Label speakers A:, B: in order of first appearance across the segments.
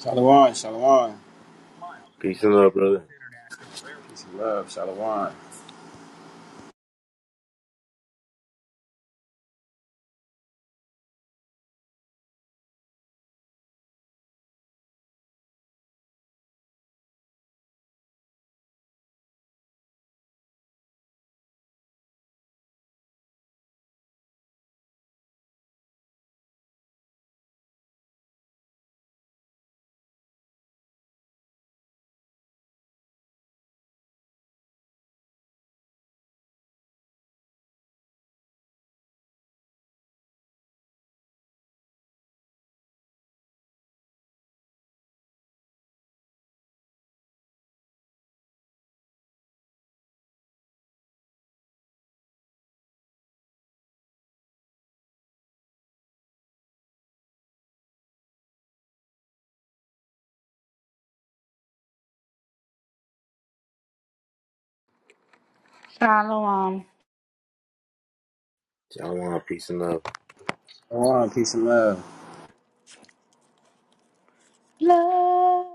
A: Shalom, shalom.
B: Peace and love, brother.
A: Peace and love, shalom.
C: Shalom.
B: Shalom. Peace and love.
A: Shalom, peace and love.
C: Love.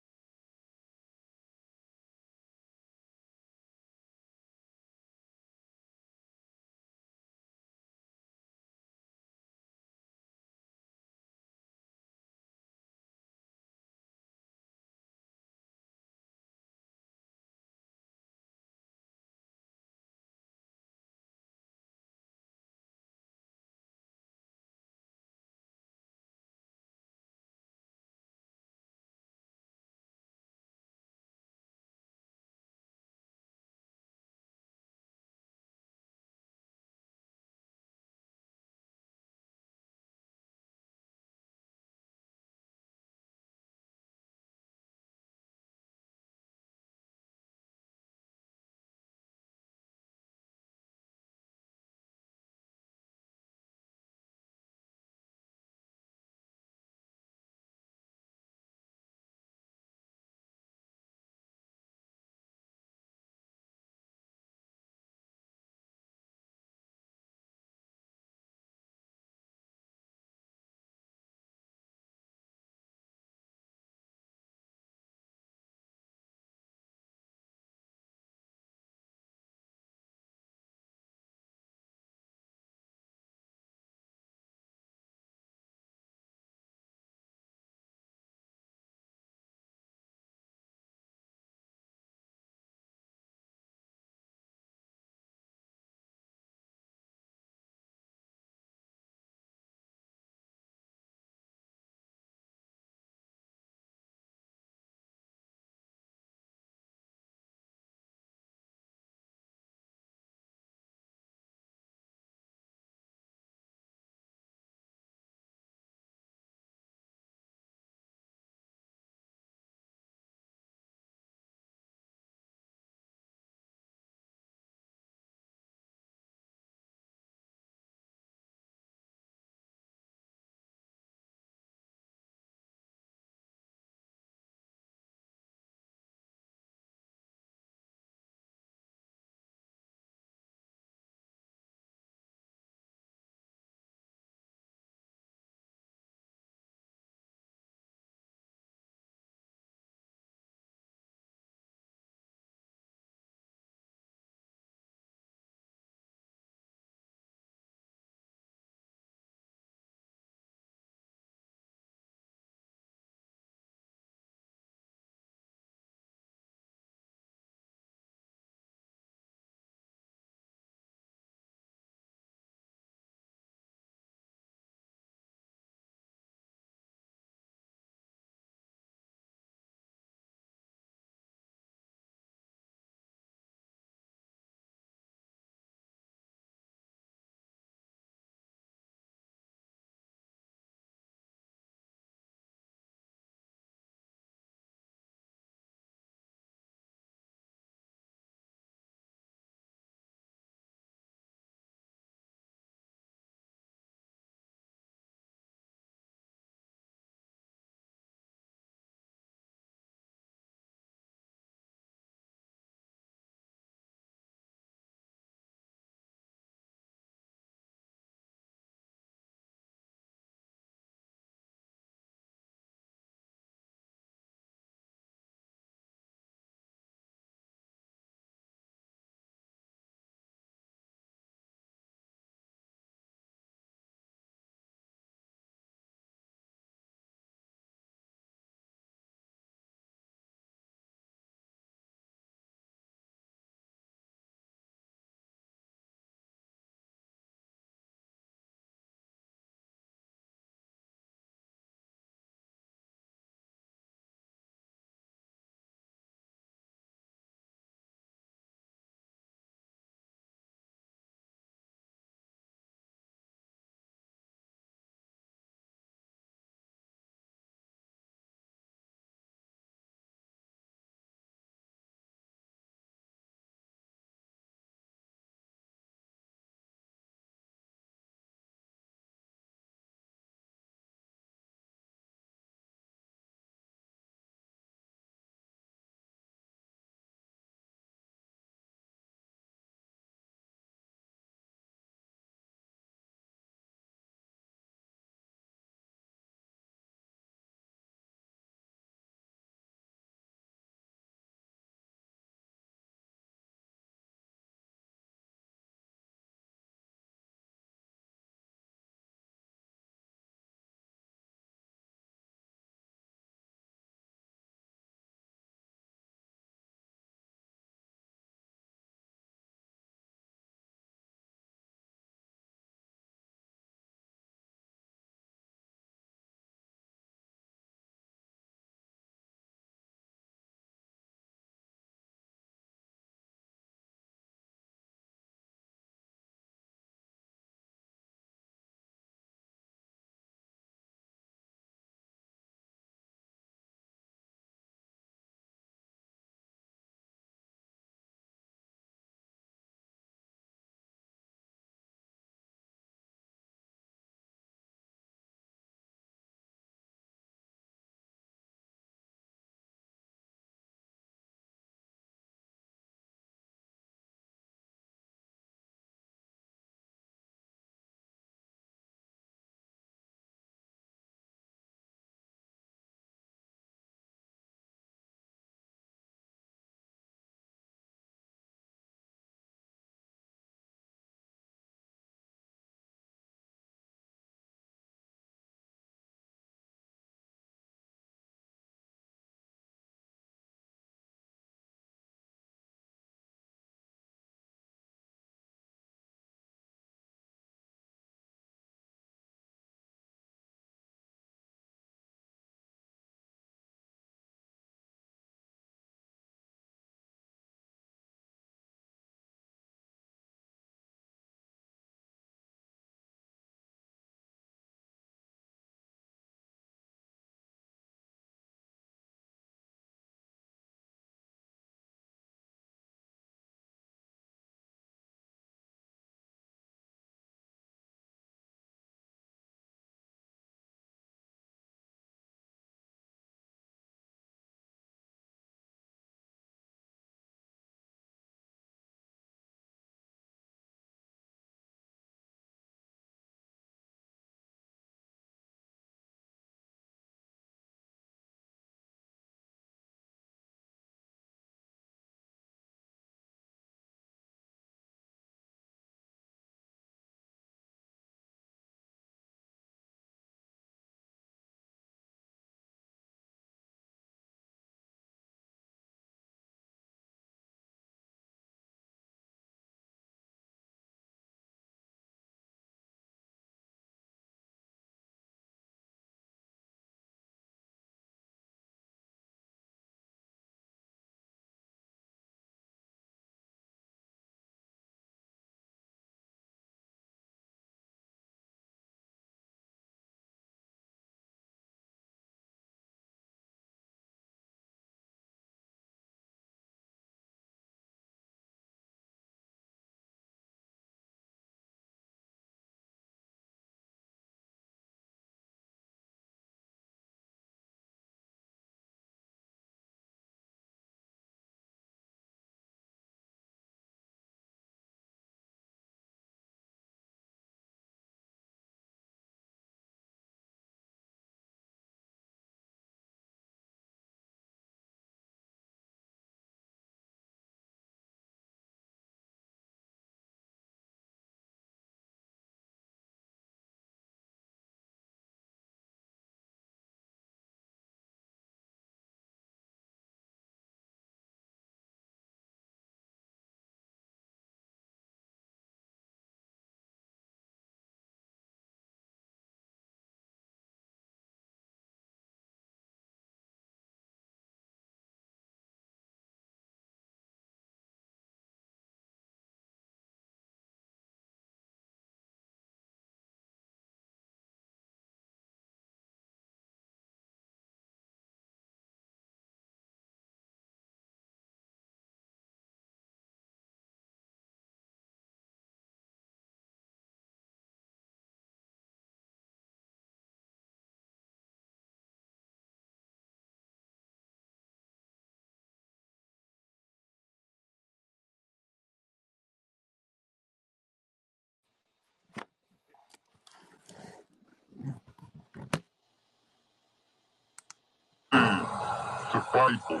B: survival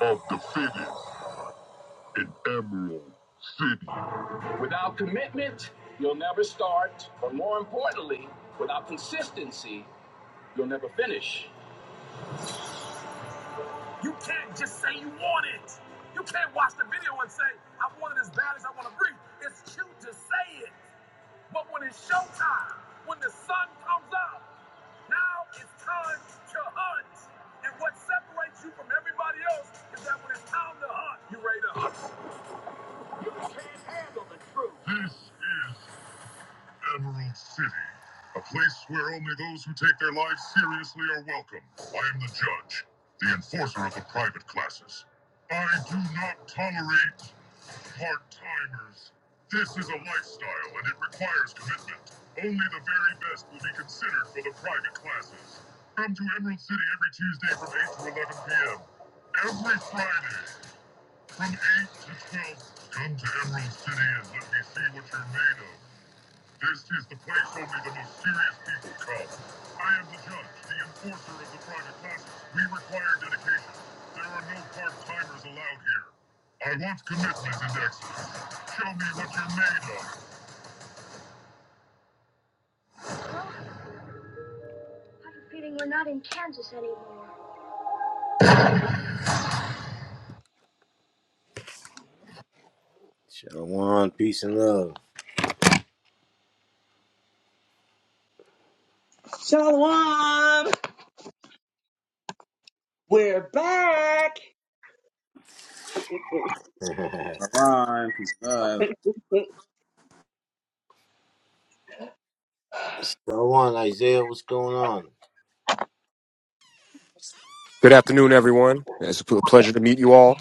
B: of the fittest. Without commitment, you'll never start, but more importantly, without consistency, you'll never finish. You can't just say you want it. You can't watch the video and say, I want it as bad as I want to breathe. It's cute to say it, but when it's showtime, when the sun comes up, now it's time to hunt. And what separates you from everybody else is that when it's time to hunt, you're ready to hunt. Can't handle the truth. This is Emerald City, a place where only those who take their lives seriously are welcome. I am the judge, the enforcer of the private classes. I do not tolerate part-timers. This is a lifestyle and it requires commitment. Only the very best will be considered for the private classes. Come to Emerald City every Tuesday from 8 to 11 p.m. Every Friday from eight to twelve, Come to Emerald City and let me see what you're made of. This is the place only the most serious people come. I am the judge, the enforcer of the private classes. We require dedication. There are no part-timers allowed here. I want commitment and excellence. Show me what you're made of. Well, I have a feeling we're not in Kansas anymore. Shalom, peace and love.
D: Shalom! We're back!
A: Shalom, peace and love.
B: Shalom, Isaiah, what's going on?
E: Good afternoon, everyone. It's a pl- pleasure to meet you all.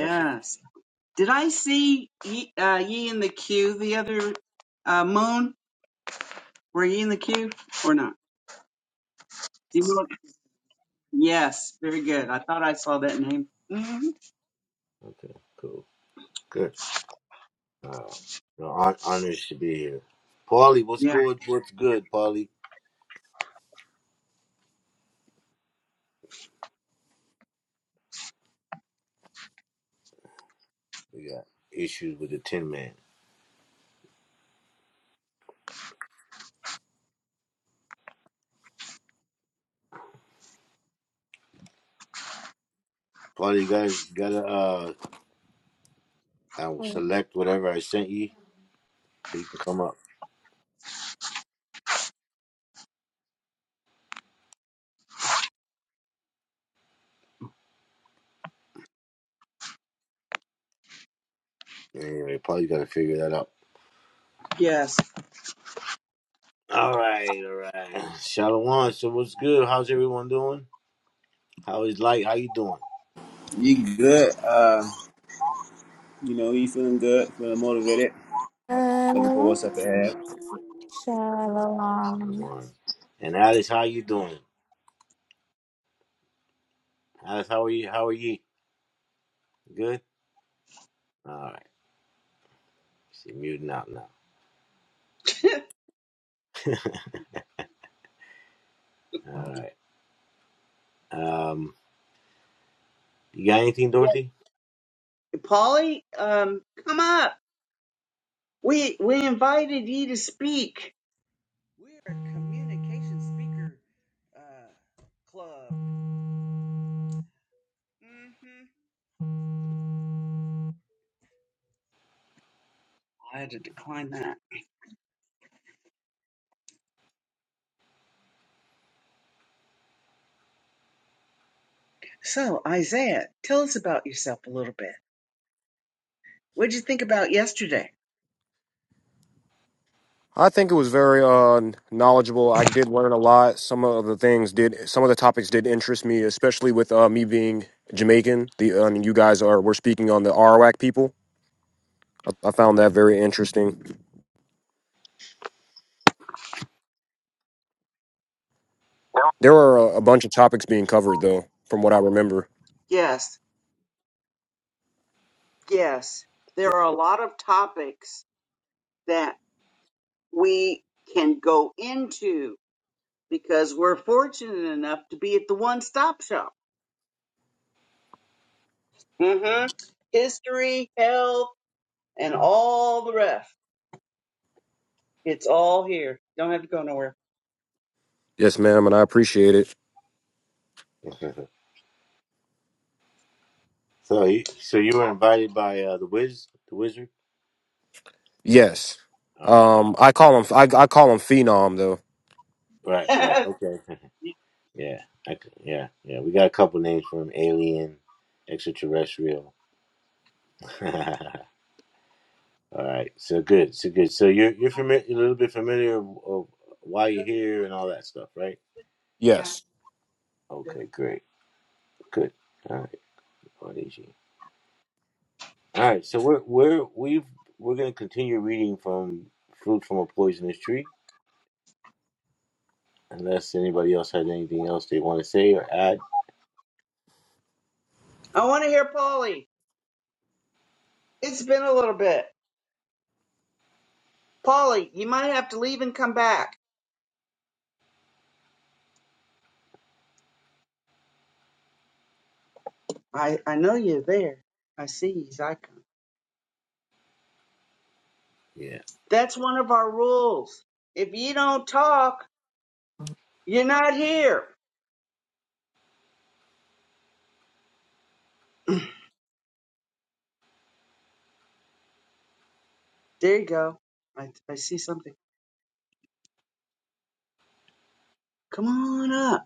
B: I should-
D: Did I see ye, uh, ye in the queue the other uh, moon? Were ye in the queue or not? Do you look? Yes. Very good. I thought I saw that name. hmm
B: Okay, cool. Good. Uh, no, hon- honors to be here. Paulie, what's
D: Yeah.
B: good? What's good, Paulie? We got issues with the Tin Man. Paulie, you guys, you gotta, uh, I will select whatever I sent you so you can come up. Anyway, Paulie, gotta figure that out.
D: Yes.
B: All right, all right. Shalom. So what's good? How's everyone doing? How is light? How you doing?
A: You good? Uh, you know, you feeling good? Feeling motivated? Looking for
C: Love.
A: what's up ahead?
C: Shalom.
B: Shalom. And Alice, how you doing? Alice, how are you? How are you? Good. All right. She's muting out now. All right. Um, you got anything,
D: Yes.
B: Dorothy?
D: Polly, um, come up. We we invited ye to speak. We're a communication speaker uh, club. hmm I had to decline that. So, Isaiah, tell us about yourself a little bit. What did you think about yesterday?
E: I think it was very uh, knowledgeable. I did learn a lot. Some of the things did, some of the topics did interest me, especially with uh, me being Jamaican. The I mean, you guys are were speaking on the Arawak people. I, I found that very interesting. There were a, a bunch of topics being covered, though, from what I remember.
D: Yes, yes. There are a lot of topics that we can go into because we're fortunate enough to be at the one stop shop. mm hmm History, health, and all the rest. It's all here. Don't have to go nowhere.
E: Yes, ma'am, and I appreciate it.
B: So, you, so you were invited by uh, the Wiz, the Wizard.
E: Yes,
B: All right,
E: um, I call them. I, I call them phenom, though.
B: right, right. Okay, yeah, I c yeah, yeah. We got a couple names from Alien, Extraterrestrial. all right, so good, so good. So you're you're familiar, a little bit familiar of, of why you're here and all that stuff, right?
D: Yeah.
E: Yes,
B: Okay, great, good. All right, Audacia. All right, so we're we're we've we're gonna continue reading from Fruit from a Poisonous Tree, unless anybody else had anything else they want to say or add.
D: I want to hear Polly. It's been a little bit. Polly, you might have to leave and come back. I, I know you're there. I see his icon.
B: Yeah.
D: That's one of our rules. If you don't talk, you're not here. There you go. I, I see something. Come on up.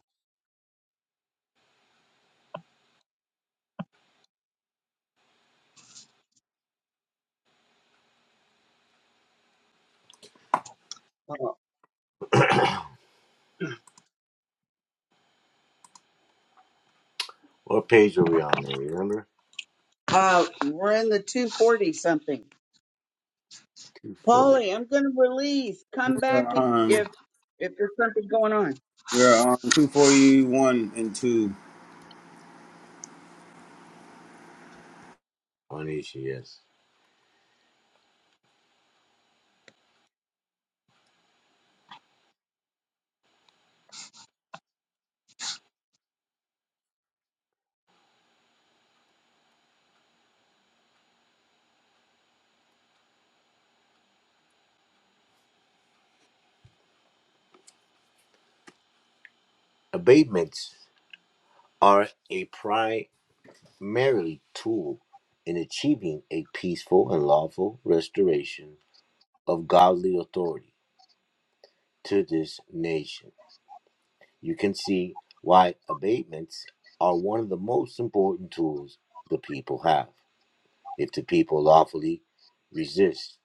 D: Oh,
B: What page are we on there? Remember?
D: Uh, we're in the 240 something.
B: 240.
D: Polly, I'm going to release. Come
A: We're
D: back if, if,
A: on.
D: if there's something going on.
A: we're on 241 and 2
B: On each, yes. Abatements are a primarily tool in achieving a peaceful and lawful restoration of godly authority to this nation. You can see why abatements are one of the most important tools the people have. If the people lawfully resist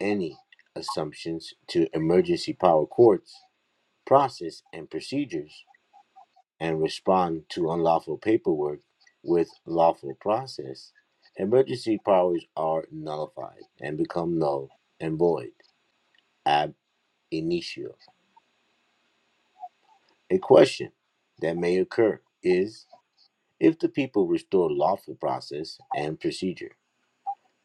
B: any assumptions to emergency power courts, process, and procedures, and respond to unlawful paperwork with lawful process, emergency powers are nullified and become null and void ab initio. A question that may occur is if the people restore lawful process and procedure,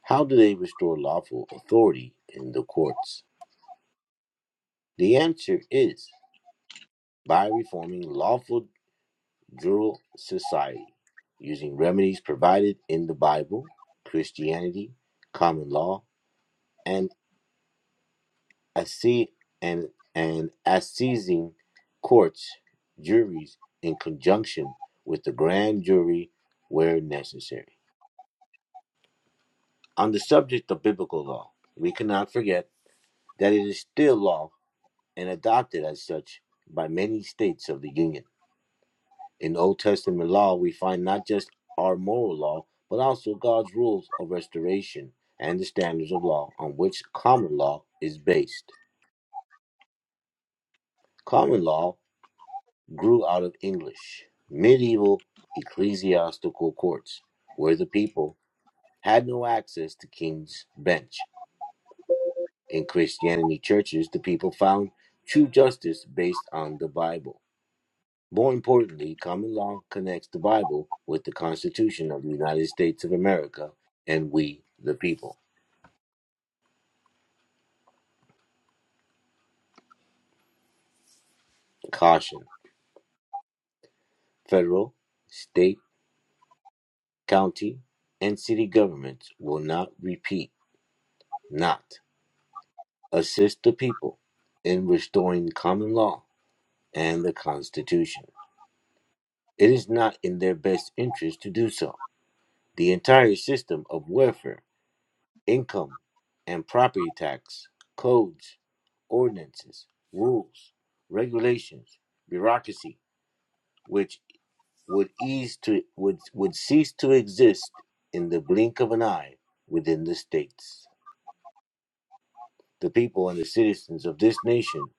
B: how do they restore lawful authority in the courts? The answer is by reforming lawful Druid society, using remedies provided in the Bible, Christianity, common law, and assi- and and assizing courts, juries, in conjunction with the grand jury where necessary. On the subject of biblical law, we cannot forget that it is still law and adopted as such by many states of the Union. In Old Testament law, we find not just our moral law, but also God's rules of restoration and the standards of law on which common law is based. Common law grew out of English, medieval ecclesiastical courts, where the people had no access to king's bench. In Christianity churches, the people found true justice based on the Bible. More importantly, common law connects the Bible with the Constitution of the United States of America and we, the people. Caution federal, state, county, and city governments will not repeat, not assist the people in restoring common law and the Constitution. It is not in their best interest to do so. The entire system of welfare income and property tax, codes, ordinances, rules, regulations, bureaucracy, which would ease to would would cease to exist in the blink of an eye within the states. The people and the citizens of this nation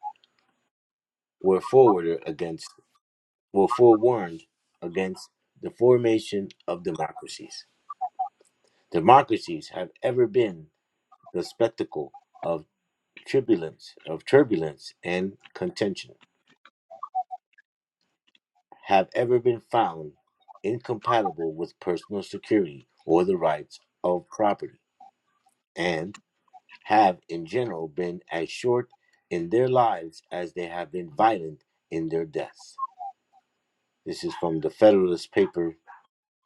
B: were forwarded against were forewarned against the formation of democracies. Democracies have ever been the spectacle of. turbulence of turbulence and contention have ever been found incompatible with personal security or the rights of property and have in general been as short in their lives as they have been violent in their deaths this is from the federalist paper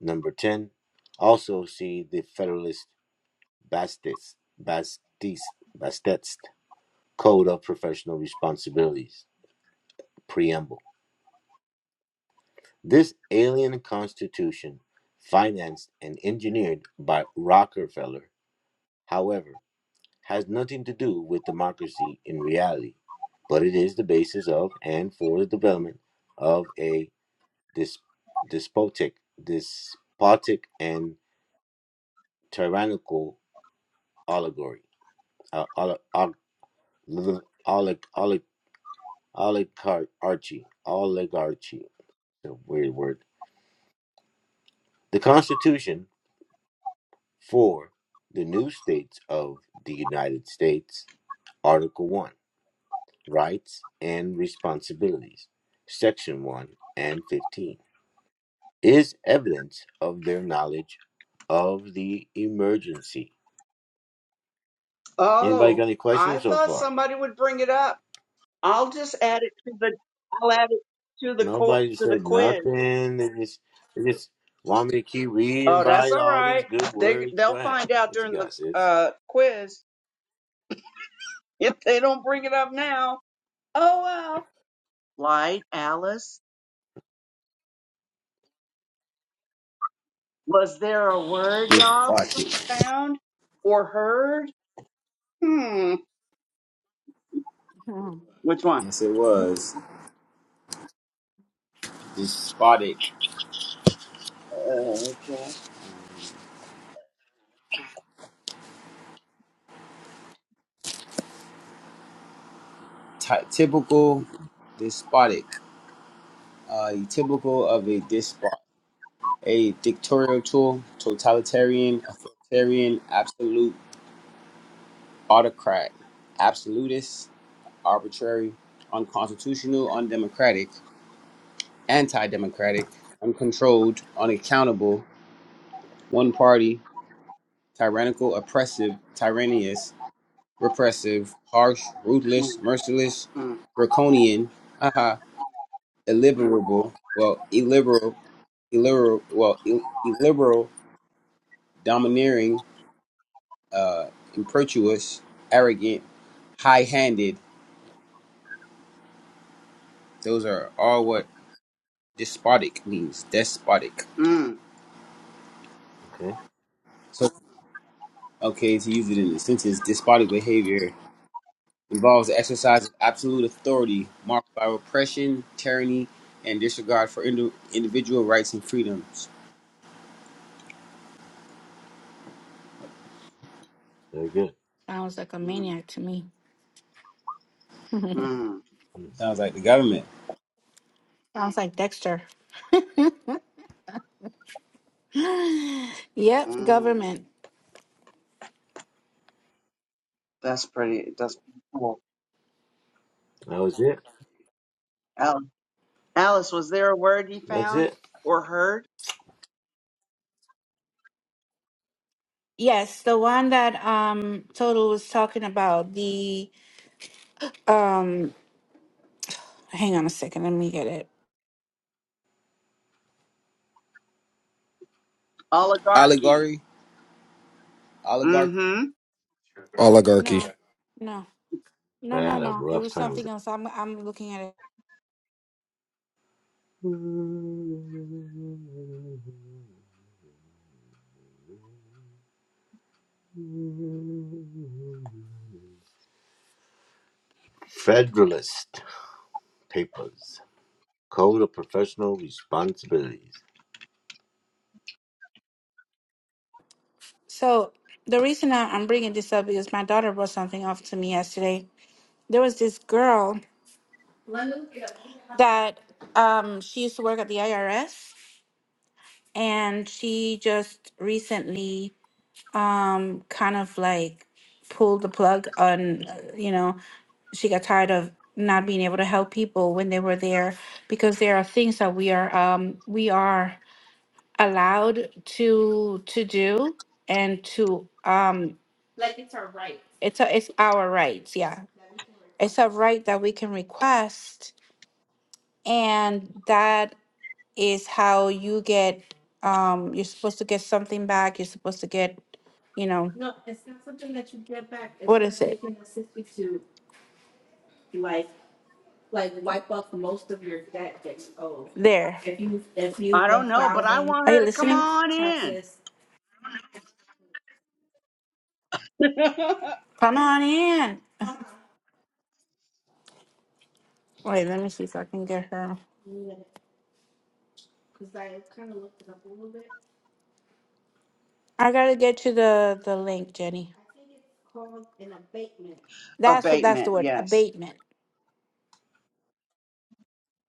B: number 10 also see the federalist bastis bastis bastetst code of professional responsibilities preamble This alien constitution, financed and engineered by Rockefeller, however, has nothing to do with democracy in reality, but it is the basis of and for the development of a dis- despotic, despotic and tyrannical oligarchy, uh, oli- og- l- olig- olig- oligarchy, oligarchy. It's a weird word. The Constitution For the new states of the United States, Article 1, Rights and Responsibilities, Section 1 and 15, is evidence of their knowledge of the emergency. Anybody got
D: Oh,
B: any
D: I
B: questions so
D: thought
B: far?
D: somebody would bring it up. I'll just add it to the, I'll add it to the, co-
B: Nobody
D: to the
B: said
D: quiz.
B: nothing. They just, they just want me to keep reading
D: Oh, that's
B: by
D: all
B: all these
D: right.
B: good
D: They
B: words.
D: they'll
B: Go ahead.
D: find out
B: What you
D: during the
B: got, sis?
D: uh quiz. If they don't bring it up now, oh well. Light, Alice. Was there a word
A: with
D: y'all
A: Spotted.
D: found or heard? Hmm.
C: Hmm.
D: Which one?
A: Yes, it was. Despotic.
D: Uh, okay.
A: Ty- typical despotic. Uh, typical of a despot. A dictatorial tool, totalitarian, authoritarian, absolute autocrat, absolutist, arbitrary, unconstitutional, undemocratic, anti democratic, uncontrolled, unaccountable, one party, tyrannical, oppressive, tyrannous, repressive, harsh,
D: Mm,
A: ruthless, merciless,
D: mm,
A: draconian, haha, illiberal, well, illiberal, illiberal, well, ill- illiberal, domineering, uh, impetuous, arrogant, high handed. Those are all what Despotic means despotic.
D: mm,
B: Okay,
A: So, okay, to use it in a sentence, despotic behavior involves the exercise of absolute authority marked by repression, tyranny, and disregard for indi- individual rights and freedoms.
B: very good.
C: Sounds like a
D: mm,
C: maniac to me.
D: mm,
B: Hmm.
A: Sounds like the government.
C: Sounds like Dexter. yep,
D: mm.
C: government.
D: That's pretty. That's pretty cool.
B: That was it.
D: Alice, Alice, was there a word you
B: That's
D: found
B: it.
D: or heard?
C: Yes, the one that um Total was talking about. The um hang on a second, let me get it.
D: Oligarchy.
A: Oligarchy, oligarch,
D: Mm-hmm.
E: oligarchy.
C: No. No. No,
B: I
C: no,
B: had a
C: no. It
B: rough
C: was
B: time. with
C: something else. I'm I'm looking at it.
B: Federalist Papers, Code of Professional Responsibilities.
C: So the reason I, I'm bringing this up is my daughter brought something up to me yesterday. There was this girl. that um, she used to work at the IRS and she just recently um, kind of like pulled the plug on, uh, you know, she got tired of not being able to help people when they were there because there are things that we are um, we are allowed to to do and to um like it's our right. it's a, it's our rights yeah it's a right that we can request and that is how you get um you're supposed to get something back you're supposed to get you know No, it's not something that you get back. It's what is it? it can assist you to like, like wipe off most of your debt that you owe. there If you, if you've
D: I
C: been
D: don't know, but I
C: filing
D: want
C: are
D: her
C: you
D: to come
C: listening your
D: on in.
C: taxes, come on in wait let me see if i can get her because I kind of looked it up a little bit. i gotta get you the the link jenny I think it's called an abatement. that's what that's the
D: Abatement,
C: word
D: yes.
C: abatement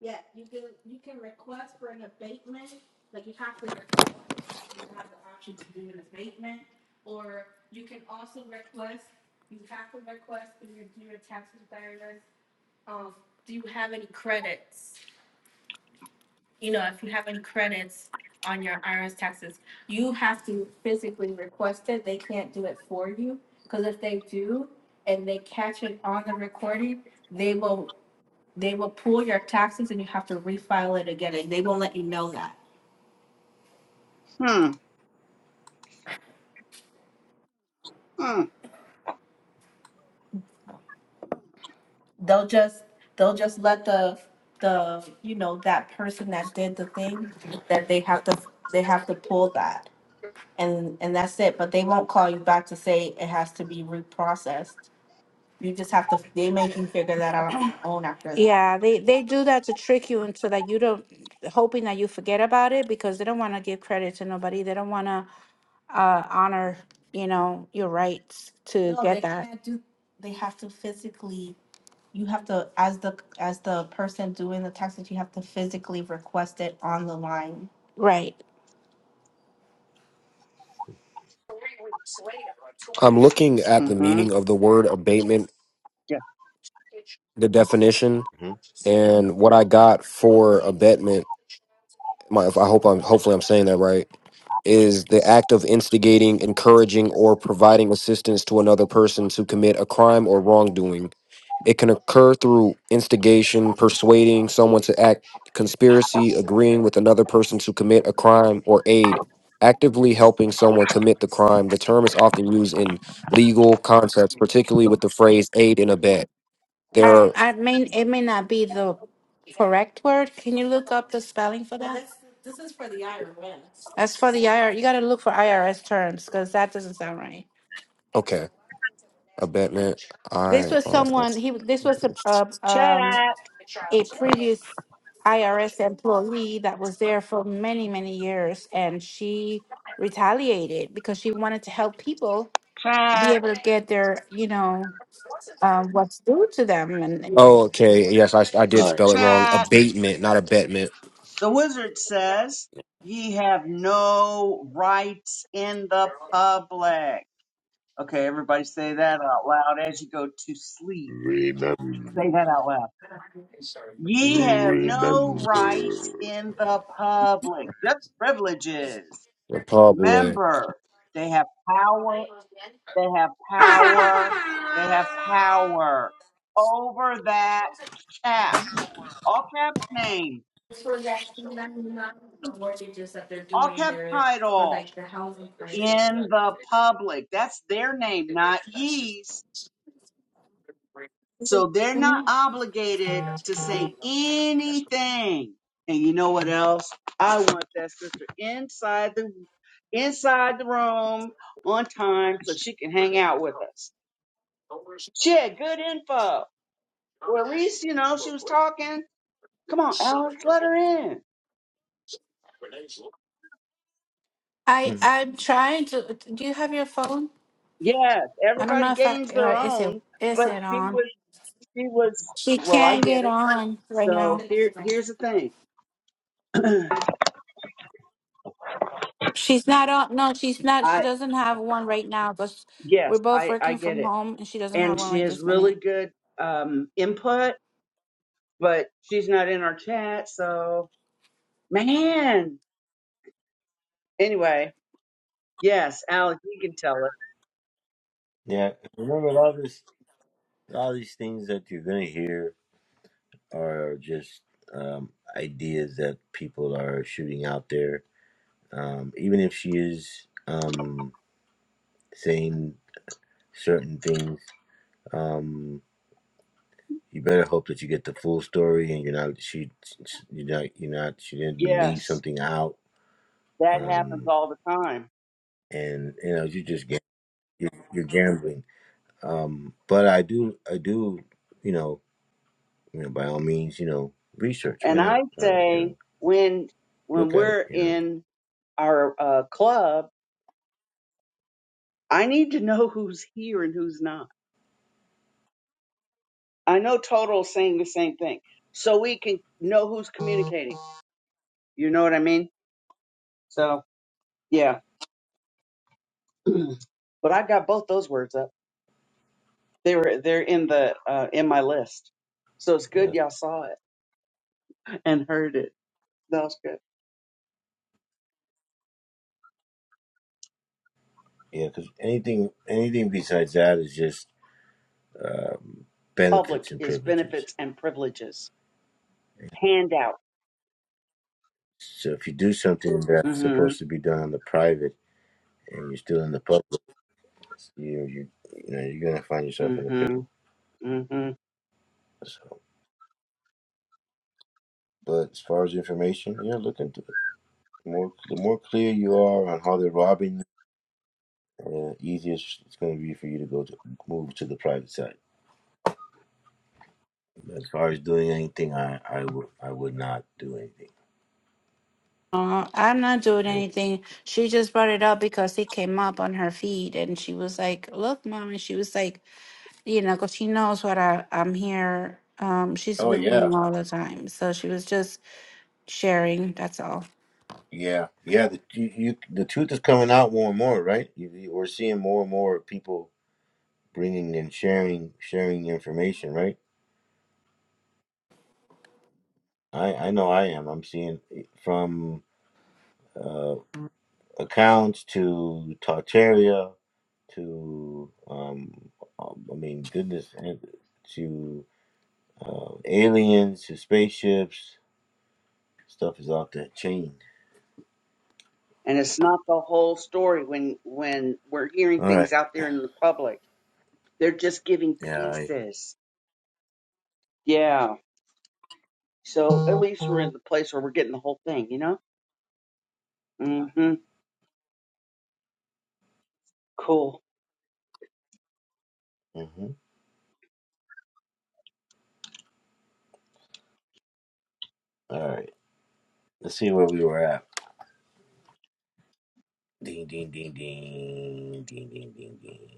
C: Yeah, you can, you can request for an abatement, like you have to request, you have the option to do an abatement. Or you can also request, you have to request through your, through your tax preparers, um, do you have any credits? You know, if you have any credits on your IRS taxes, you have to physically request it, they can't do it for you. Cause if they do, and they catch it on the recording, they will they will pull your taxes and you have to refile it again, and they won't let you know that.
D: Hmm. Hmm.
C: They'll just, they'll just let the, the, you know, that person that did the thing, that they have to, they have to pull that. And, and that's it, but they won't call you back to say it has to be reprocessed. You just have to, they make you figure that out on your own after that. Yeah, they they do that to trick you into that you don't hoping that you forget about it because they don't want to give credit to nobody. They don't want to uh, honor, you know, your rights to No, get they that. can't do, they have to physically, you have to, as the, as the person doing the taxes, you have to physically request it on the line. Right.
E: I'm looking at the
D: Mm-hmm.
E: meaning of the word abatement
D: Yeah.
E: the definition
B: hmm
E: and what I got for abetment. My, if I hope I'm hopefully I'm saying that right. Is the act of instigating, encouraging, or providing assistance to another person to commit a crime or wrongdoing. It can occur through instigation, persuading someone to act, conspiracy, agreeing with another person to commit a crime, or aid, actively helping someone commit the crime. The term is often used in legal contexts, particularly with the phrase aid and abet.
C: I, I mean, it may not be the correct word. Can you look up the spelling for that? As for the IR, you got to look for IRS terms because that doesn't sound right.
E: Okay, abet. I
C: This was someone. He. This was a uh, um.
D: Chat,
C: a previous IRS employee that was there for many, many years, and she retaliated because she wanted to help people be
D: chat,
C: able to get their, you know, uh, what's due to them. And, and
E: Oh, okay. Yes, I
B: All
E: did
D: ch-
B: right.
E: spell it wrong.
D: chat.
E: Abatement, not abatement.
D: The wizard says, Ye have no rights in the public. Okay, everybody say that out loud as you go to sleep. Say
B: Remember,
D: that out loud. Ye have no
B: remember.
D: rights in the public. Just privileges.
E: Oh boy.
D: Remember, they have power They have power. They have power over that cap, all caps name, all caps title in the public. That's their name, not ye's.
C: Is
D: So
C: it
D: they're
C: for
D: not
C: me?
D: obligated to say anything. And you know what else? I want that sister inside the inside the room on time so she can hang out with us. She had good info. Well, at least you know she was talking Come on, Alex, let her in.
C: I
B: Mhm.
C: I'm trying to. Do you have your phone?
D: Yes,
C: I don't
D: everybody
C: know if I
D: gains
C: or
D: their
C: is it
D: own,
C: is
D: but
C: it
D: she
C: on.
D: was she was
C: She
D: well, I
C: can't
D: get
C: get
D: it.
C: on right now.
D: So here here's the thing.
C: She's not on. No, she's not. She
D: I
C: doesn't have one right now. But we're
D: yes,
C: both
D: I I
C: working
D: get
C: from
D: it.
C: home, and she doesn't have
D: And
C: one
D: she
C: right
D: has
C: this minute.
D: really good um input, but she's not in our chat, so man. Anyway, yes, Alex, you can tell her.
B: Yeah, remember a lot of this, a lot of these things that you're gonna hear are just um, ideas that people are shooting out there. Um, even if she is um, saying certain things, um, you better hope that you get the full story and you're not she you're not you're not she didn't leave
D: Yes,
B: something out
D: that happens
B: um
D: all the time.
B: and you know you just gam- you're, you're gambling um but i do i do you know you know by all means you know research why
D: And
B: not
D: I
B: well, you
D: say
B: know
D: when when
B: look at it
D: we're
B: you know
D: in our uh, club I need to know who's here and who's not. I know Total's saying the same thing, so we can know who's communicating. You know what I mean? So yeah, but I got both those words up. They were they're in the uh, in my list, so it's good
B: yeah
D: y'all saw it and heard it. That was good.
B: yeah because anything anything besides that is just um
D: Public
B: benefits and
D: is
B: privileges
D: benefits and privileges handout.
B: so if you do something that's
D: hmm
B: supposed to be done on the private and you're still in the public you you you know you're gonna find
D: hmm
B: yourself in a pickle.
D: hmm
B: So, but as far as information, yeah, look into it. The more the more clear you are on how they're robbing, you, uh, easier it's gonna be for you to go to move to the private side. As far as doing anything, I I would I would not do anything.
C: Uh, I'm not doing
B: Any-
C: anything. She just brought it up because it came up on her feed, and she was like, "Look, mom," and she was like, "You know, 'cause she knows what I I'm here. Um, she's
B: Oh
C: with
B: yeah,
C: me all the time, so she was just sharing. That's all.
B: yeah, yeah. The you, you, the truth is coming out more and more, right? You, you, we're seeing more and more people bringing and sharing sharing information, right? I I know I am. I'm seeing from. uh. accounts to Tartaria to um, um, I mean goodness and to uh, aliens to spaceships stuff is off the chain.
D: And it's not the whole story when when we're hearing
B: All
D: things
B: right,
D: out there in the public. They're just giving
B: yeah, I,
D: pieces Yeah. So at least we're in the place where we're getting the whole thing, you know? Mm-hmm. Cool.
B: mm-hmm. all right. Let's see where we were at. Ding ding ding ding ding ding ding ding.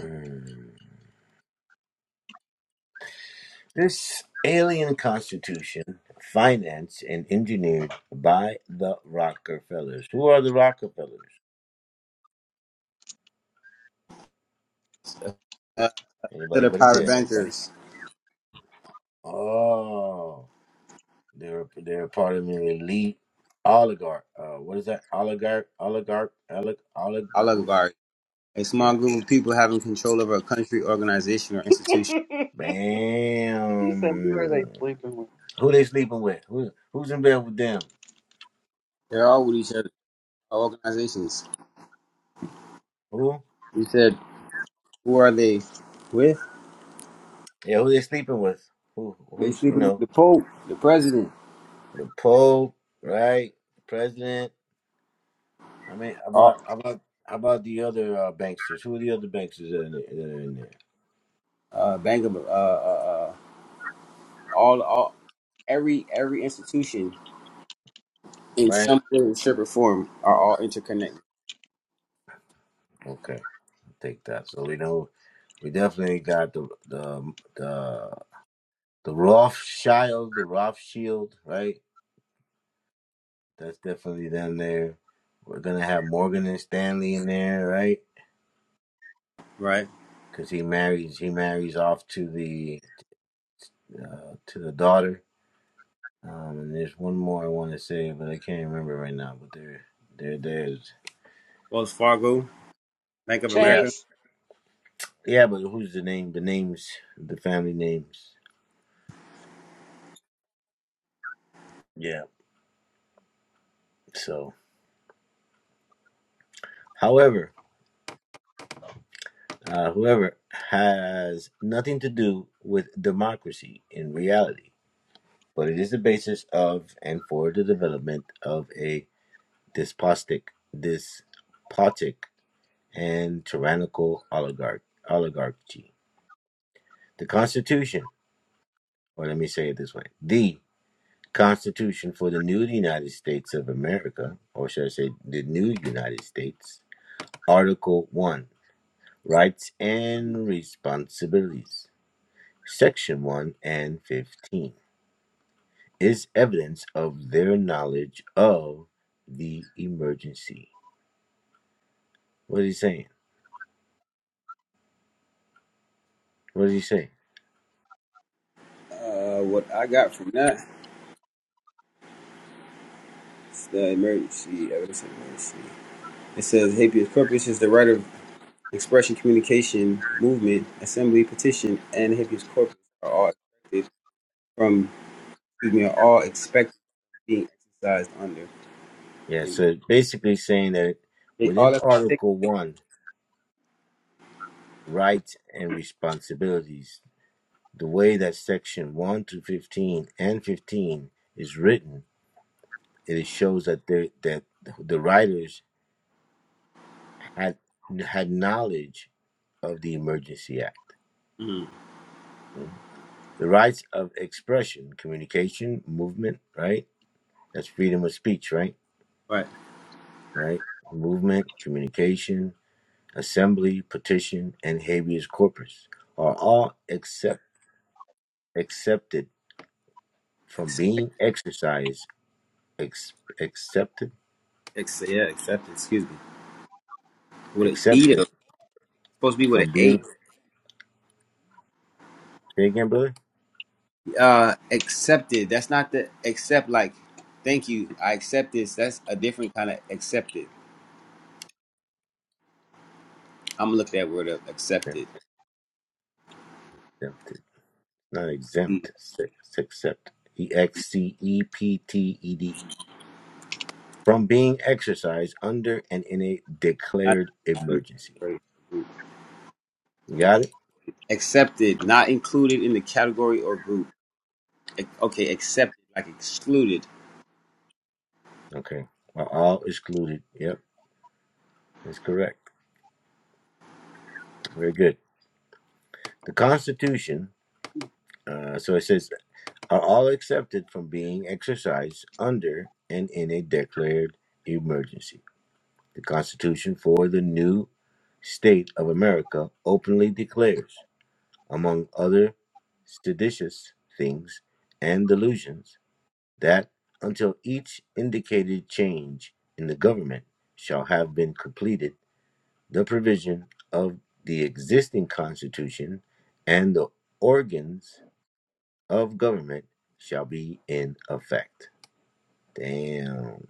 B: Mm. This alien constitution financed and engineered by the Rockefellers. Who are the Rockefellers?
A: uh, to
B: Anybody
A: the
B: but a
A: private
B: dead buddy.
A: bankers.
B: Oh, they're they're part of an elite oligarch. Uh, what is that? Oligarch, oligarch, olig, olig. Oof.
A: Oligarchy, a small
B: Yeah.
A: group of people having control over a country, organization, or institution.
D: Did you say who are they
B: Bam.
D: sleeping with?
B: Who they sleeping with? Who who's in bed with them?
A: They're all with each other. All organizations.
B: Who?
A: We said, who are they with?
B: Yeah, who they sleeping with? Who
A: They
B: who's you
A: sleeping with
B: know
A: the Pope, the president.
B: the Pope, right? President. I mean,
A: All
B: about about how about the other uh, banksters? Who are the other banksters that are in there? That are in there?
A: uh, Bank of uh, uh, uh, all all every every institution in
B: Right?
A: some way, shape, or form are all interconnected,
B: Okay. take that. So we know we definitely got the the the the Rothschild, the Rothschild, right? That's definitely down there. We're gonna have Morgan and Stanley in there, right?
A: right?
B: Because he marries he marries off to the uh, to the daughter. Um, and there's one more I want to say, but I can't remember right now. But there there there's
A: Wells Fargo, Bank of
B: yeah
A: America.
D: Chase,
B: yeah. But who's the name? The names, the family names. Yeah. So, however. uh, whoever has nothing to do with democracy in reality, but it is the basis of and for the development of a despotic, despotic, and tyrannical oligarch, oligarchy. The Constitution, or let me say it this way: the Constitution for the new United States of America, or should I say, the new United States, Article One: Rights and Responsibilities. section 1 and 15, is evidence of their knowledge of the emergency. What is he saying? What is he saying?
A: Uh, what I got from that is the emergency evidence of emergency. It says habeas corpus is the right of expression, communication, movement, assembly, petition, and habeas corpus are all expected from excuse me are all expected being exercised under
B: Yeah,
A: and
B: so it's basically saying that
A: they all
B: within
A: that's taken
B: Article
A: away.
B: 1, rights and responsibilities, the way that section 1 through 15 and 15 is written, it shows that they, that the writers had had knowledge of the Emergency Act.
A: Mhm.
B: The rights of expression, communication, movement, right? That's freedom of speech, right?
A: Right.
B: Right? Movement, communication, assembly, petition, and habeas corpus are all accept, accepted from being
A: Expected.
B: exercised, ex, accepted,
A: Ex- yeah, accepted. Excuse me. With an E. though.
B: accepted
A: It's supposed to be with
B: from
A: an
B: being, say again, brother?
A: A. Uh, accepted. That's not the accept. Like, thank you. I accept this. That's a different kind of accepted. I'm gonna look that word up. Accepted.
B: Exempted, not
A: Mm.
B: exempt, it's accepted. E X C E P T E D. From being exercised under and in a
A: Not
B: declared
A: included in the
B: emergency.
A: category or group.
B: You got
A: Ex-
B: it?
A: Accepted. Not included in the category or group. Ac- Okay, accepted. Like excluded.
B: Okay. Are all excluded. Yep, that's correct. Very good. The Constitution, uh, so it says, are all accepted from being exercised under and in a declared emergency. The Constitution for the new state of America openly declares, among other seditious things and delusions, that until each indicated change in the government shall have been completed the provision of the existing constitution and the organs of government shall be in effect. Damn,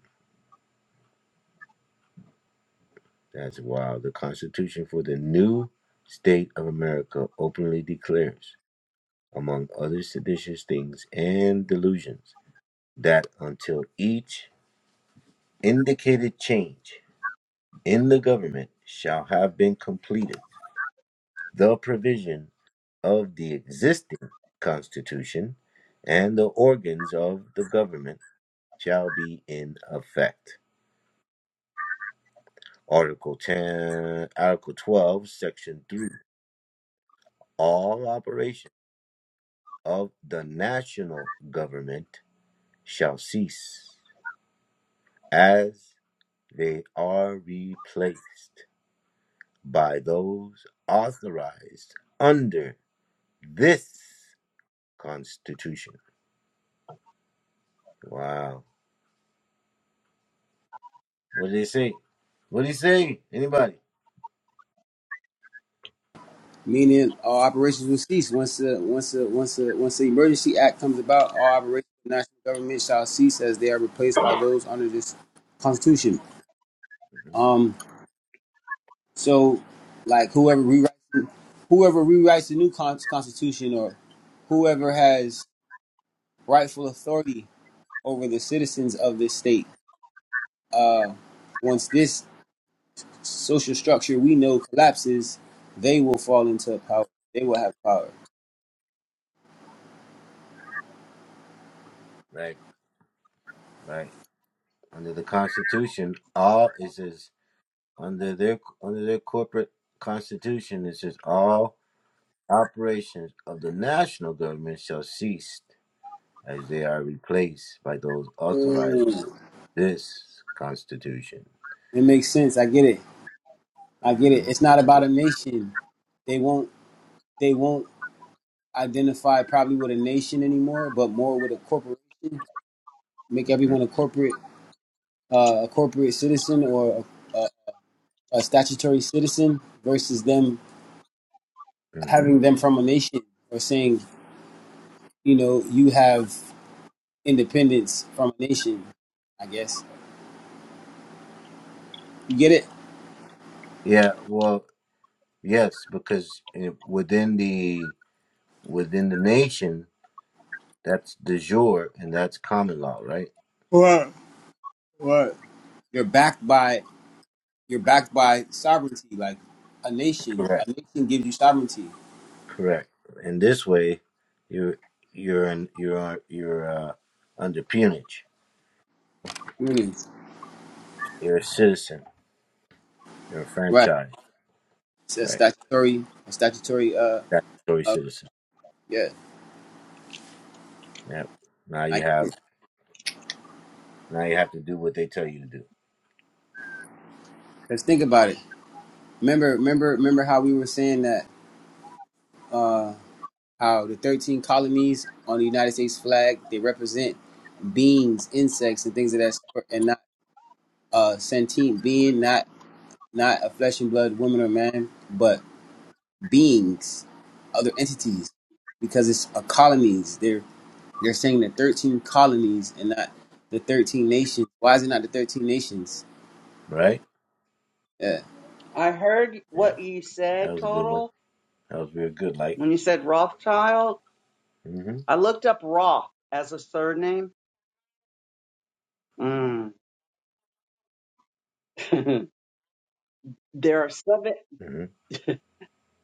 B: that's wild. The constitution for the new state of America openly declares, among other seditious things and delusions, that until each indicated change in the government shall have been completed the provision of the existing Constitution and the organs of the government shall be in effect. Article 10, Article 12, Section 3. All operations of the national government shall cease as they are replaced by those authorized under this Constitution. Wow. What did he say? What did he say? Anybody?
A: meaning all operations will cease once the once the once the once the emergency act comes about. All operations of the national government shall cease as they are replaced by those under this constitution.
B: hmm
A: Um, so like whoever rewrites whoever rewrites the new con- constitution or whoever has rightful authority over the citizens of this state, uh, once this social structure we know collapses, they will fall into power. They will have power.
B: Right, right. Under the Constitution, all it says under their under their corporate constitution, it says all operations of the national government shall cease as they are replaced by those authorized
A: Mm.
B: by this Constitution.
A: It makes sense. I get it. I get
B: hmm
A: it. It's not about a nation. They won't they won't identify probably with a nation anymore, but more with a corporation. Make
B: hmm
A: everyone a corporate uh, a corporate citizen or a, a, a statutory citizen versus them
B: hmm
A: having them from a nation or saying you know you have independence from a nation. I guess you get it.
B: Yeah. Well, yes, because eh, within the within the nation, that's de jure and that's common law, right?
A: What what you're backed by you're backed by sovereignty like a nation. A
B: Correct.
A: nation gives you sovereignty.
B: Correct. And this way, you're you're in, you're you're uh, under peonage.
A: Mm.
B: You're a citizen. You're a
A: Right.
B: franchise.
A: It's a
B: Right.
A: statutory, a statutory. Uh,
B: Statutory
A: uh,
B: citizen.
A: yeah,
B: Yep. Now
A: I
B: you
A: get it.
B: have now you have to do what they tell you to do.
A: Let's think about it. Remember, remember, remember how we were saying that uh, how the thirteen colonies on the United States flag they represent beings, insects, and things of that sort, and not uh, sentient being, not not a flesh and blood woman or man, but beings, other entities, because it's a colonies. They're they're saying the thirteen colonies and not the thirteen nations. Why is it not the thirteen nations?
B: Right.
A: Yeah.
D: I heard
B: Yep.
D: what you
B: That
D: said,
B: was a good one.
D: Total.
B: That was real good. Like.
D: When you said Rothschild,
B: Mhm.
D: I looked up Roth as a surname. Mm. there are seven,
B: Mhm.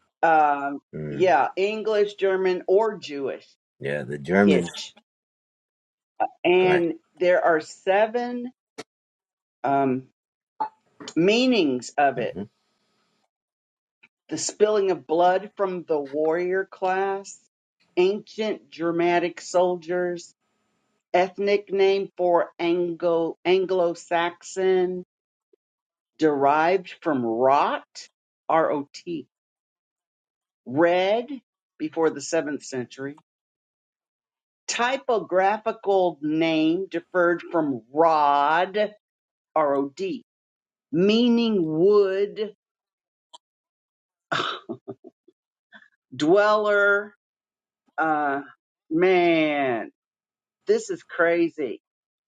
D: um,
B: Mm.
D: yeah, English, German, or Jewish
B: Yeah. The German.
D: ish.
B: Go ahead.
D: And there are seven um, meanings of it
B: Mhm.
D: The spilling of blood from the warrior class, ancient Germanic soldiers, ethnic name for Anglo Anglo Saxon, derived from rot, R O T, red before the seventh century. Typographical name deferred from rod, R O D, meaning wood, dweller, uh, man. This is crazy.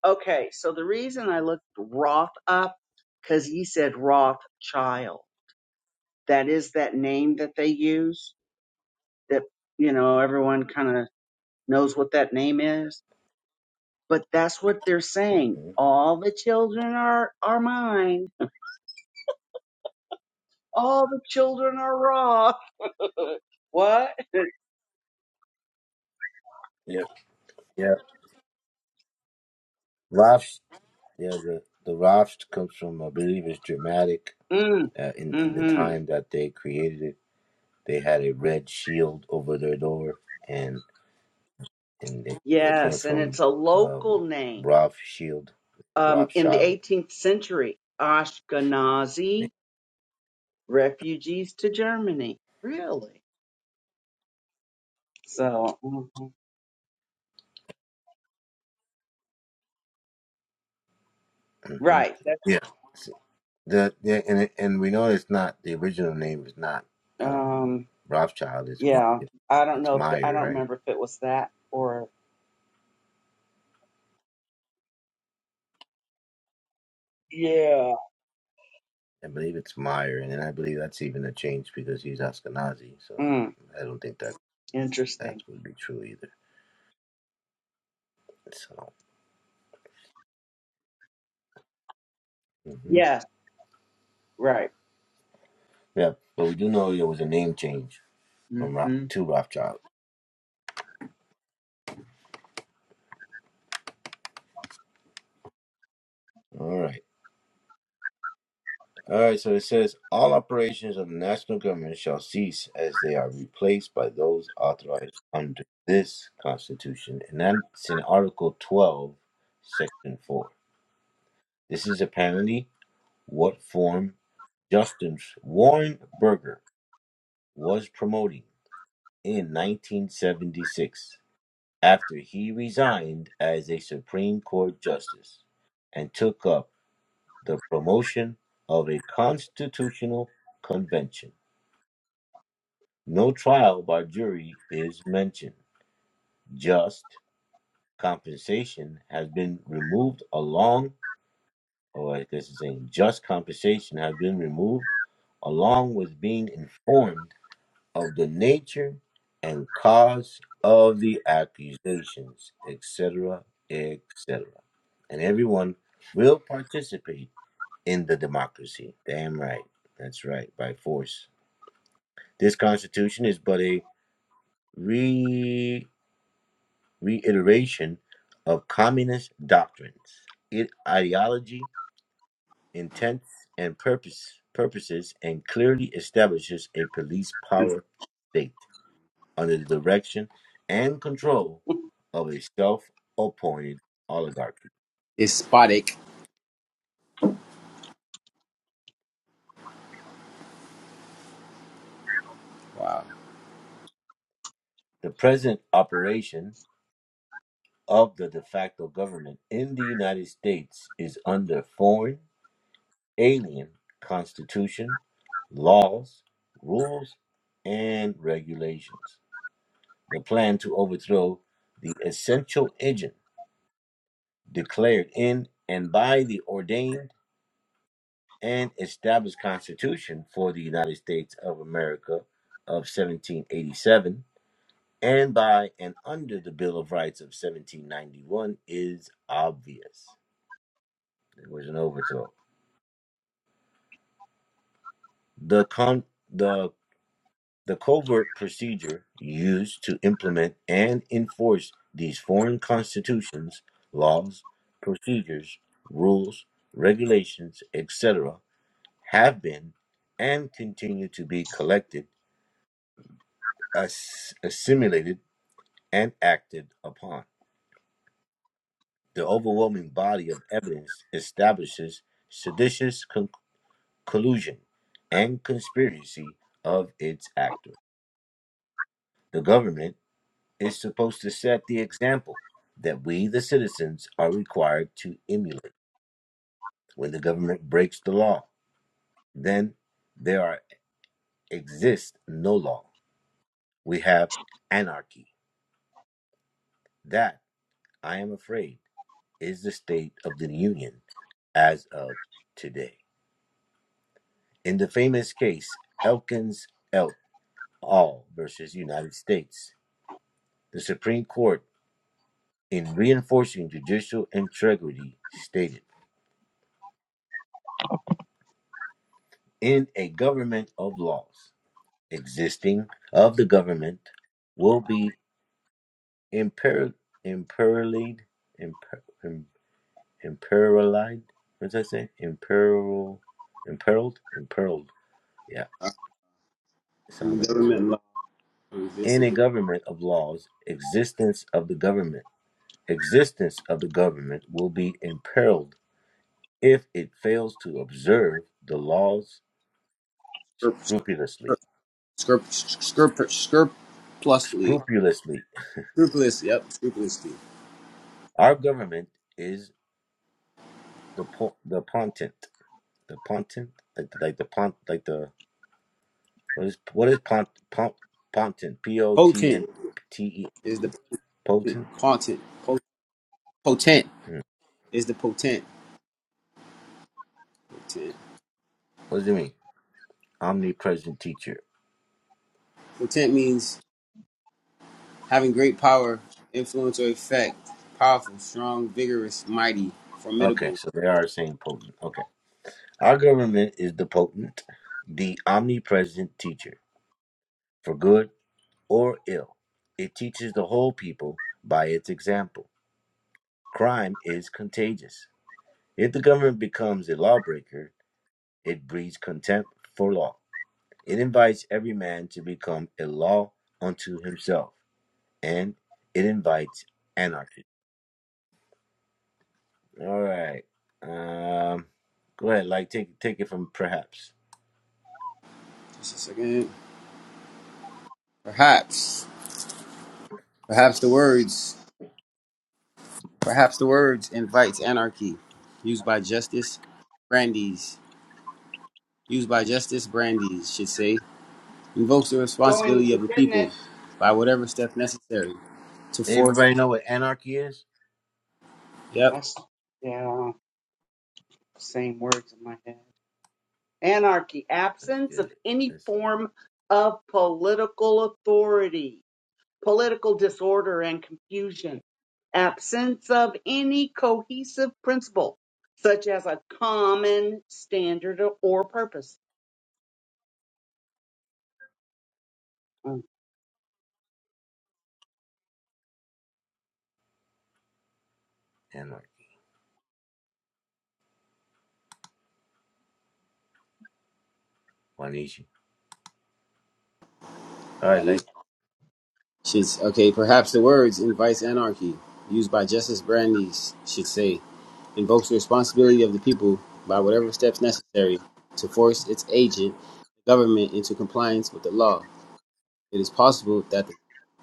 D: Okay, so the reason I looked Roth up, because he said Rothschild. That is that name that they use that, you know, everyone kind of knows what that name is. But that's what they're saying.
B: Mhm.
D: All the children are, are mine. All the children are Roth. what?
B: Yep. Yep. Roths. Yeah. The the Roths comes from I believe it's dramatic
D: Mm.
B: uh, in in the
D: hmm
B: time that they created it They had a red shield over their door, and and it, it came
D: Yes, and it's
B: from
D: a
B: um,
D: local name.
B: Roth Shield,
D: Um, in the
B: Rothschild.
D: 18th century, Ashkenazi refugees to Germany. Really? So, mhm.
B: Mm-hmm.
D: right. that-
B: Yeah. The, the and it- and we know it's not the original name is not um,
D: Um,
B: Rothschild. It's
D: yeah.
B: it's
D: I don't
B: it's
D: know if it, I
B: Meyer,
D: don't
B: right?
D: remember if it was that or yeah.
B: I believe it's Meyer, and then I believe that's even a change because he's Ashkenazi. So
D: Mm,
B: I don't think that that
D: interesting.
B: would be true either. So hmm
D: Yeah. Right.
B: yeah, but we do know it was a name change from Ro-
D: hmm
B: to Rothschild. All right. All right. So it says all operations of the national government shall cease as they are replaced by those authorized under this constitution. And that's in Article 12, Section 4. This is apparently what form Justin Warren Burger was promoting in 1976 after he resigned as a Supreme Court justice and took up the promotion of a constitutional convention. No trial by jury is mentioned. Just compensation has been removed along, or I guess it's saying just compensation has been removed along with being informed of the nature and cause of the accusations, etc., etc. And everyone will participate in the democracy. Damn right. That's right, by force. This constitution is but a re- reiteration of communist doctrines, it ideology, intents, and purpose purposes, and clearly establishes a police power state under the direction and control of a self-appointed oligarchy.
A: Despotic. Wow.
B: The present operation of the de facto government in the United States is under foreign alien constitution, laws, rules, and regulations. The plan to overthrow the essential engine declared in and by the ordained and established Constitution for the United States of America of 1787 and by and under the Bill of Rights of 1791 is obvious. There was an overthrow. The con- the The covert procedure used to implement and enforce these foreign constitutions, laws, procedures, rules, regulations, etc., have been and continue to be collected, ass- assimilated, and acted upon. The overwhelming body of evidence establishes seditious con- collusion and conspiracy of its actors. The government is supposed to set the example that we, the citizens, are required to emulate. When the government breaks the law, then there are, exists no law. We have anarchy. That, I am afraid, is the state of the Union as of today. In the famous case, Elkins et al. versus United States, the Supreme Court, in reinforcing judicial integrity, stated in a government of laws. existing of the government will be imper imperialed imper, im, imperialed what did I say Imperil, imperiled imperiled yeah it sounds like it's
A: Government law on this
B: in
A: is
B: a government of laws existence of the government existence of the government will be imperiled if it fails to observe the laws
A: scrup-
B: scrupulously
A: scrup- scrup- scrupulously.
B: scrupulously
A: Scrupulous. Yep. Scrupulously.
B: our government is the po- the pontent the Pontent, like the, like the Pont, like the what is what is Pont Pont Pontent? P O T and
A: Potent
B: T E
A: is the
B: potent.
A: potent. po- Potent is the potent. Potent.
B: What does it mean? Omnipresent teacher.
A: Potent means having great power, influence, or effect. Powerful, strong, vigorous, mighty,
B: Okay,
A: formidable.
B: so they are saying potent. Okay, our government is the potent, the omnipresent teacher for good or ill. It teaches the whole people by its example. Crime is contagious. If the government becomes a lawbreaker, it breeds contempt for law. It invites every man to become a law unto himself, and it invites anarchy. All right. Um, go ahead, like take take it from perhaps.
A: Just a second. Perhaps. Perhaps the words. Perhaps the words invites anarchy. Used by Justice Brandeis used by Justice Brandeis should say, invokes the
D: Going
A: responsibility
D: and
A: of the
D: getting it.
A: people by whatever step necessary to force.
B: Everybody know what anarchy is?
A: Yep.
D: I s yeah. Same words in my head. Anarchy,
B: Let's
D: absence
B: get
D: of
B: it.
D: any
B: That's
D: form of political authority political disorder and confusion, absence of any cohesive principle, such as a common standard or purpose. Mm.
B: anarchy. Wanishi. All
A: I
B: right,
A: need-
B: like
A: Should, okay, perhaps the words invites anarchy used by Justice Brandeis should say, invokes the responsibility of the people by whatever steps necessary to force its agent, the government, into compliance with the law. It is possible that the,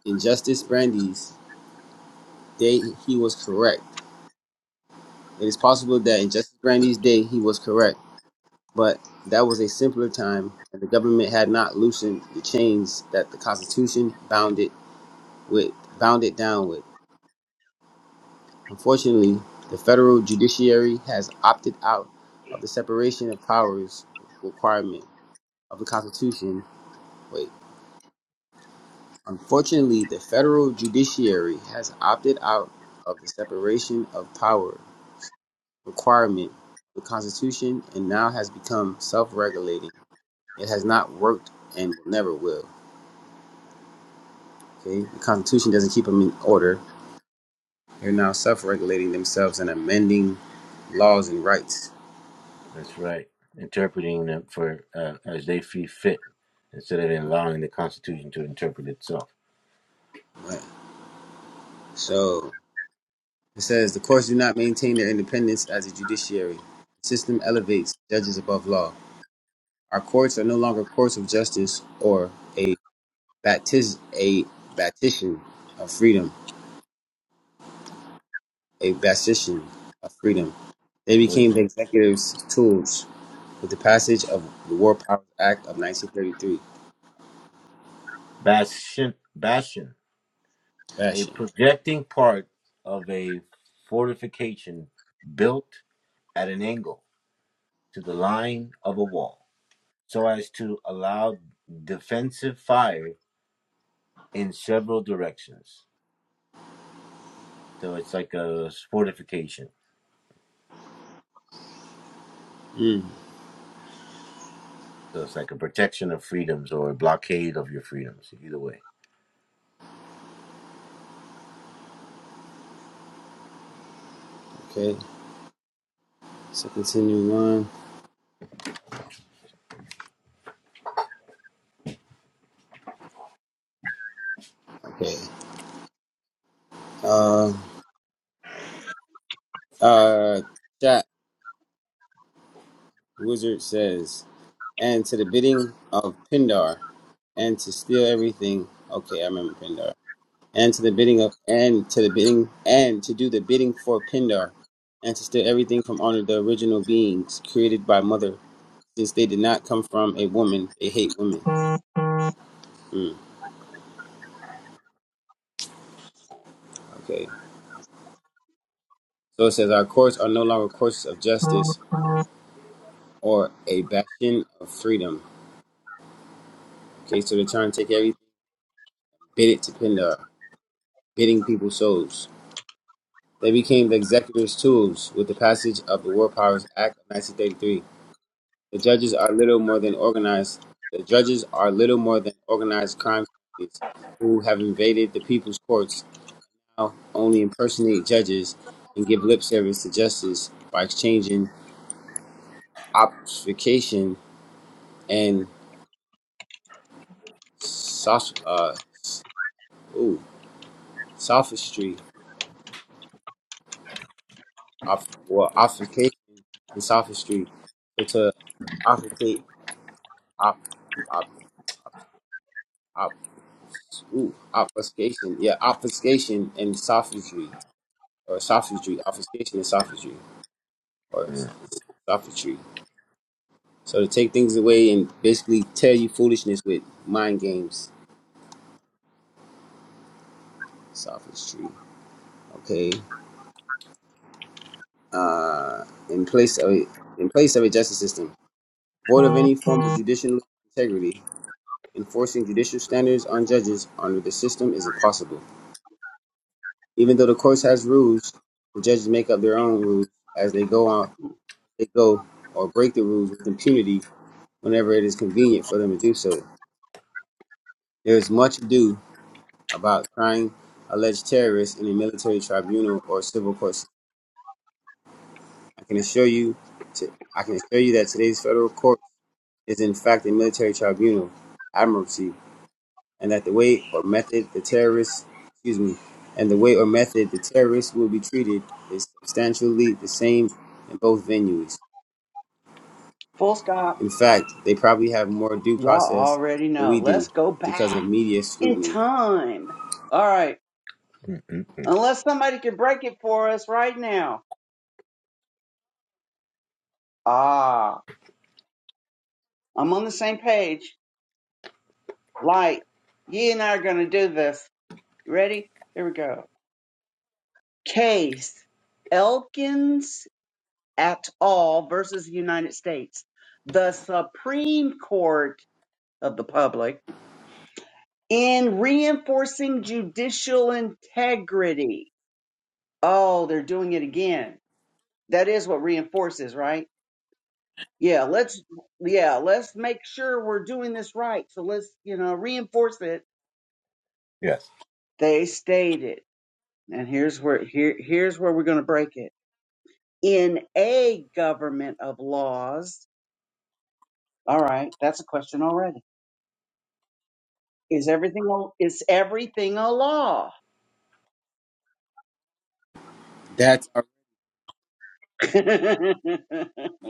A: in Justice Brandeis' day he was correct. It is possible that in Justice Brandeis' day he was correct but that was a simpler time, and the government had not loosened the chains that the Constitution bound it with, bound it down with. Unfortunately, the federal judiciary has opted out of the separation of powers requirement of the Constitution. Wait, unfortunately, the federal judiciary has opted out of the separation of power requirement of the Constitution and now has become self-regulating. It has not worked and never will. Okay? The Constitution doesn't keep them in order. They're now self-regulating themselves and amending laws and rights.
B: that's right. Interpreting them for uh, as they see fit, instead of allowing the Constitution to interpret itself.
A: Right. So it says the courts do not maintain their independence as a judiciary. The system elevates judges above law. Our courts are no longer courts of justice or a baptiz a baptician of freedom, a baptician of freedom. They
B: What is
A: became
B: that?
A: the executive's tools with the passage of the War Powers Act of 1933.
B: Bastion. Bastion. a
A: Fashion.
B: projecting part of a fortification built at an angle to the line of a wall so as to allow defensive fire in several directions. So it's like a fortification.
A: Mm,
B: So it's like a protection of freedoms or a blockade of your freedoms, either way.
A: okay. So continue on. Okay. Uh, uh, Chat Wizard says, and to the bidding of Pindar, and to steal everything. Okay, I remember Pindar. And to the bidding of, and to the bidding, and to do the bidding for Pindar, and to steal everything from under the original beings created by Mother, since they did not come from a woman. They hate women. Hmm, okay. So it says, our courts are no longer courses of justice or a bastion of freedom. Okay, so they're trying to take everything. Bidit to Pindar, bidding people's souls. They became the executor's tools with the passage of the War Powers Act of 1933. The judges are little more than organized. The judges are little more than organized crime families who have invaded the people's courts now only impersonate judges and give lip service to justice by exchanging obfuscation and soph- uh, ooh, sophistry Off, well, obfuscation and sophistry. So to obfuscate, ob, ob, ob, ob, ooh, obfuscation. Yeah, obfuscation and sophistry, or sophistry, obfuscation and sophistry, or
B: Mhm.
A: sophistry. So to take things away and basically tell you foolishness with mind games, sophistry. Okay. Uh, in place of a, in place of a justice system void of any form of judicial integrity. Enforcing judicial standards on judges under the system is impossible. Even though the courts has rules, the judges make up their own rules as they go on they go or break the rules with impunity whenever it is convenient for them to do so. There is much ado about trying alleged terrorists in a military tribunal or civil court. system. I can assure you to, I can assure you that today's federal court is in fact a military tribunal, admiralty and that the way or method the terrorists, excuse me, and the way or method the terrorists will be treated is substantially the same in both venues.
D: Full stop.
A: In fact, they probably have more due
D: Y'all
A: process
D: already
A: than
D: know.
A: we
D: Let's
A: do
D: go
A: because of
D: back
A: media
D: in
A: scrutiny.
D: time. All right. Unless somebody can break it for us right now. Ah, I'm on the same page. Light. You and I are going to do this. Ready? Here we go. Case. Elkins at all versus the United States, the Supreme Court of the public in reinforcing judicial integrity. Oh, they're doing it again. That is what reinforces, right? Yeah, let's yeah, let's make sure we're doing this right. So let's, you know, reinforce it.
B: Yes.
D: They stated, and here's where here here's where we're going to break it. In a government of laws, all right, that's a question already Is everything a, is everything a law?
A: That's our,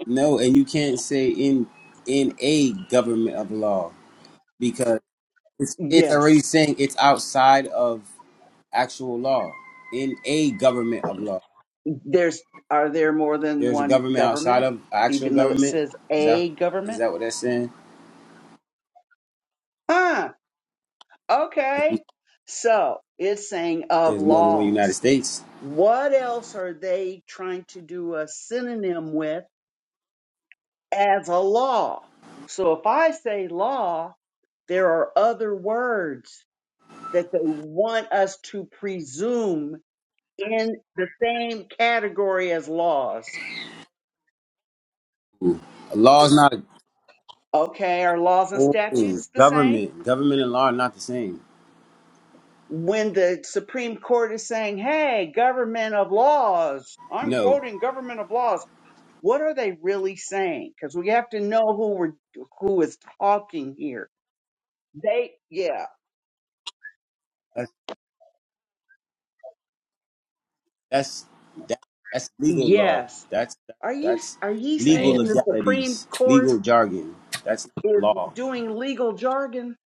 A: no, and you can't say in in a government of law because it's, it's
D: yes.
A: already saying it's outside of actual law. In a government of law,
D: There's are there more than
A: there's a
D: one
A: government outside
D: government,
A: of actual
D: even though it
A: government.
D: says
A: Is that
D: a
A: is
D: government?
A: that what that's saying?
D: Huh. Okay. So it's saying of
A: There's more than one United
D: laws.
A: States.
D: What else are they trying to do a synonym with as a law? So if I say law, there are other words that they want us to presume in the same category as laws.
A: Law is not
D: Okay, are laws and
A: oh,
D: statutes the same?
A: government. Government and law are not the same.
D: When the Supreme Court is saying, hey, government of laws, I'm
A: No,
D: quoting government of laws, what are they really saying? Because we have to know who we're who is talking here. They yeah.
A: that's that's that, that's legal law.
D: Yes.
A: That's
D: Are you
A: that's
D: are you
A: legal
B: Bam.
D: saying the Supreme
A: legalities,
D: Court
A: legal jargon. That's
D: is
A: not law.
D: doing legal jargon?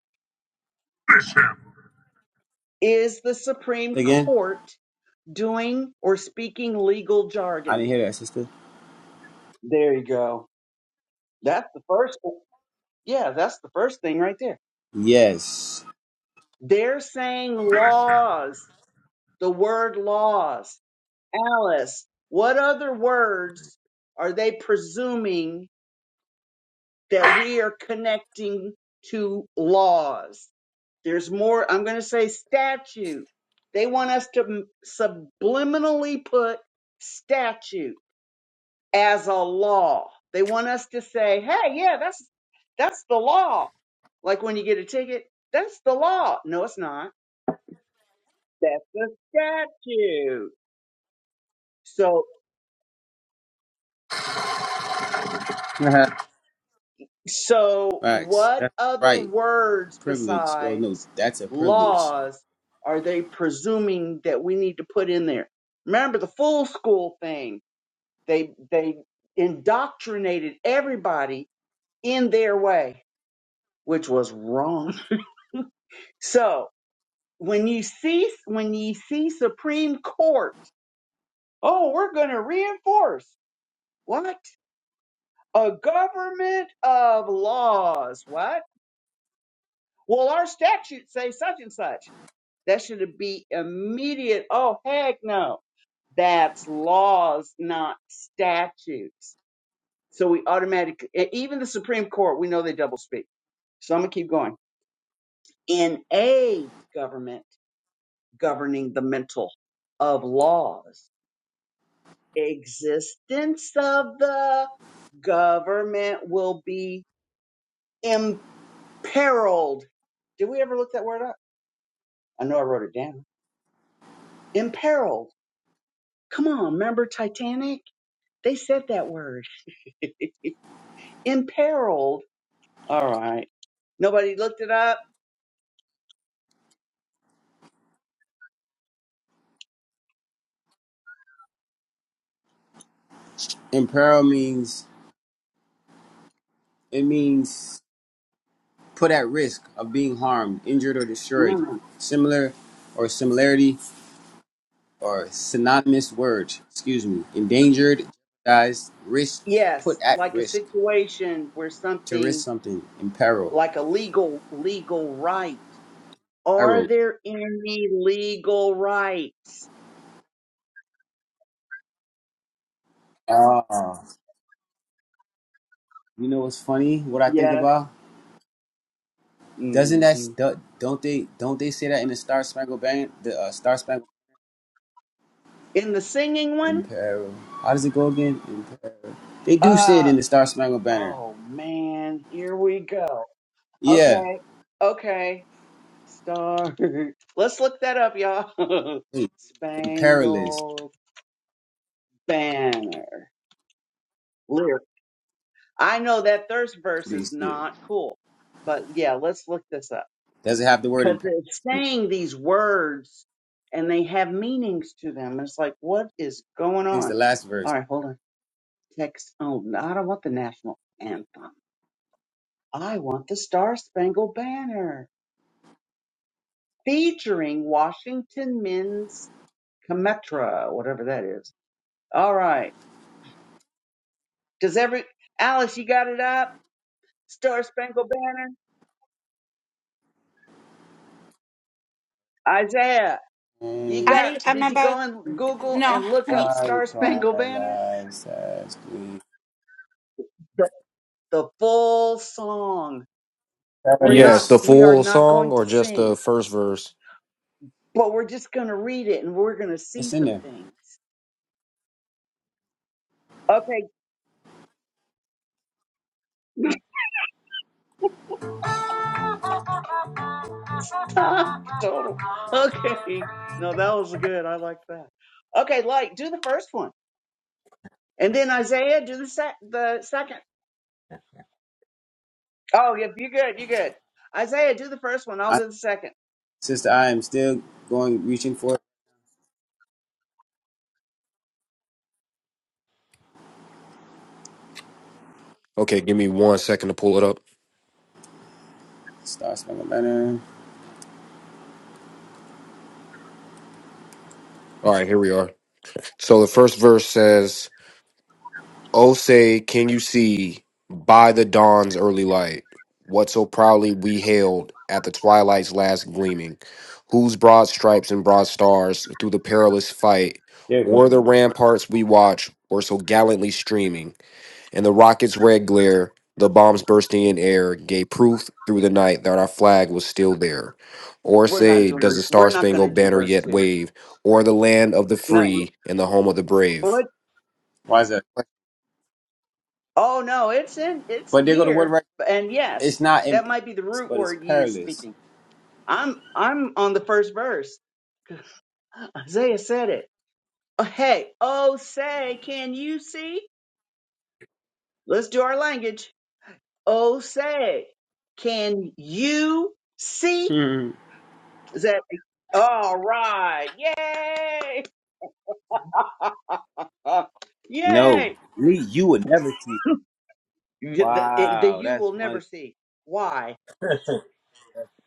D: Is the Supreme
A: Say Again,
D: Court doing or speaking legal
A: I
D: jargon?
A: didn't hear that, sister.
D: There you go. That's the first. one. Yeah, that's the first thing right there.
A: Yes,
D: They're saying laws, the word laws. Alice, what other words are they presuming that we are connecting to laws? There's more, I'm going to say statute. They want us to m- subliminally put statute as a law. They want us to say, "Hey, yeah, that's that's the law." Like when you get a ticket, that's the law. No, it's not. That's the statute. So, so
A: facts.
D: what
A: That's
D: other
A: right.
D: words
A: Privilege. Well, no,
D: besides
A: that's a privilege.
D: laws are they presuming that we need to put in there? Remember the full school thing. They they indoctrinated everybody in their way, which was wrong. So, when you see when you see Supreme Court, oh, we're going to reinforce what a government of laws. What? Well, our statutes say such and such. That should be immediate. Oh, heck no. That's laws, not statutes. So we automatically, even the Supreme Court, we know they double speak. So I'm gonna keep going. In a government governing the mental of laws. existence of the government will be imperiled. Did we ever look that word up? I know I wrote it down. Imperiled. Come on, remember Titanic? They said that word. imperiled. All right. Nobody looked it up?
A: Imperil means it means put at risk of being harmed, injured, or destroyed.
D: Mm.
A: Similar or similarity or synonymous words, excuse me. Endangered, jeopardized, risk,
D: Yes,
A: put at
D: like a
A: risk,
D: situation where
A: to
D: something
A: risk something, in peril.
D: like a legal legal right. Are
A: Peril.
D: there any legal rights?
A: Ah, you know what's funny? What I think
D: Yes.
A: about? Doesn't that
D: Mm-hmm.
A: st- don't they don't they say that in the Star Spangled Banner? The uh, Star Spangled
D: in the singing
A: in
D: one
A: peril. How does it go again? In peril. They do say it
D: uh
A: in the Star Spangled Banner.
D: oh man here we go
A: Yeah.
D: okay okay start. let's look that up y'all
A: Wait, in perilous.
D: spangled banner lyric i know that first verse
A: They
D: is
A: say.
D: not cool but yeah let's look this up
A: Does it have the word
D: because
A: imperatives
D: it's
A: in it? I
D: saying these words and they have meanings to them it's like what is going
A: think it's
D: on
A: the last
D: all
A: verse.
D: right hold on text oh no, i don't want the national anthem I want the Star Spangled Banner featuring Washington Men's Cometra, whatever that is. All right. Does every Alice, you got it up? Star Spangled Banner? Isaiah, you
A: And
D: got
C: I I'm
D: did you go
C: about
D: and Google
C: no,
D: and look
C: honey.
D: up
A: I
D: Star
C: Mm.
D: Spangled Banner?
A: paralyzed as we
D: The, the full song. We're
E: Yes,
D: not
A: perish.
E: the
D: we are
E: full
D: not
E: song
D: going
E: or
D: to
E: just the
D: sing,
E: first verse?
D: but we're just gonna read it and we're gonna see
A: It's in
D: some
A: there.
D: things. Okay, Total. Okay. No, that was good. I like that. Okay, like do the first one, and then Isaiah do the sec- the second. Oh, yep, you're good. You're good. Isaiah do the first one. I'll
A: I,
D: do the second.
A: sister, I am still going, reaching for it.
E: Okay, give me one second to pull it up.
A: Star Spangled Banner.
E: All right, here we are. So the first verse says, "Oh, say, can you see by the dawn's early light what so proudly we hailed at the twilight's last gleaming, whose broad stripes and broad stars through the perilous fight,
A: There you go.
E: o'er the ramparts we watch were so gallantly streaming." And the rocket's red glare, the bombs bursting in air, gave proof through the night that our flag was still there. Or
D: We're not
E: say, does
D: doing.
E: the
D: We're
E: Star
D: not going to
E: Spangled
D: do
E: Banner
D: verse
E: yet
D: two.
E: wave, or the land of the
D: Not yet.
E: free and the home of the brave?
D: what?
A: Why is that?
D: Oh no, it's in. It's
A: But there go the word
D: here.
A: right.
D: And yes,
A: It's not
D: that might be the
A: imperatives,
D: root
A: but it's
D: word ye is
A: perilous.
D: speaking. I'm I'm on the first verse. Isaiah said it. Oh, hey, oh say, can you see? Let's do our language. Oh, say, can you see?
A: Hmm.
D: Is that all right? Yay!
A: No,
D: Yay!
A: me, you would never see.
D: You get The, the
A: Wow,
D: you
A: that's
D: will
A: funny.
D: never see. Why?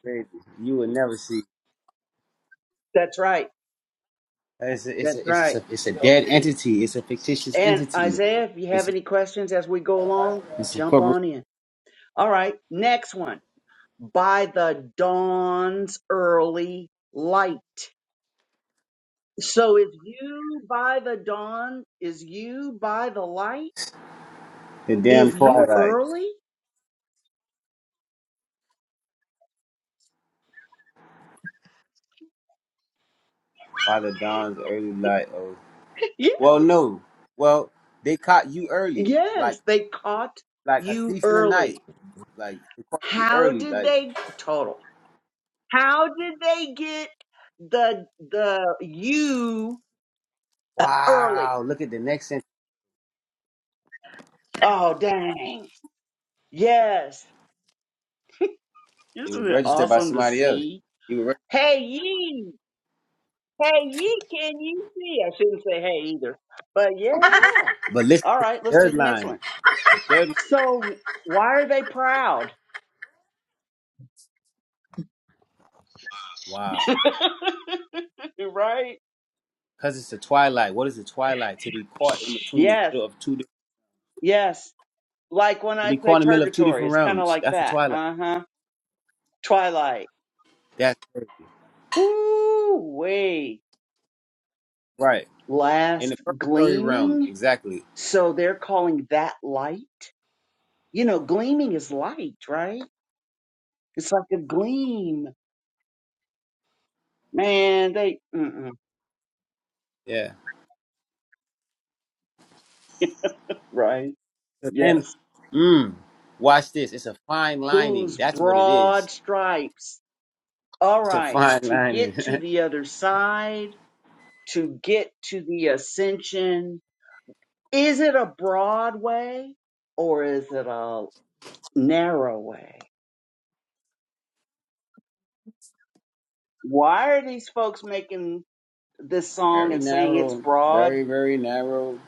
A: Crazy. You would never see.
D: That's right.
A: It's a, it's
D: That's
A: a, it's
D: right.
A: a, it's a dead entity. It's a fictitious
D: And
A: entity.
D: Isaiah, if you have
A: It's
D: any questions as we go along,
A: it's
D: jump
A: incorporated.
D: on in. All right. Next one. By the dawn's early light. So is you by the dawn? Is you by the light?
A: The damn
D: Is you
A: twilight
D: early?
A: by the dawn's early light. Oh, well,
D: Yes.
A: no. Well, they caught you early,
D: Yes.
A: like
D: They caught
A: like a
D: you
A: thief in the night.
D: early.
A: Like they caught you
D: How
A: early.
D: did
A: Like
D: they total? How did they get the the you uh, early?
A: wow, look at the next sentence.
D: Oh dang. Yes.
A: It
D: Isn't
A: was
D: it
A: registered by
D: awesome to
A: somebody else.
D: see?
A: You were, reg-
D: Hey ye. Hey ye, can you see? I shouldn't say hey either. But yeah.
A: but listen
D: All
A: to
D: right,
A: the
D: let's do
A: third
D: the next one.
A: line. The third line.
D: So why are they proud?
A: Wow,
D: right?
A: because it's the twilight. What is the twilight? To be caught in between the
D: Yes.
A: middle of two. Di-
D: Yes. Like when
A: to
D: I
A: be
D: say
A: caught in the middle of two
D: purgatory,
A: different
D: it's kind of
A: realms.
D: like
A: That's the
D: that.
A: twilight.
D: Uh huh. Twilight.
A: That's crazy.
D: Woo way.
A: right in the
D: Last
A: purgatory realm.
D: gleaming.
A: Exactly.
D: So they're calling that light. You know, gleaming is light, right? It's like a gleam. Man, they, mm-mm,
A: Yeah.
D: right?
A: It's thin.
D: Yes.
A: Mm, watch this. It's a fine lining.
D: Whose
A: That's what it is.
D: broad stripes. All
A: It's a
D: right.
A: fine
D: To
A: lining.
D: get to the other side, to get to the ascension. Is it a broad way? or is it a narrow way. Why are these folks making this song
A: very
D: and saying it's
A: narrow.
D: broad?
A: Very very narrow.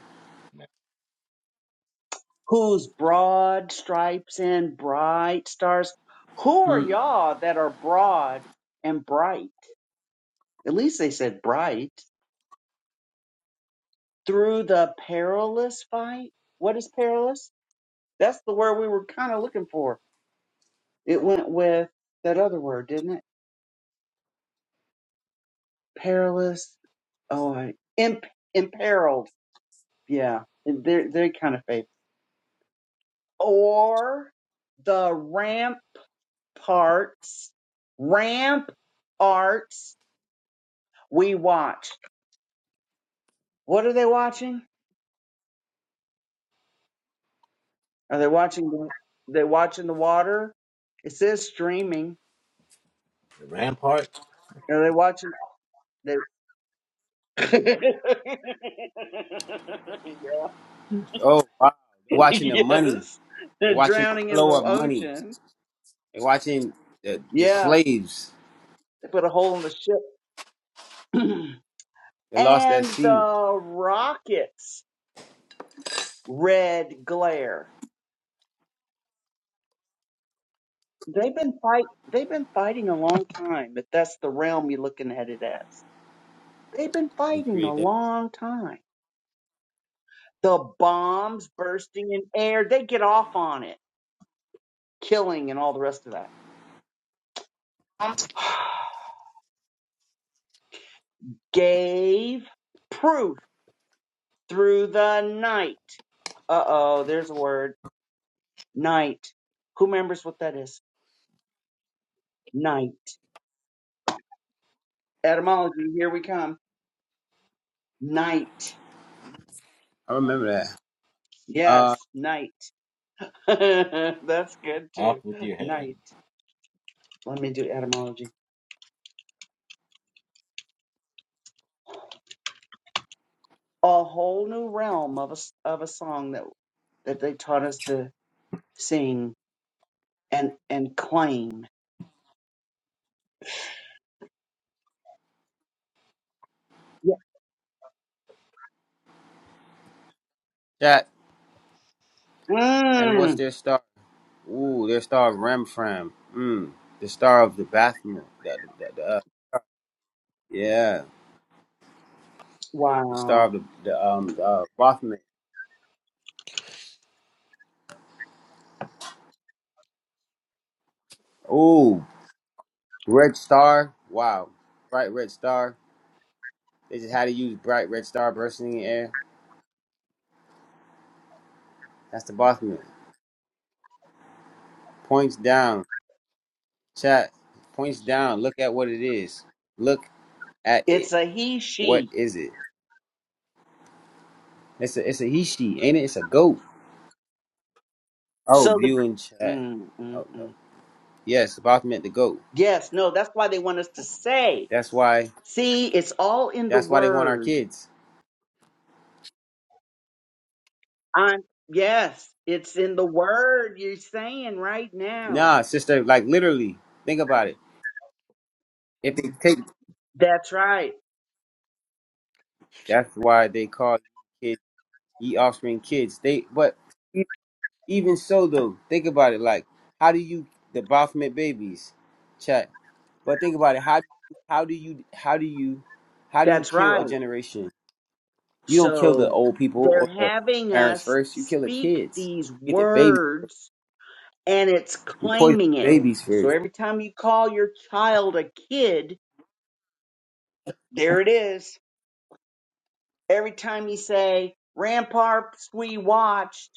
D: Who's broad stripes and bright stars? Who are
A: Hmm.
D: y'all that are broad and bright? At least they said bright. Through the perilous fight? What is perilous? That's the word we were kind of looking for. It went with that other word, didn't it? Perilous. Oh, I, imp, imperiled. Yeah, they they kind of faded. or the ramp ramparts, ramp arts we watch. What are they watching? Are they watching the, they watching the water? It says streaming.
B: The rampart,
D: Are they watching they yeah.
A: Oh wow! They're watching the money.
D: Yes.
A: They're
D: They're
A: watching
D: drowning
A: the
D: in the
A: flow of money.
D: ocean.
A: They're watching the, the
D: Yeah.
A: slaves.
D: They put a hole in the ship.
A: They lost that
D: and
A: sea.
D: the rockets red glare. They've been fight. They've been fighting a long time. If that's the realm you're looking at it as, they've been
A: They
D: fighting a
A: create that.
D: long time. The bombs bursting in air. They get off on it, killing and all the rest of that. Gave proof through the night. Uh oh, there's a word. Night. Who remembers what that is? Night. Etymology. Here we come. Night.
A: I remember that. Uh,
D: Yes, night. that's good too.
B: off with your head.
D: Night. Let me do etymology. a whole new realm of a s- of a song that that they taught us to sing and and claim. Yeah.
A: chat. And what's
D: Mm,
A: their star? Ooh, their star of Ramfram. Mm, the star of the Bathmo. The, the, the, uh, yeah, the star
D: wow.
A: of the, the um the, uh, Rothman. Oh, Red Star. Wow. Bright Red Star. They just had to use Bright Red Star bursting in the air. That's the boss move. Points down. Chat. Points down. Look at what it is. Look at it.
D: It's a he
A: What
D: she.
A: is it? It's a it's a he she, ain't it? It's a goat. Oh,
D: So the
A: viewing chat.
D: mm, mm,
A: Oh no.
D: mm.
A: Yes, the boss meant the goat.
D: yes, no, that's why they want us to say.
A: That's why
D: See, it's all in the
A: that's why they want our
D: word.
A: kids.
D: I yes, it's in the word you're saying right now.
A: Nah, sister, like literally. Think about it. If they take
D: That's right.
A: that's why they call kids ye offspring kids. They but Even so, though, think about it. Like, how do you the Baphomet babies? Chat. But think about it. How how do you how do you how do you
D: That's
A: kill a
D: right.
A: generation? You don't kill the
D: So
A: old people
D: they're
A: or the
D: having
A: parents
D: us
A: first. You kill the
D: speak
A: kids.
D: these
A: You get the baby.
D: words and it's
A: You poison
D: claiming
A: the
D: it.
A: babies
D: So
A: first.
D: every time you call your child a kid, there it is. Every time you say, Ramparts we watched,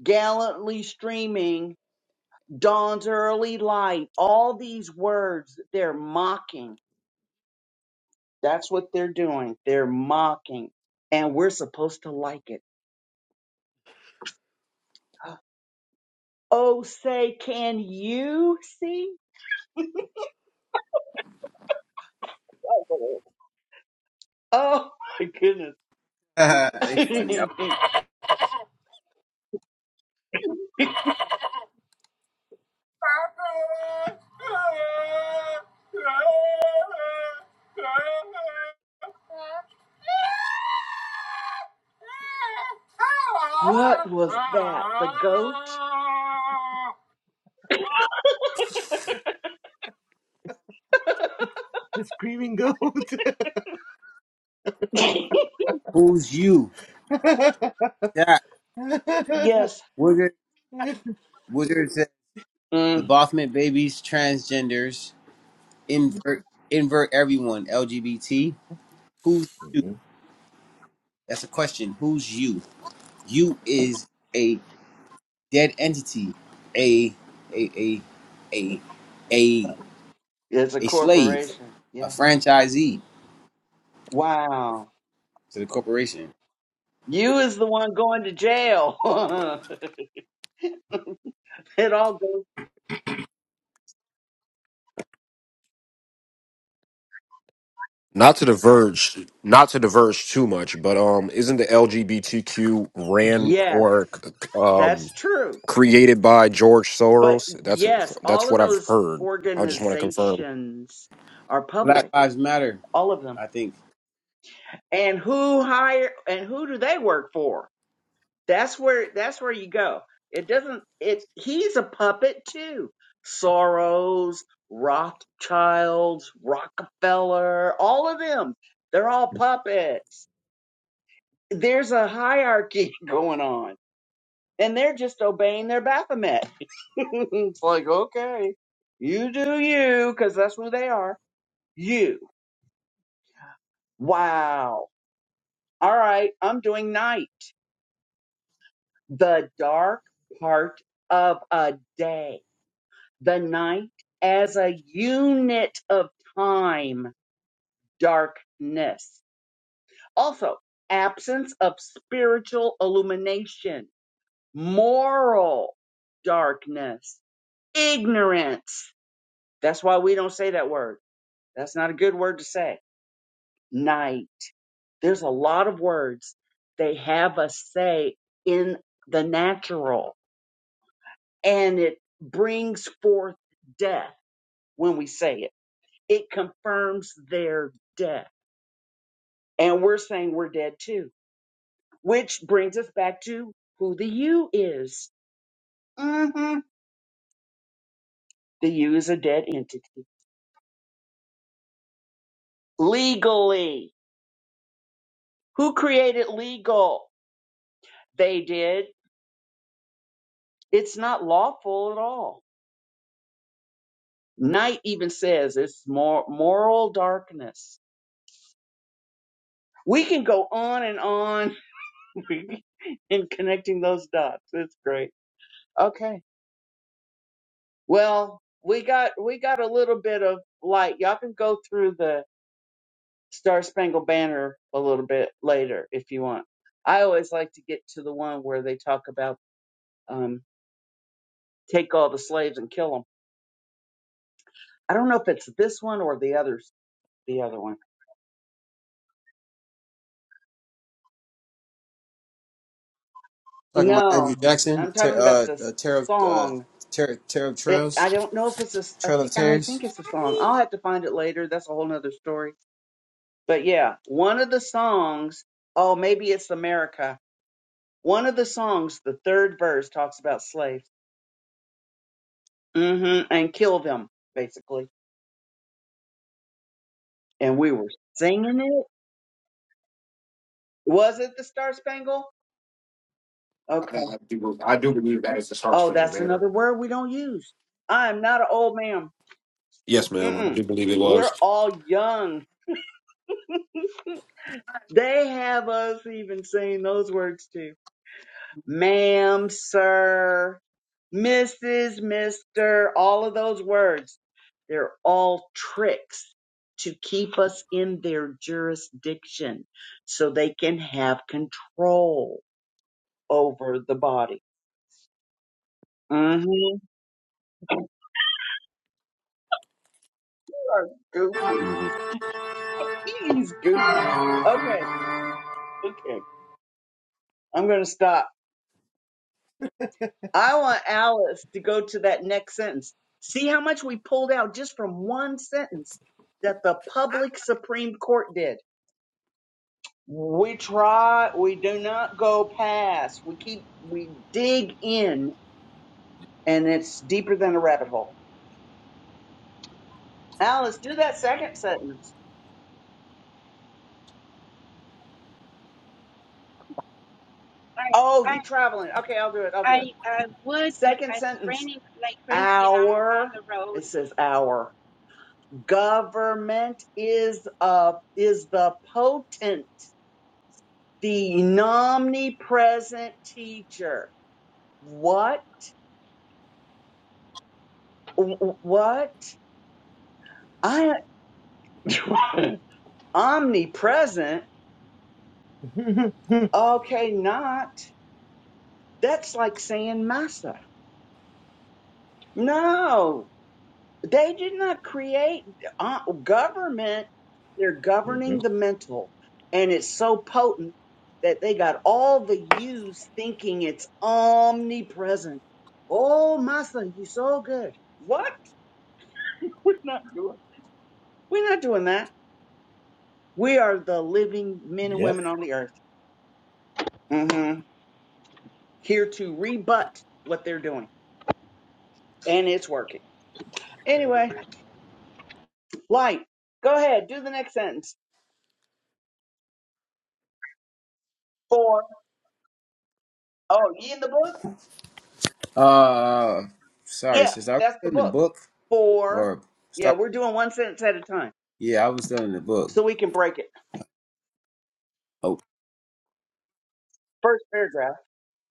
D: gallantly streaming, dawn's early light, all these words, they're mocking. That's what they're doing. They're mocking. And we're supposed to like it. Oh, say, can you see? Oh, my goodness.
A: Ain't funny. I-
D: what was that? The goat?
A: Who's you? Chat.
B: hmm
D: yes.
A: Wizard. Wizard said the
D: Mm,
A: Baphomet babies, transgenders, invert invert everyone. LGBT. Who's you? That's a question. Who's you? You is a dead entity, a a a a a
D: it's a
A: a slave,
D: corporation.
A: a
D: Yes.
A: franchisee
D: Wow.
A: to the corporation.
D: You is the one going to jail. it all goes.
E: Not to diverge, not to diverge too much, but um, isn't the LGBTQ ran
D: Yeah,
E: or um
D: that's true.
E: created by George
D: But
E: Soros? That's
D: yes, all
E: that's
D: of
E: what I've
D: those
E: heard. I just want to confirm.
D: organizations are
A: Black
D: public.
A: Lives Matter.
D: All of them.
A: I think
D: And who hire and who do they work for? That's where that's where you go. It doesn't it he's a puppet too. Soros, Rothschilds, Rockefeller, all of them. They're all puppets. There's a hierarchy going on. And they're just obeying their Baphomet. it's like, okay, you do you, because that's who they are. You. Wow. All right, I'm doing night. The dark part of a day the night as a unit of time, darkness. Also, absence of spiritual illumination, moral darkness, ignorance. That's why we don't say that word. That's not a good word to say. Night. There's a lot of words they have us say in the natural, and it brings forth death when we say it. It confirms their death and we're saying we're dead too, which brings us back to who the you is. hmm The you is a dead entity legally. Who created legal? They did. It's not lawful at all. Night even says it's more moral darkness. We can go on and on in connecting those dots. It's great. Okay. Well, we got we got a little bit of light. Y'all can go through the Star Spangled Banner a little bit later if you want. I always like to get to the one where they talk about um, take all the slaves and kill them. I don't know if it's this one or the others, the other one.
A: talking about
D: No,
A: Andrew Jackson,
D: I'm
A: ter-
D: talking about
A: uh,
D: the
A: uh, Terror of uh,
D: song.
A: Terror Terror of
D: It I
A: Trails,
D: don't know if it's a s- I
A: Trail
D: think
A: of
D: I
A: Tears.
D: think it's a song. I'll have to find it later. That's a whole nother story. But yeah, one of the songs. Oh, maybe it's America. One of the songs, the third verse talks about slaves. hmm and kill them basically and we were singing it. Was it the Star Spangled?
E: I,
D: Okay.
E: I do, I do believe that is the Star
D: Oh,
E: Spangled
D: that's
E: Banner.
D: another word we don't use. I'm not an old man.
E: Yes, ma'am. I
D: Mm-mm.
E: do believe it
D: We're
E: was.
D: all young. They have us even saying those words too. Ma'am, sir, Mrs., Mr., all of those words. They're all tricks to keep us in their jurisdiction so they can have control over the body. hmm are goofy.
E: hmm
D: He's goofy. Okay, okay. I'm going to stop. I want Alice to go to that next sentence. See how much we pulled out just from one sentence that the public Supreme Court did. We try, we do not go past. We keep, we dig in and it's deeper than a rabbit hole. Alice, do that second sentence.
C: I
D: Oh,
C: I
D: you traveling. Okay, I'll do it. I'll do it.
C: I, I would, but
D: Second
C: it's
D: sentence.
C: raining like crazy, and I'm on
D: Our.
C: the
D: It
C: road.
D: says our. Government is a is the potent, the omnipresent teacher. What? What? I omnipresent? Okay, not. That's like saying massa. No, They did not create uh, government. They're
B: hmm
D: governing the mental. And it's so potent that they got all the yous thinking it's omnipresent. Oh, Masa, you so good. What? We're not doing We're not doing that. We are the living men and
B: Yep.
D: women on the earth. hmm Here to rebut what they're doing. And it's working. Anyway, light. Go ahead. Do the next sentence. For, oh, ye in the book?
A: Uh, sorry,
D: Yes,
A: sis. I was
D: that's the
A: still in the
D: book.
A: book
D: For
A: or
D: yeah,
A: start.
D: we're doing one sentence at a time,
A: Yeah, I was still in the book.
D: so we can break it.
A: Oh,
D: First paragraph.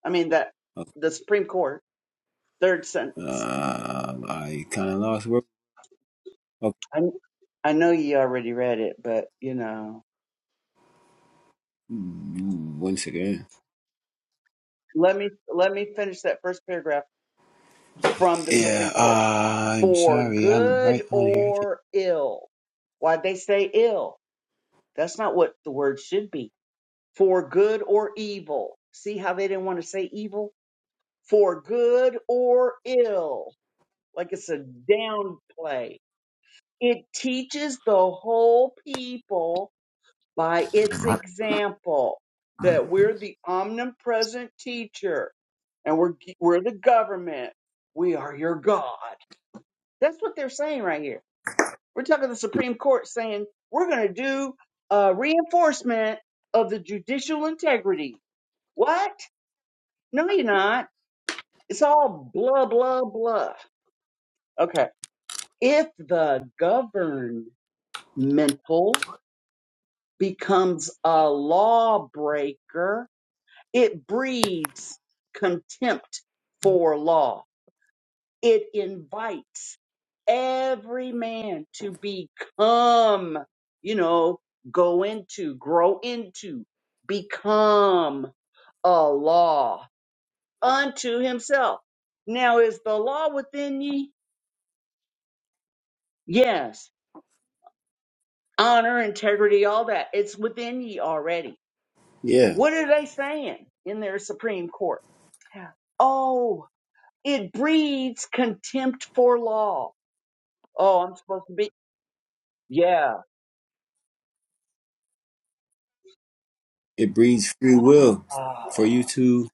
D: I mean that
A: okay.
D: the Supreme Court. Third sentence.
A: uh, I kind of lost where. Okay,
D: I I know you already read it, but you know,
A: Mm, one second.
D: let me let me finish that first paragraph from the
A: Yeah,
D: Supreme Court.
A: uh, I'm
D: For
A: sorry. I'm
D: good
A: right on here. I think.
D: or ill. Why they say ill? That's not what the word should be. For good or evil. See how they didn't want to say evil? For good or ill like it's a downplay. It teaches the whole people by its
A: Right.
D: example that we're the omnipresent teacher and we're we're the government. We are your God. That's what they're saying right here. We're talking the Supreme Court saying we're going to do a reinforcement of the judicial integrity. What? No, you're not. It's all blah blah blah. Okay. If the governed mental, becomes a lawbreaker. It breeds contempt for law. It invites every man to become, you know, go into, grow into, become a law unto himself. Now, is the law within ye? Yes. Honor, integrity, all that. It's within ye already
A: Yeah,
D: What are they saying in their Supreme Court? Oh, it breeds contempt for law. Oh, I'm supposed to be. Yeah.
A: it breeds free will
D: Ah.
A: for you to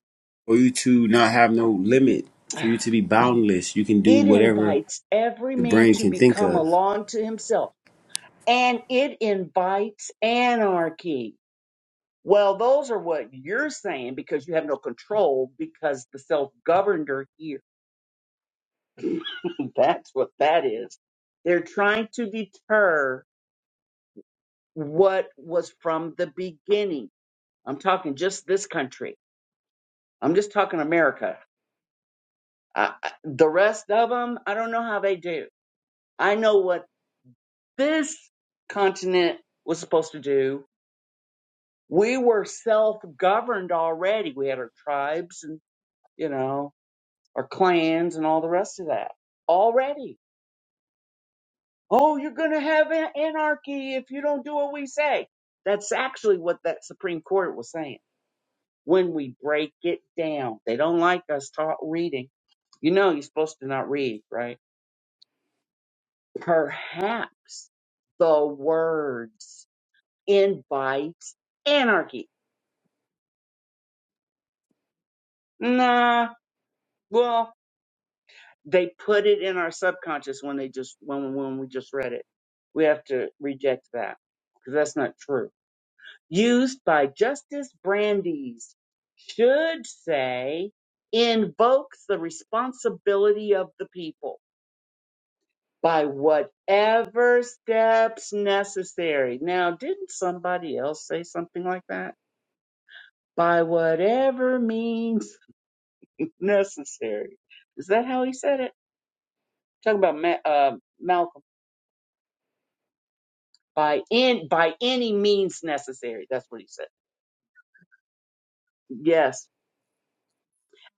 A: for you to not have no limit, for you to be boundless. You can do
D: It
A: whatever
D: invites every
A: the
D: man
A: brain
D: to
A: can think
D: become a
A: of.
D: law unto himself, and it invites anarchy. Well, those are what you're saying because you have no control because the self governed are here. That's what that is. They're trying to deter what was from the beginning I'm talking just this country. I'm just talking America. I, I- the rest of them, I don't know how they do. I know what this continent was supposed to do. We were self governed already. We had our tribes and, you know, our clans and all the rest of that already. Oh, you're going to have an- anarchy if you don't do what we say. That's actually what that Supreme Court was saying. when we break it down. They don't like us taught reading. You know, you're supposed to not read, right? Perhaps the words invites anarchy. Nah, well, they put it in our subconscious when they just when when we just read it. We have to reject that because that's not true. Used by Justice Brandeis should say invokes the responsibility of the people by whatever steps necessary. Now, didn't somebody else say something like that? By whatever means necessary. Is that how he said it? Talking about Ma- uh, Malcolm. By in by any means necessary. That's what he said. Yes.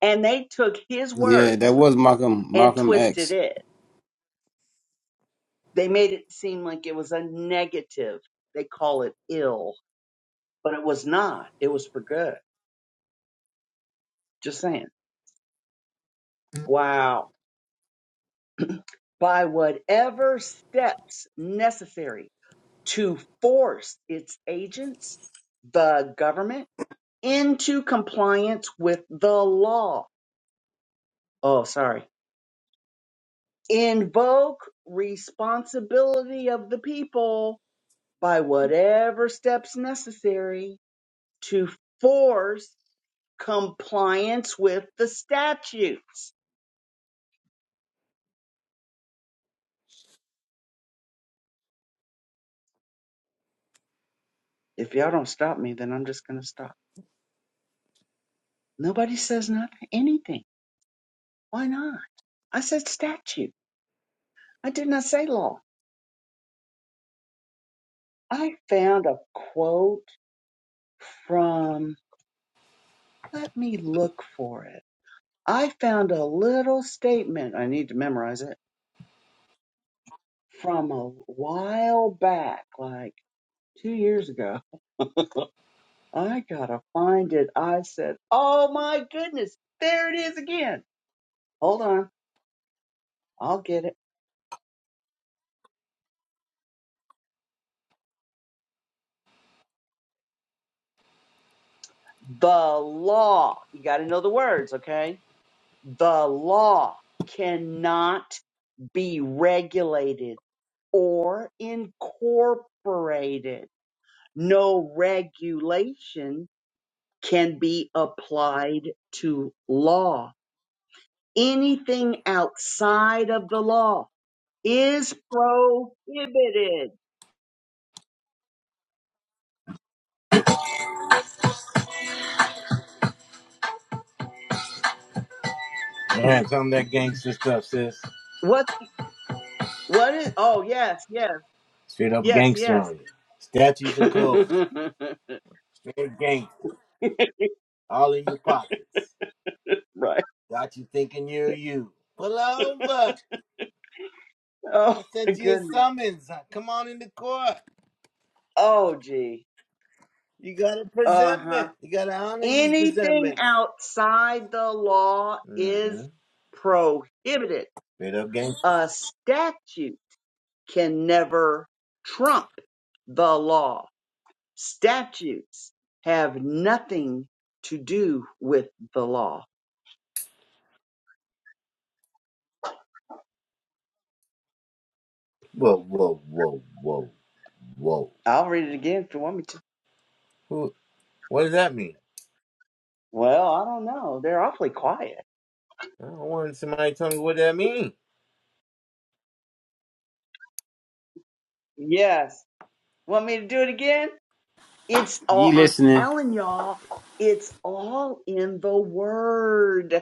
D: And they took his
A: Yeah, that
D: words
A: was Malcolm
D: and
A: Malcolm
D: twisted
A: X.
D: it. They made it seem like it was a negative. They call it ill, but it was not. It was for good. Just saying. Wow. by whatever steps necessary to force its agents, the government, into compliance with the law. Oh, sorry. Invoke responsibility of the people by whatever steps necessary to force compliance with the statutes. If y'all don't stop me, then I'm just going to stop. Nobody says nothing, anything. Why not? I said statutes. I did not say law. I found a quote from, let me look for it. I found a little statement, I need to memorize it, from a while back, like two years ago. I gotta find it. I said, oh my goodness, there it is again. Hold on, I'll get it. The law, you gotta know the words, okay? The law cannot be regulated or incorporated. No regulation can be applied to law. Anything outside of the law is prohibited.
B: All right, some of that gangster stuff, sis.
D: What? What is? Oh, yes, yes,
B: Straight up
D: yes,
B: gangster
D: yes.
B: on you. Statues and codes. Straight gangster. All in your pockets.
D: right.
B: Got you thinking you're you. Pull over.
D: Oh
B: I
D: my
B: sent you a
D: goodness.
B: summons. Come on in the court.
D: Oh gee.
B: You got a
D: Uh huh.
B: presentment. You got to honor these
D: Anything
B: presentments.
D: outside the law
B: mm hmm
D: is prohibited.
B: Straight up gangster.
D: A statute can never trump the law. Statutes have nothing to do with the law.
B: Whoa, whoa, whoa, whoa, whoa.
D: I'll read it again if you want me to.
B: Who, what does that mean?
D: Well, I don't know. They're awfully quiet.
B: I don't want somebody telling me what that means.
D: Yes. Want me to do it again? It's all,
A: You
D: I'm
A: listening?
D: telling y'all, it's all in the word.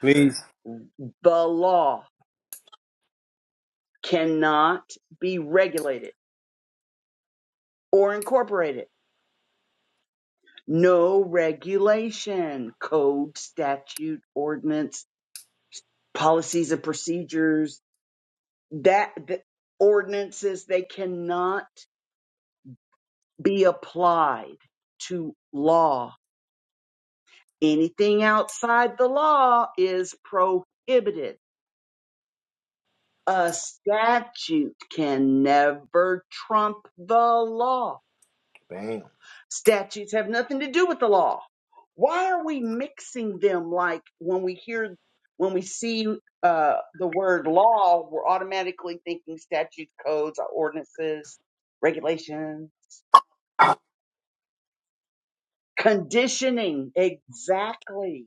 A: Please.
D: The law cannot be regulated or incorporated no regulation, code, statute, ordinance, policies and procedures, that the ordinances, they cannot be applied to law. Anything outside the law is prohibited. A statute can never trump the law
B: Bam.
D: Statutes have nothing to do with the law. Why are we mixing them like when we hear, when we see uh, the word law, we're automatically thinking statutes, codes, ordinances, regulations, conditioning. Exactly.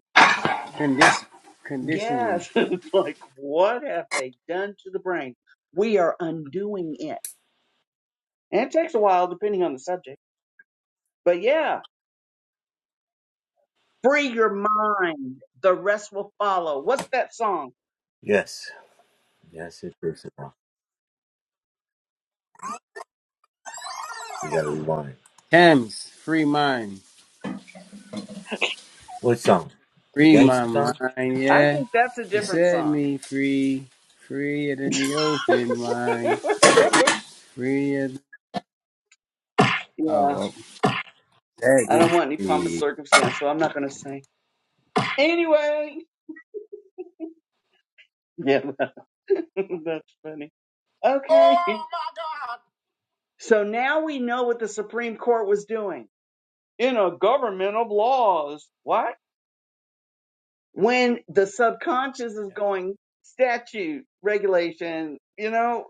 A: Condition conditioning.
D: Yes. it's like, what have they done to the brain? We are undoing it. And it takes a while, depending on the subject. But yeah, free your mind. The rest will follow. What's that song?
B: Yes. Yes, it is a You gotta rewind.
A: Thames, free mind.
B: What song? The
A: Free
B: gangster
A: my
B: song?
A: mind,
D: I
A: yeah.
D: think that's a
A: You
D: different
A: set
D: song.
A: me free. Free it in the open mind. Free it. Oh
D: Yeah,
A: well. That
D: I don't
A: means
D: want any pompous
A: the,
D: circumstance, so I'm not going to sing. Anyway, yeah, that, that's funny. Okay, so now we know what the Supreme Court was doing in a government of laws. What? When the subconscious is going statute, regulation, you know,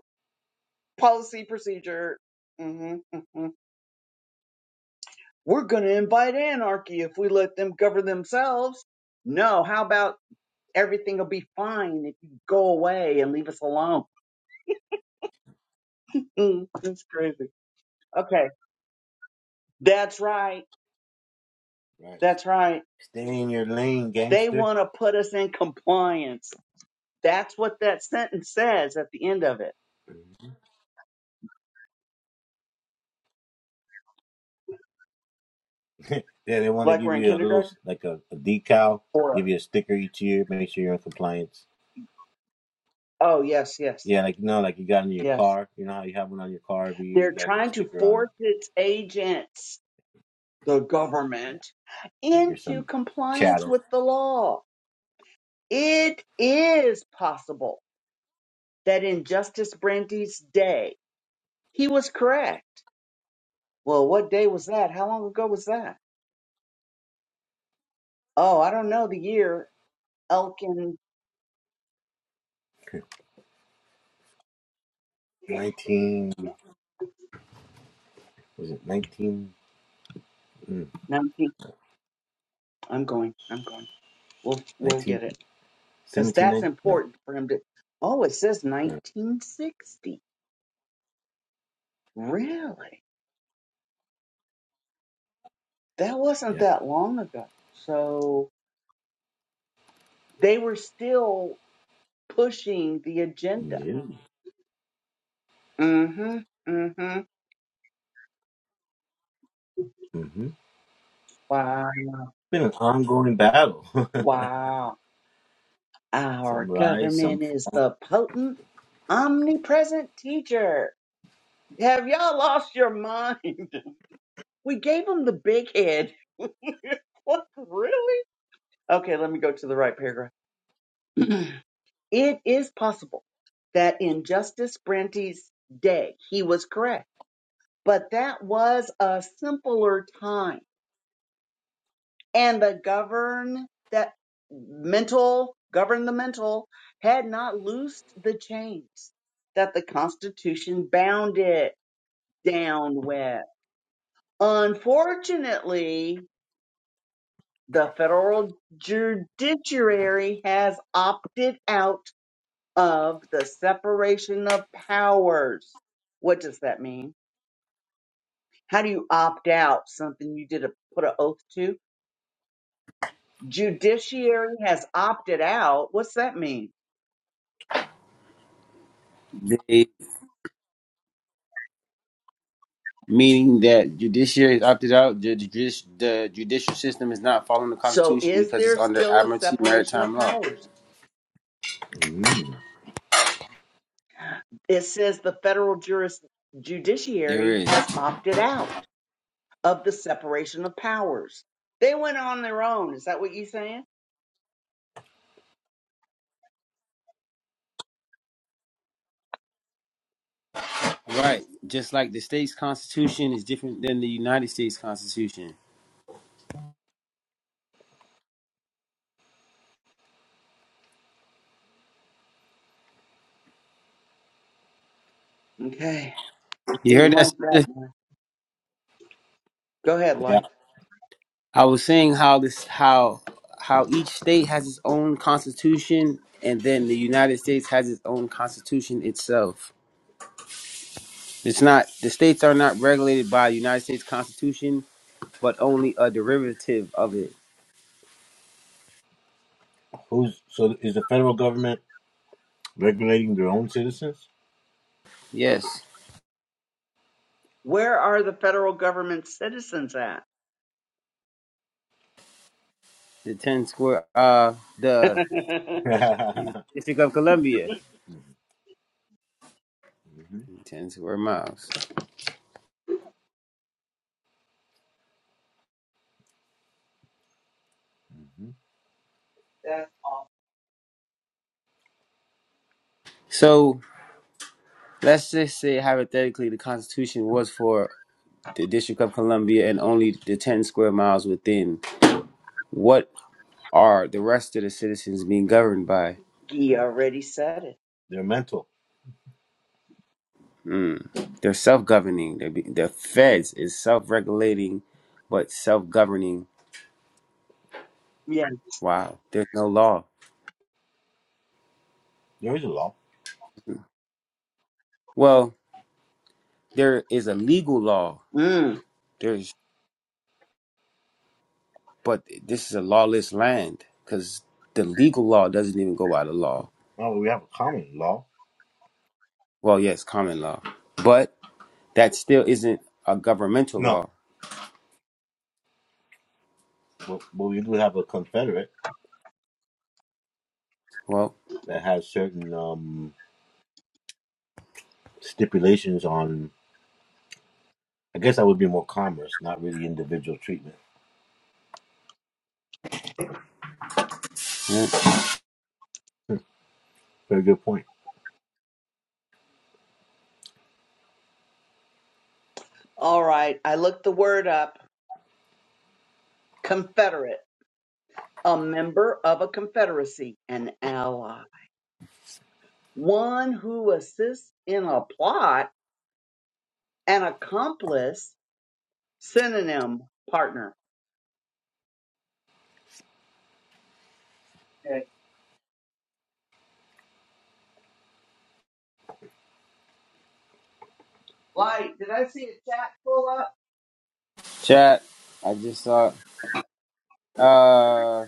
D: policy, procedure. hmm hmm We're going to invite anarchy if we let them govern themselves. No, how about Everything will be fine if you go away and leave us alone. That's crazy. Okay. That's right.
B: Right.
D: That's right.
B: Stay in your lane,
D: They
B: gangster.
D: want to put us in compliance. That's what that sentence says at the end of it.
B: Yeah, they want to
D: Like we're
B: give
D: in
B: you a little,
D: kindergarten?
B: like a, a decal,
D: Or,
B: give you a sticker each year, make sure you're in compliance.
D: oh, yes, yes,
B: Yeah, like, you know, like you got in your
D: yes.
B: car. You know how you have one on your car every year?
D: They're
B: You gotta put a
D: trying to
B: sticker on it.
D: force its agents, the
B: Yeah,
D: government,
B: like you're
D: into
B: some
D: compliance
B: chattel.
D: with the law. It is possible that in Justice Brandeis' day, he was correct. Well, what day was that? How long ago was that? Oh, I don't know the year. Elkin.
B: 19, was it 19? Mm,
D: No, I'm going. I'm going. We'll we'll
B: 19,
D: get it because that's
B: No.
D: important for him to. Oh, it says
B: no. Uh,
D: 1960. Really? That wasn't
B: Yeah.
D: that long ago. So they were still pushing the agenda.
B: No.
D: Mm-hmm. Mm-hmm.
B: Mm-hmm.
D: Wow.
B: Been an ongoing battle.
D: Wow.
B: some
D: Our
B: rise, some
D: government
B: fall.
D: is the potent, omnipresent teacher Have y'all lost your mind? We gave him the big head. what, really? Okay, let me go to the right paragraph. it is possible that in Justice Brenty's day, he was correct, but that was a simpler time. And the govern that mental, governmental had not loosed the chains that the Constitution bound it down with. Unfortunately, the federal judiciary has opted out of the separation of powers. What does that mean? How do you opt out something you did a put an oath to? Judiciary has opted out. What's that mean?
A: the- meaning that judiciary is opted out. The, judici- the judicial system is not following the
D: So
A: Constitution
D: is
A: because it's
D: there
A: under
D: still a
A: admiralty
D: separation of
A: maritime law.
D: powers?
B: Mm.
D: It says the federal juris,
A: There
D: judiciary
A: is
D: has opted out of the separation of powers. They went on their own. Is that what you're saying?
A: right, just like the state's constitution is different than the United States Constitution.
D: Okay.
A: You
D: Didn't
A: heard that?
D: like that
A: Sister?
D: one. Go ahead,
B: Yeah.
D: Light.
A: I was saying how this how how each state has its own constitution, and then the United States has its own constitution itself. It's not the states are not regulated by the United States Constitution but only a derivative of it.
B: Who's so? Is the federal government regulating their own citizens?
A: Yes,
D: Where are the federal government citizens at?
A: the 10 square, uh, the District of Columbia,
B: Mhm, mhm,
A: 10 square miles.
B: mhm.
D: That-
A: So let's just say hypothetically the Constitution was for the District of Columbia and only the 10 square miles within. What are the rest of the citizens being governed by?
D: he already said it.
B: They're mental.
A: Mm. They're self governing. They're be- The feds is self regulating, but self governing.
D: Yeah.
A: Wow, there's no law.
B: There is a law.
A: Well, there is a legal law.
D: Mm.
A: There's But this is a lawless land because the legal law doesn't even go by the law.
B: Oh, we have a common law.
A: Well, yes, common law, but that still isn't a governmental
B: No,
A: law.
B: but, but we do have a confederate
A: Well,
B: that has certain um stipulations on. I guess that would be more commerce, not really individual treatment.
A: yeah.
B: Very good point.
D: All right. I looked the word up. Confederate, a member of a confederacy, an ally, one who assists in a plot, an accomplice, synonym, partner. Okay. Light, did I see a chat pull up?
A: chat. I just saw. Uh,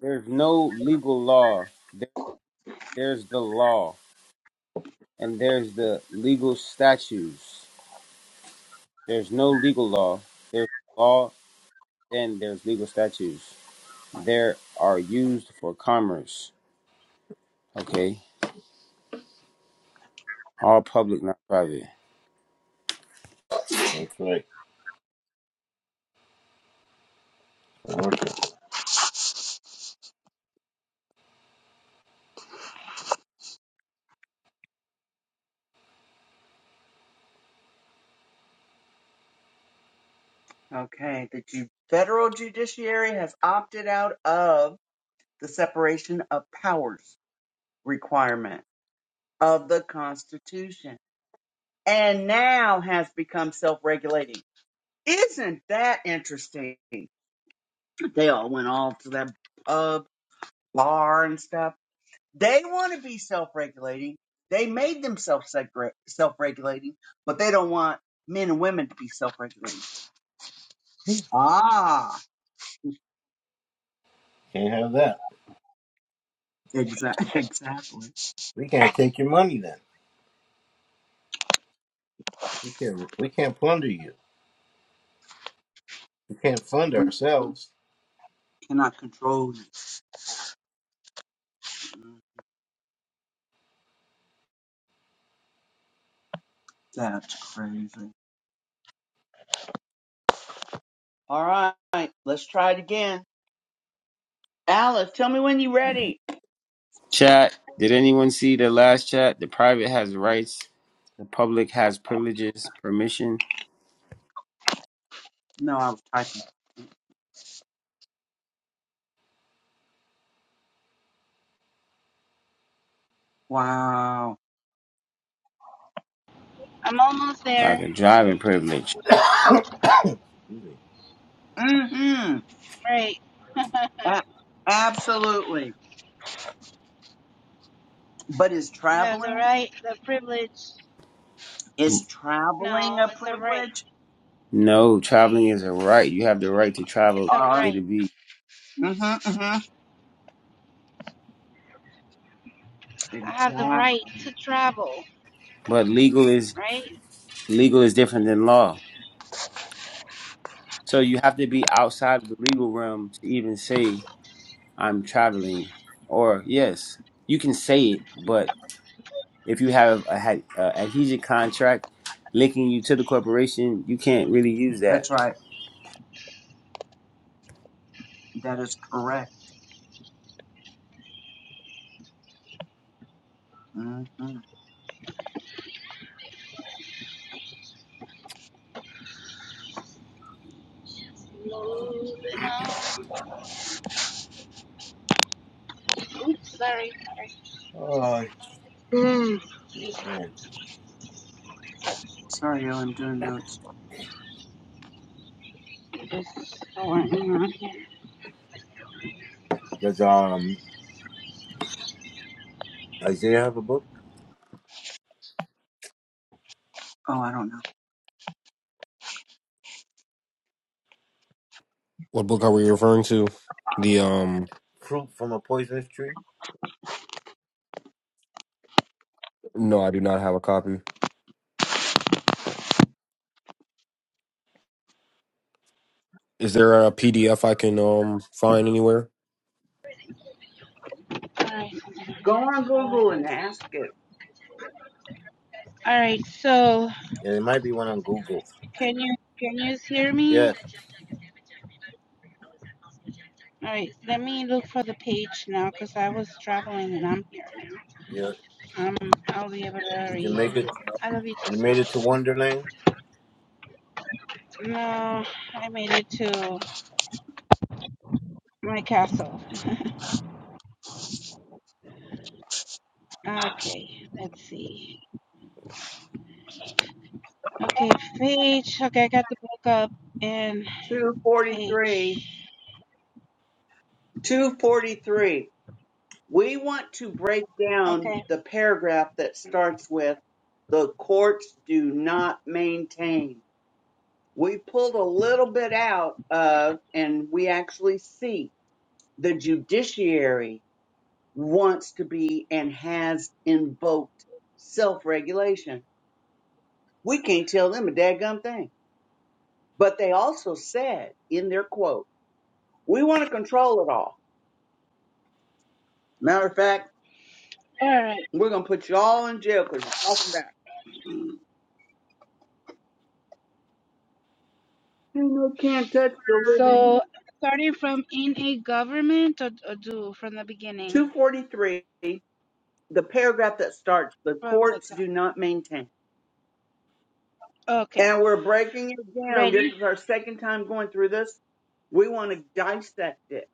A: there's no legal law. There- There's the law, and there's the legal statutes. There's no legal law. There's law, and there's legal statutes. There are used for commerce. Okay, all public, not private.
B: That's right. Commercial.
D: Okay. The ju- federal judiciary has opted out of the separation of powers requirement of the Constitution and now has become self regulating. Isn't that interesting? They all went off to that pub, bar, and stuff. They want to be self regulating. They made themselves self regulating, but they don't want men and women to be self regulating. Ah,
B: Can't have that.
D: exactly. exactly.
B: We can't take your money then. We can't. We can't plunder you. We can't fund
D: We
B: ourselves.
D: cannot control it. Mm, That's crazy. All right, let's try it again. Alice, tell me when you're ready.
A: Chat. Did anyone see the last chat? The private has rights. The public has privileges, permission,
D: No, I was typing. Wow.
C: I'm almost
A: like
C: there.
A: a driving privilege.
B: Excuse me.
D: Mm-hmm.
C: Right?
D: A- absolutely. But is
C: You have the
D: traveling
C: right, the privilege.
D: is traveling
C: No,
D: a
C: it's a right.
D: privilege?
A: No, traveling is a right. You have the right to travel
C: It's a
D: Uh,
A: A
C: right.
A: to B.
D: mm-hmm, mm-hmm.
C: I have the right
D: Exactly.
C: to travel,
A: But legal is
C: right?
A: legal is different than law. So you have to be outside of the legal realm to even say I'm traveling. Or yes, you can say it, but if you have a, a adhesion contract linking you to the corporation, you can't really use that
D: That's right. That is correct. mm hmm
B: Oh shit, man.
D: Sorry, y'all. I'm doing notes.
B: Does um Isaiah have a book?
D: Oh, I don't know.
E: What book are we referring to? The um
B: Fruit from a poisonous tree.
E: No, I do not have a copy. is there a PDF I can um find anywhere?
C: alright
D: Go on Google and ask it.
C: All right, so
B: Yeah, there might be one on Google.
C: can you can you hear me?
B: Yes.
C: All right, let me look for the page now because I was traveling and I'm
B: Yeah.
C: i I'll be able to
B: Did you
C: read.
B: make it?
C: I love you too,
B: You made
C: sweet.
B: it to Wonderland.
C: No, I made it to my castle. Okay, let's see. Okay, page. Okay, I got the book up and
D: Two forty three.
C: page.
D: Two forty three. We want to break down
C: Okay.
D: the paragraph that starts with the courts do not maintain. We pulled a little bit out of, and we actually see the judiciary wants to be and has invoked self regulation. We can't tell them a daggum thing. But they also said in their quote, we want to control it all. Matter of fact,
C: all right.
D: we're going to put you all in jail because you're talking about, you know, can't touch the living
C: So starting from in a government or, or do from the beginning?
D: 243, the paragraph that starts, the
C: From the
D: courts
C: top.
D: do not maintain.
C: Okay.
D: And we're breaking it down. This
C: Ready?
D: is our second time going through this. We want to dissect it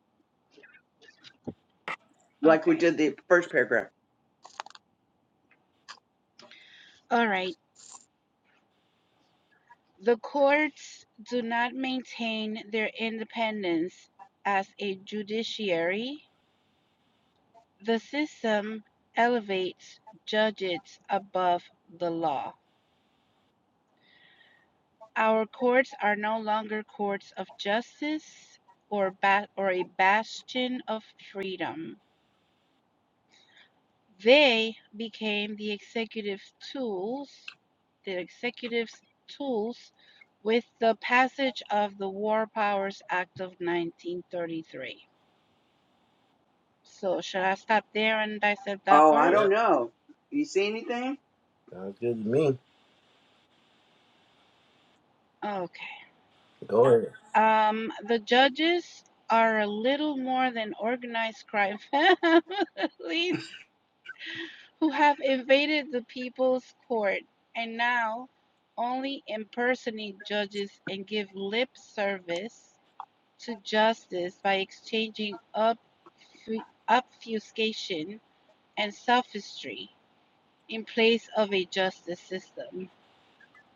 D: like we
C: Okay.
D: did the first paragraph.
C: All right. The courts do not maintain their independence as a judiciary. The system elevates judges above the law. Our courts are no longer courts of justice or ba- or a bastion of freedom. They became the executive tools, the executive's tools with the passage of the War Powers Act of 1933. So, should I stop there and dissect that
D: Oh, I
C: part?
D: don't
B: Yeah.
D: know. You see anything?
B: Sounds good to me.
C: Okay.
B: Go ahead.
C: Um, the judges are a little more than organized crime families who have invaded the people's court and now only impersonate judges and give lip service to justice by exchanging obfu- obfuscation and sophistry in place of a justice system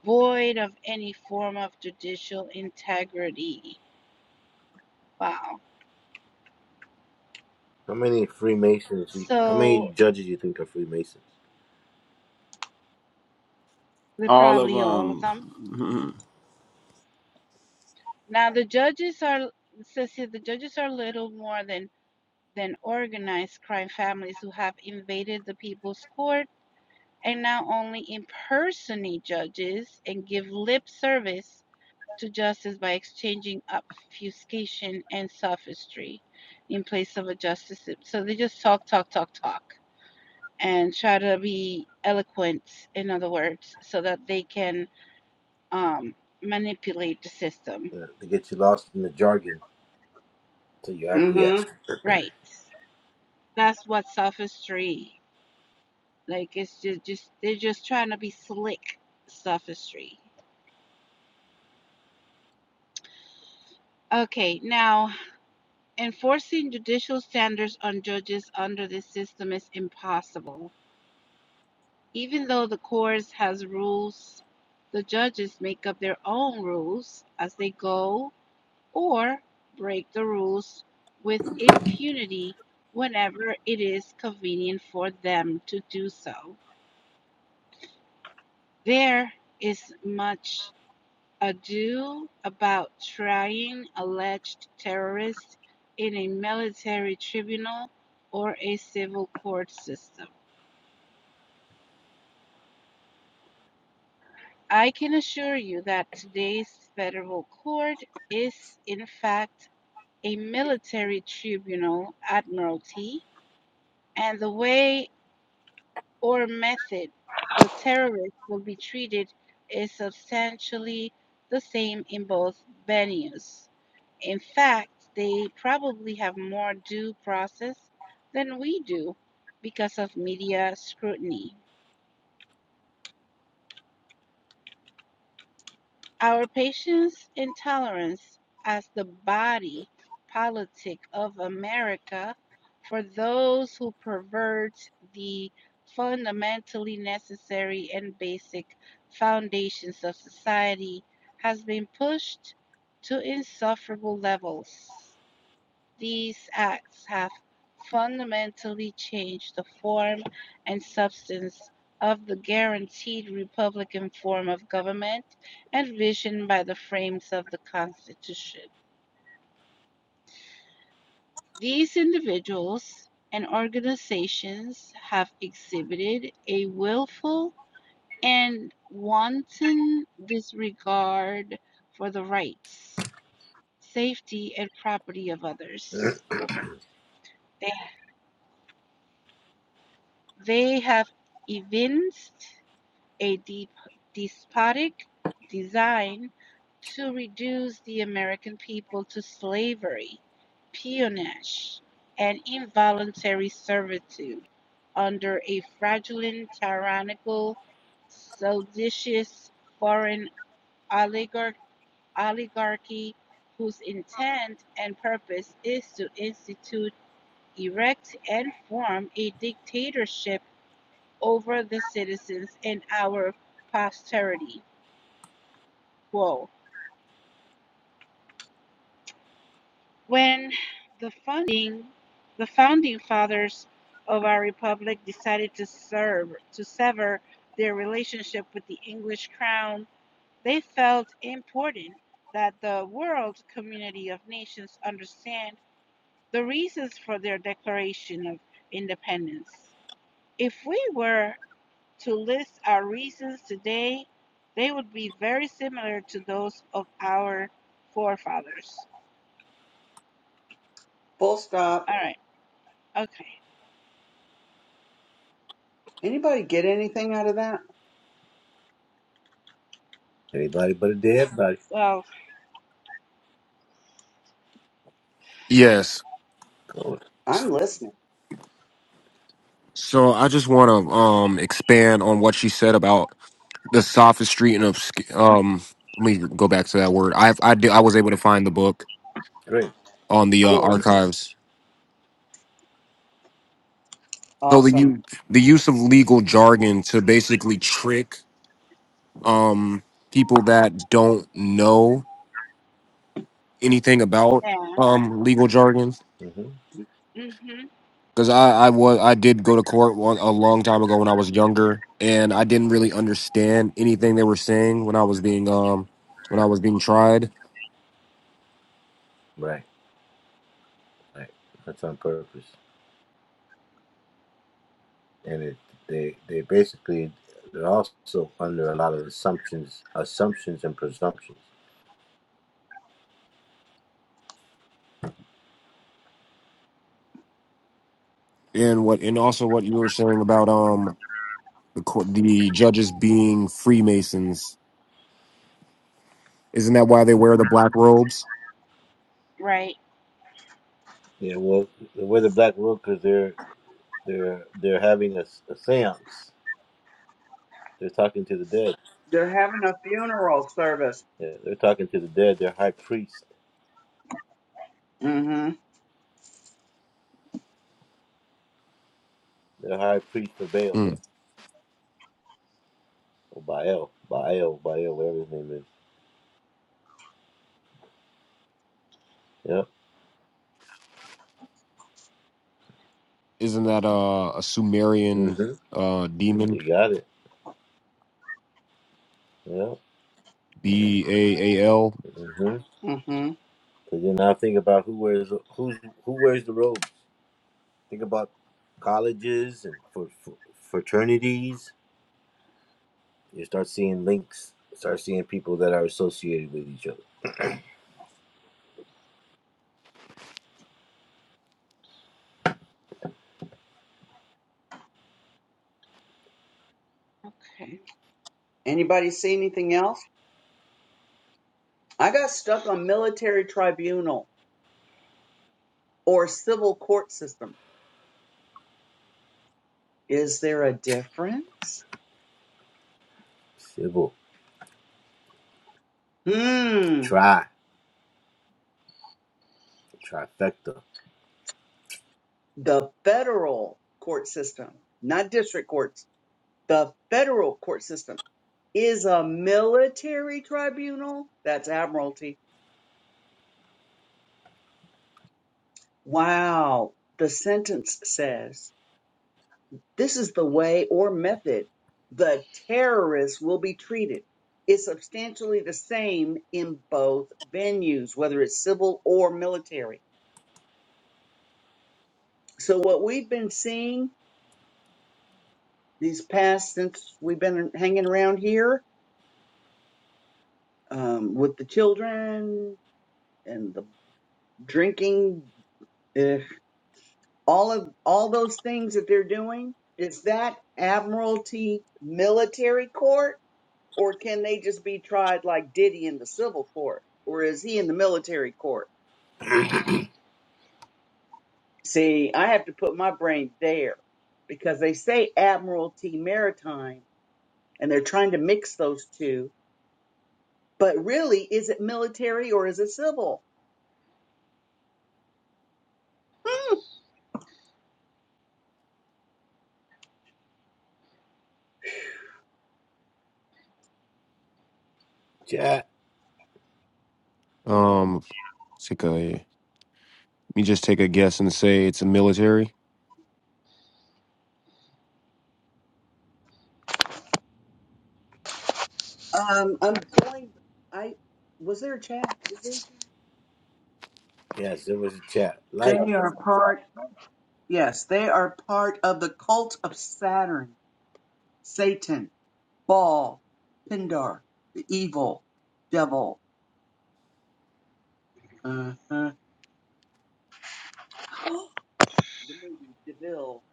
C: void of any form of judicial integrity. Wow.
B: How many Freemasons? You, how many
C: So
B: judges you think are Freemasons?
C: they're
A: All of
C: probably all of them.
A: them.
C: Now the judges are it says here the judges are little more than than organized crime families who have invaded the people's court and now only impersonate judges and give lip service to justice by exchanging obfuscation and sophistry in place of a justice. sys- So they just talk, talk, talk, talk, and try to be eloquent, in other words, so that they can um, manipulate the system.
B: Uh, they get you lost in the jargon, so you
D: Mm hmm.
B: acquiesce.
C: Right. That's what sophistry. Like it's just, just they're just trying to be slick sophistry. Okay, now enforcing judicial standards on judges under this system is impossible Even though the course has rules, the judges make up their own rules as they go or break the rules with impunity whenever it is convenient for them to do so. There is much ado about trying alleged terrorists in a military tribunal or a civil court system. I can assure you that today's federal court is, in fact, a military tribunal, admiralty, and the way or method the terrorist will be treated is substantially the same in both venues. In fact, they probably have more due process than we do because of media scrutiny. Our patience and tolerance as the body politic of America for those who pervert the fundamentally necessary and basic foundations of society has been pushed to insufferable levels. These acts have fundamentally changed the form and substance of the guaranteed Republican form of government envisioned by the frames of the Constitution. These individuals and organizations have exhibited a willful and wanton disregard for the rights, safety, and property of others. They they have evinced a dep despotic design to reduce the American people to slavery, peonage, and involuntary servitude under a fraudulent, tyrannical, seditious foreign oligarch- oligarchy whose intent and purpose is to institute, erect, and form a dictatorship over the citizens and our posterity Whoa. When the funding the founding fathers of our republic decided to serve to sever their relationship with the English crown, they felt important that the world community of nations understand the reasons for their declaration of independence. If we were to list our reasons today, they would be very similar to those of our forefathers.
D: Full stop.
C: All right. Okay.
D: Anybody get anything out of that?
B: Everybody but a dead body.
C: Well,
E: Yes.
B: Oh,
D: I'm listening.
E: So I just want to um expand on what she said about the sophistry and obsc- um let me go back to that word. I I did, I was able to find the book
B: great.
E: on the uh,
D: Cool.
E: archives. So the
D: Awesome.
E: u- the use of legal jargon to basically trick um people that don't know anything about
C: Yeah.
E: um legal jargon
B: hmm
C: Mm. Mhm.
E: because I I was I did go to court one, a long time ago when I was younger and I didn't really understand anything they were saying when I was being um when I was being tried
B: Right, right. That's on purpose. And it, they, they basically, they're also under a lot of assumptions, assumptions and presumptions.
E: and what and also what you were saying about um the cour- the judges being Freemasons isn't that why they wear the black robes
C: Right.
B: Yeah, well, with the black workers, they're, they're, they're having a, s- a seance. They're talking to the dead.
D: They're having a funeral service.
B: Yeah, they're talking to the dead. They're high priest.
D: Mm
B: They're high priest of Baal
E: Mm.
B: or Baal, Baal, Baal, whatever his name is. Yeah.
E: isn't that uh, a Sumerian
B: Mm-hmm.
E: uh demon
B: You got it. Yeah.
E: B A A L
B: Mm-hmm.
D: hmm. Mm hmm.
B: Cause then now think about who wears who's who wears the robes. Think about colleges and for, for fraternities. You start seeing links. Start seeing people that are associated with each other.
C: Okay.
D: Anybody see anything else? I got stuck on military tribunal. or civil court system. Is there a difference?
B: Civil.
D: Hmm,
B: Try. Trifecta.
D: the federal court system, not district courts, the federal court system is a military tribunal. That's admiralty. Wow. The sentence says this is the way or method the terrorists will be treated. It's substantially the same in both venues, whether it's civil or military. So what we've been seeing these past since we've been hanging around here um, with the children and the drinking, eh, all of all those things that they're doing. Is that admiralty military court, or can they just be tried like Diddy in the civil court, or is he in the military court? See, I have to put my brain there because they say admiralty maritime, and they're trying to mix those two. But really, is it military or is it civil? Hmm.
B: Chat.
E: um it's like a- let me just take a guess and say it's a military
D: Um, I'm going. I was there a chat? Is there a chat?
B: Yes, there was a chat.
D: They
B: Like
D: Okay. are part. Yes, they are part of the cult of Saturn, Satan, Baal, Pindar, the evil devil. Uh huh. the movie Deville.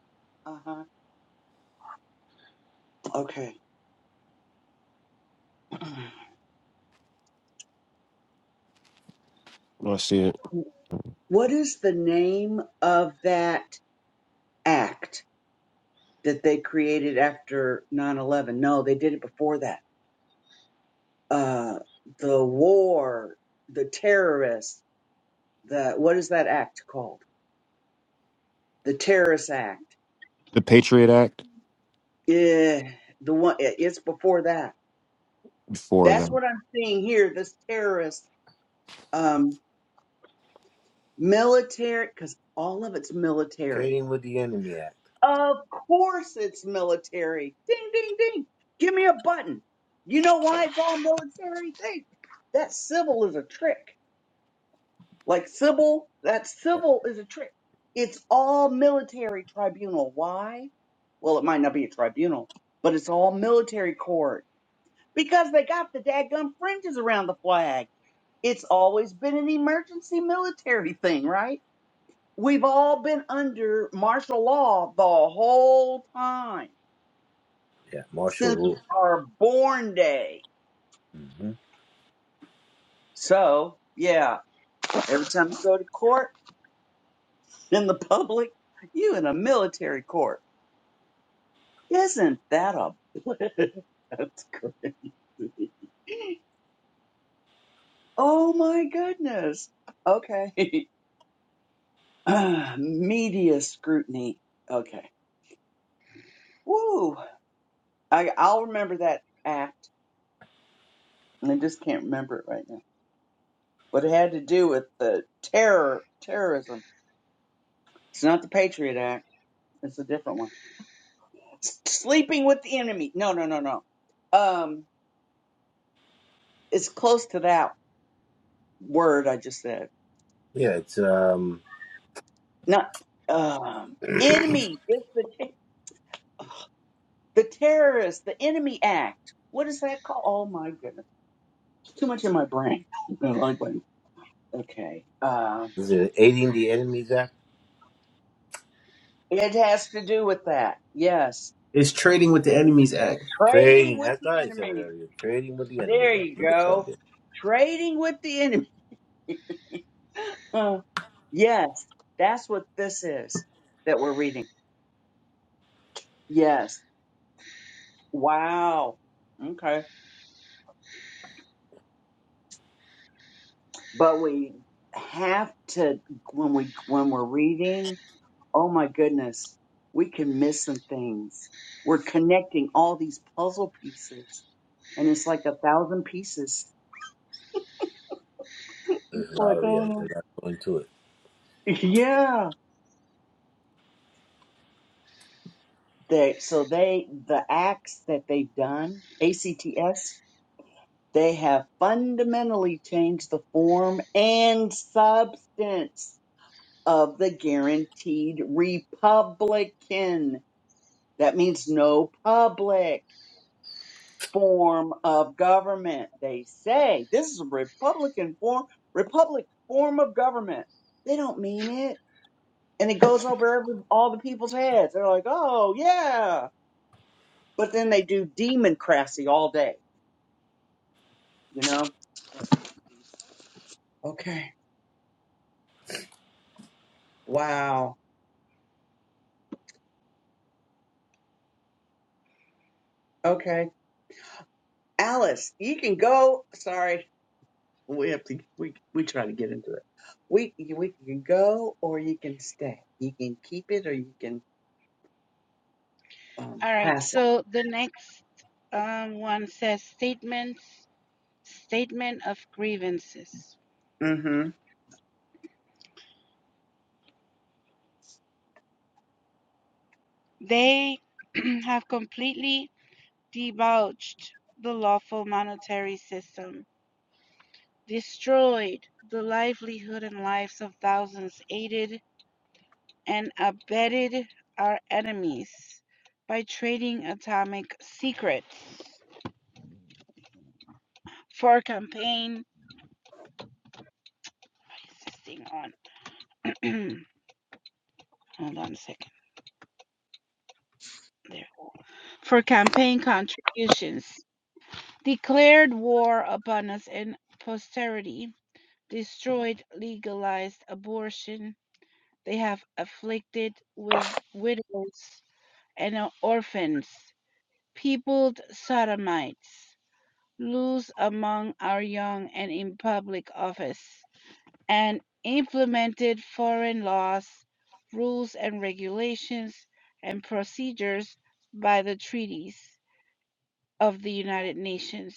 D: Uh huh. Okay.
E: I see it.
D: What is the name of that act that they created after nine eleven? No, they did it before that. Uh, the war, the terrorists the what is that act called? The terrorist act.
E: The Patriot Act
D: Eh, the one it- it's before that.
E: before
D: That's
E: them.
D: what I'm seeing here. This terrorist um, military, because all of it's military.
B: Trading with the Enemy Act.
D: Of course, it's military. Ding ding ding. Give me a button. You know why it's all military? Think that civil is a trick. Like civil, that civil is a trick. It's all military tribunal. Why? Well, it might not be a tribunal, but it's all military court because they got the daggum fringes around the flag. It's always been an emergency military thing, right? We've all been under martial law the whole time
B: Yeah, martial
D: since
B: rule.
D: our born day.
B: hmm
D: So, yeah, every time you go to court in the public, you in a military court. Isn't that a blip? That's crazy. Oh my goodness. Okay. Ah, media scrutiny. Okay. Woo. I, I'll remember that act. and I just can't remember it right now. But it had to do with the terror, terrorism. It's not the Patriot Act. It's a different one. S- Sleeping with the enemy. No, no, no, no. Um, it's close to that word I just said.
B: Yeah, it's um,
D: Not um, enemy. It's the. The terrorist, the enemy act. What is that called? Oh my goodness. It's too much in my brain. Okay. Uh,
B: is it aiding the enemies act?
D: it has to do with that. Yes.
A: It's Trading with the Enemies Act.
D: Trading
B: Trading.
D: with
B: That's thought
D: the
B: I said it
D: enemy.
B: earlier. Trading with the
D: There
B: enemies act.
D: you
B: That's right
D: go. Trading with the enemy. Uh, yes. That's what this is that we're reading. Yes. Wow. Okay. But we have to when we when we're reading oh my goodness, we can miss some things. We're connecting all these puzzle pieces, and it's like a thousand pieces.
B: There's not a lot
D: Like,
B: of
D: oh
B: yeah,
D: no.
B: they're not going to it.
D: Yeah. They, so they, the acts that they've done, ACTS, they have fundamentally changed the form and substance of the guaranteed Republican. That means no public. form of government. They say this is a Republican form, Republic form of government. They don't mean it. And it goes over every, all the people's heads. They're like, oh, yeah. But then they do democracy all day, you know? Okay. Wow. Okay. Alice, you can go. Sorry. We have to, we, we try to get into it. We, we can go or you can stay. You can keep it or you can um,
C: All right.
D: pass
C: So the next um, one says statements, statement of grievances.
D: it. Mm-hmm.
C: They have completely debauched the lawful monetary system, destroyed the livelihood and lives of thousands, aided and abetted our enemies by trading atomic secrets for campaign. What is this thing on? Hold on a second. There. For campaign contributions, declared war upon us and posterity, destroyed legalized abortion. They have afflicted with widows and orphans, peopled sodomites, loose among our young and in public office, and implemented foreign laws, rules and regulations and procedures by the treaties of the United Nations,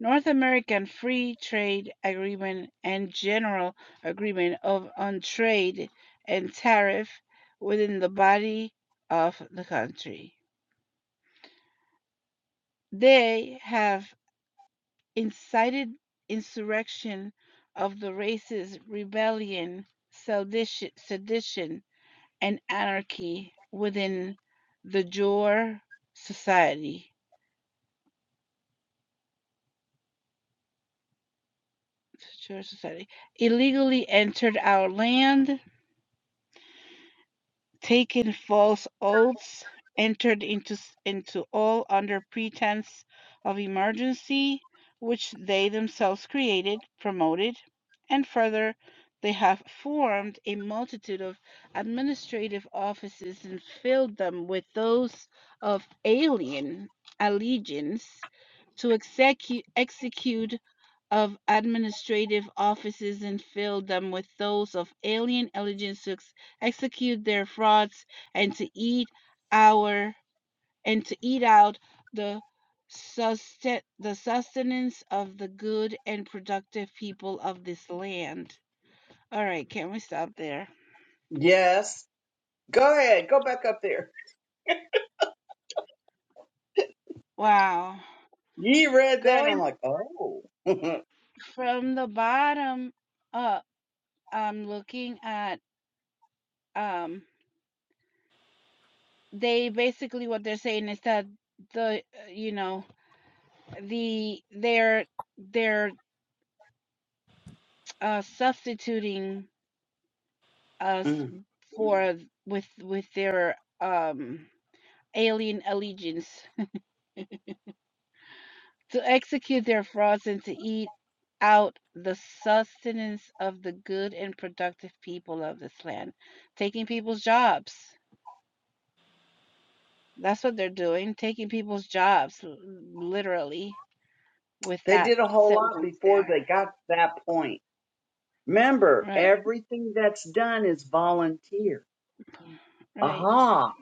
C: North American Free Trade Agreement, and General Agreement of on Trade and Tariff within the body of the country. They have incited insurrection of the races, rebellion, sedition, and anarchy within the Jor Society. Jor Society illegally entered our land Taken false oaths, entered into, s- into all under pretense of emergency, which they themselves created, promoted, and further, they have formed a multitude of administrative offices and filled them with those of alien allegiance to execu- execute of administrative offices and filled them with those of alien allegiance to execute their frauds, and to eat our and to eat out the susten- the sustenance of the good and productive people of this land. All right, can we stop there?
D: Yes. Go ahead, go back up there.
C: Wow.
D: You read that, and I'm
C: Going
D: like, oh.
C: from the bottom up, I'm looking at um they basically what they're saying is that the uh, you know the they're they're uh substituting us
D: Mm.
C: for with with their um alien allegiance to execute their frauds and to eat out the sustenance of the good and productive people of this land taking people's jobs that's what they're doing taking people's jobs l- literally with
D: they
C: that
D: did a whole lot
C: sentence
D: before
C: there
D: they got to that point. Remember,
C: right
D: everything that's done is volunteer.
C: right
D: Aha.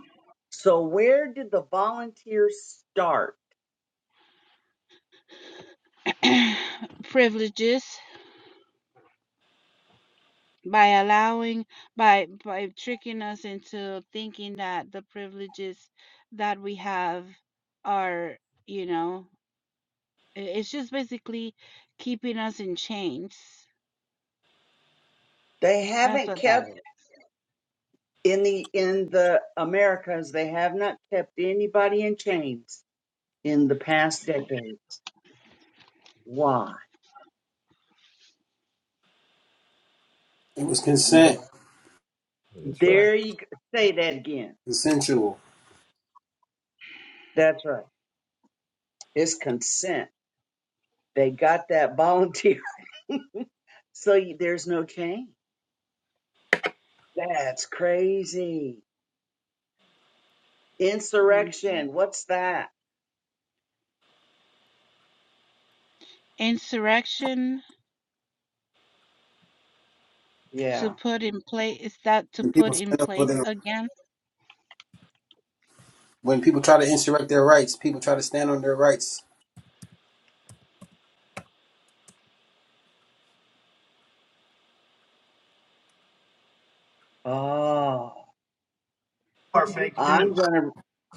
D: So where did the volunteers start?
C: privileges by allowing by by tricking us into thinking that the privileges that we have are you know i- it's just basically keeping us in chains
D: They
C: that's
D: haven't
C: what that
D: kept
C: is.
D: in the in the Americas, they have not kept anybody in chains in the past decades. Why?
A: It was consent,
B: That's right.
D: There you go. say that again.
A: consensual.
D: That's right. It's consent. They got that volunteer. So there's no change. That's crazy.
C: Mhm.
D: Insurrection. What's that?
C: insurrection to
D: Yeah.
C: put in place is that to
A: When people
C: put in
A: stand up for
C: place
A: their,
C: again
A: when people try to insurrect their rights, people try to stand on their rights.
D: Oh,
B: You are fake
D: I'm
B: news.
D: going to,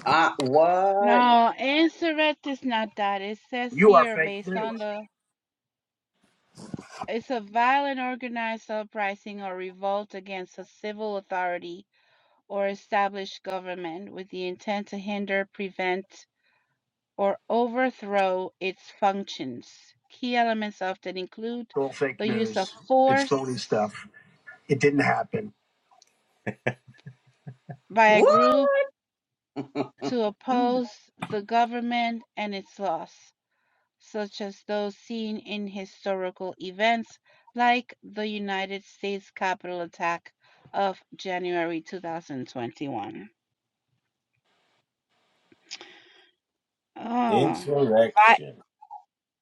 D: I what?
C: no insurrect is not that it says
B: You are
C: here
B: fake
C: based on
B: news.
C: the it's a violent organized uprising or revolt against a civil authority or established government with the intent to hinder, prevent, or overthrow its functions. Key elements often include
B: It's all fake
C: the use of
B: news. It's
C: force
B: phony stuff. It didn't happen.
C: by a group
D: What?
C: to oppose the government and its laws, such as those seen in historical events like the United States Capitol attack of January 2021. Oh,
B: Insurrection.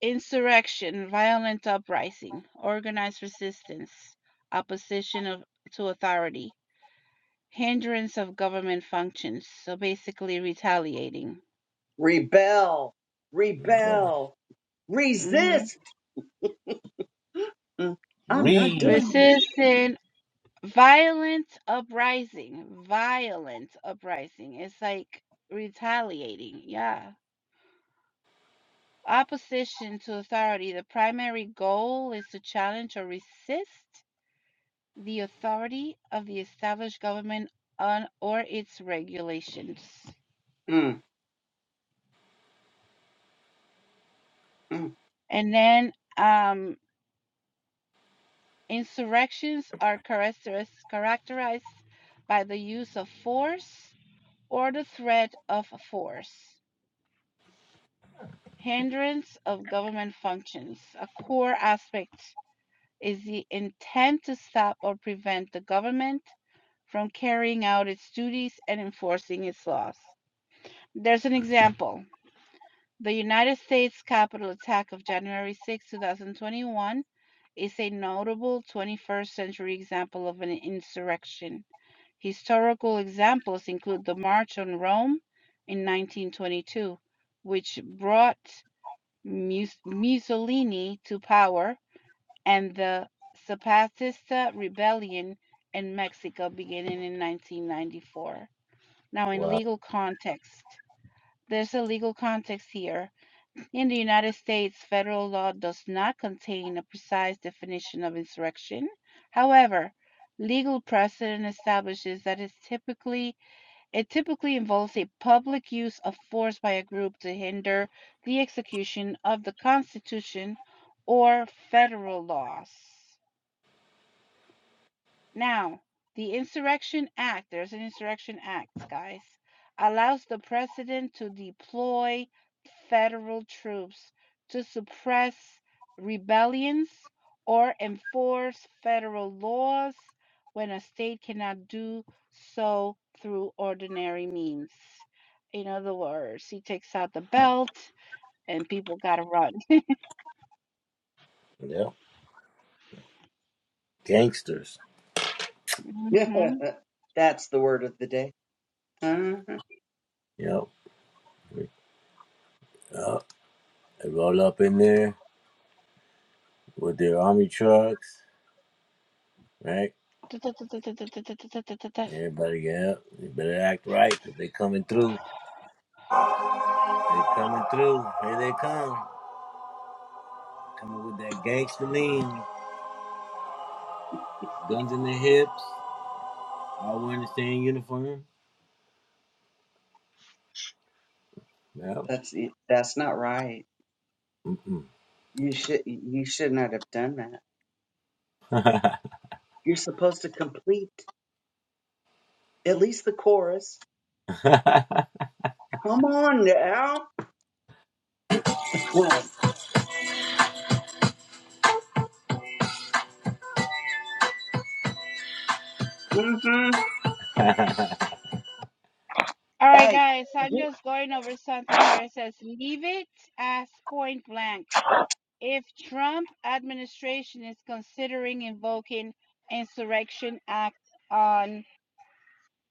C: Insurrection, violent uprising, organized resistance, opposition of, to authority, hindrance of government functions. So basically, retaliating.
D: Rebel,
B: Rebellion.
D: rebel,
C: hmm
D: resist. Mm, I'm not
B: Re.
D: doing it.
C: Resisting, violent uprising, violent uprising. It's like retaliating. Yeah. Opposition to authority. The primary goal is to challenge or resist the authority of the established government on or its regulations.
D: Mm, mm.
C: And then um, insurrections are characterized by the use of force or the threat of force, hindrance of government functions. A core aspect is the intent to stop or prevent the government from carrying out its duties and enforcing its laws. There's an example The United States Capitol attack of January 6, 2021 is a notable 21st century example of an insurrection. Historical examples include the March on Rome in 1922, which brought Mussolini to power, and the Zapatista Rebellion in Mexico beginning in 1994. Now, in
B: Wow.
C: legal context, there's a legal context here in the United States, federal law does not contain a precise definition of insurrection. However, legal precedent establishes that it's typically it typically involves a public use of force by a group to hinder the execution of the Constitution or federal laws. Now, the Insurrection Act, there's an Insurrection Act, guys, allows the president to deploy federal troops to suppress rebellions or enforce federal laws when a state cannot do so through ordinary means. In other words, he takes out the belt and people gotta run.
B: Yep. Gangsters.
C: Mhm.
D: that's the word of the day. Mhm.
B: Yep. Yep. They roll up in there with their army trucks, right? Everybody get up. You better act right because they coming through. They coming through. Here they come. Coming with that gangster lean. Guns in their hips. All wearing the same uniform. Yeah.
D: That's it. that's not right.
B: Mm-mm.
D: You should you should not have done that. You're supposed to complete. At least the chorus. Come on now. hmm
C: All right,
D: Hey,
C: guys, so I'm just going over something here. It says, leave it as point blank. If Trump administration is considering invoking insurrection act on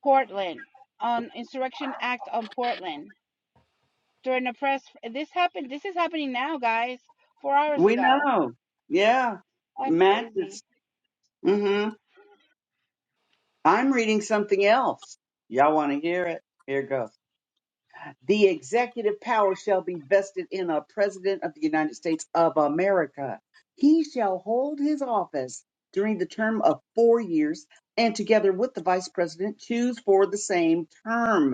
C: Portland, on insurrection act on Portland during a press, this happened. This is happening now, guys. Four hours
D: we
C: ago.
D: know. Yeah.
C: That's
D: Matches.
C: crazy.
D: mm hmm I'm reading something else. Y'all want to hear it? Here goes. The executive power shall be vested in a president of the United States of America. He shall hold his office during the term of four years and together with the vice president choose for the same term.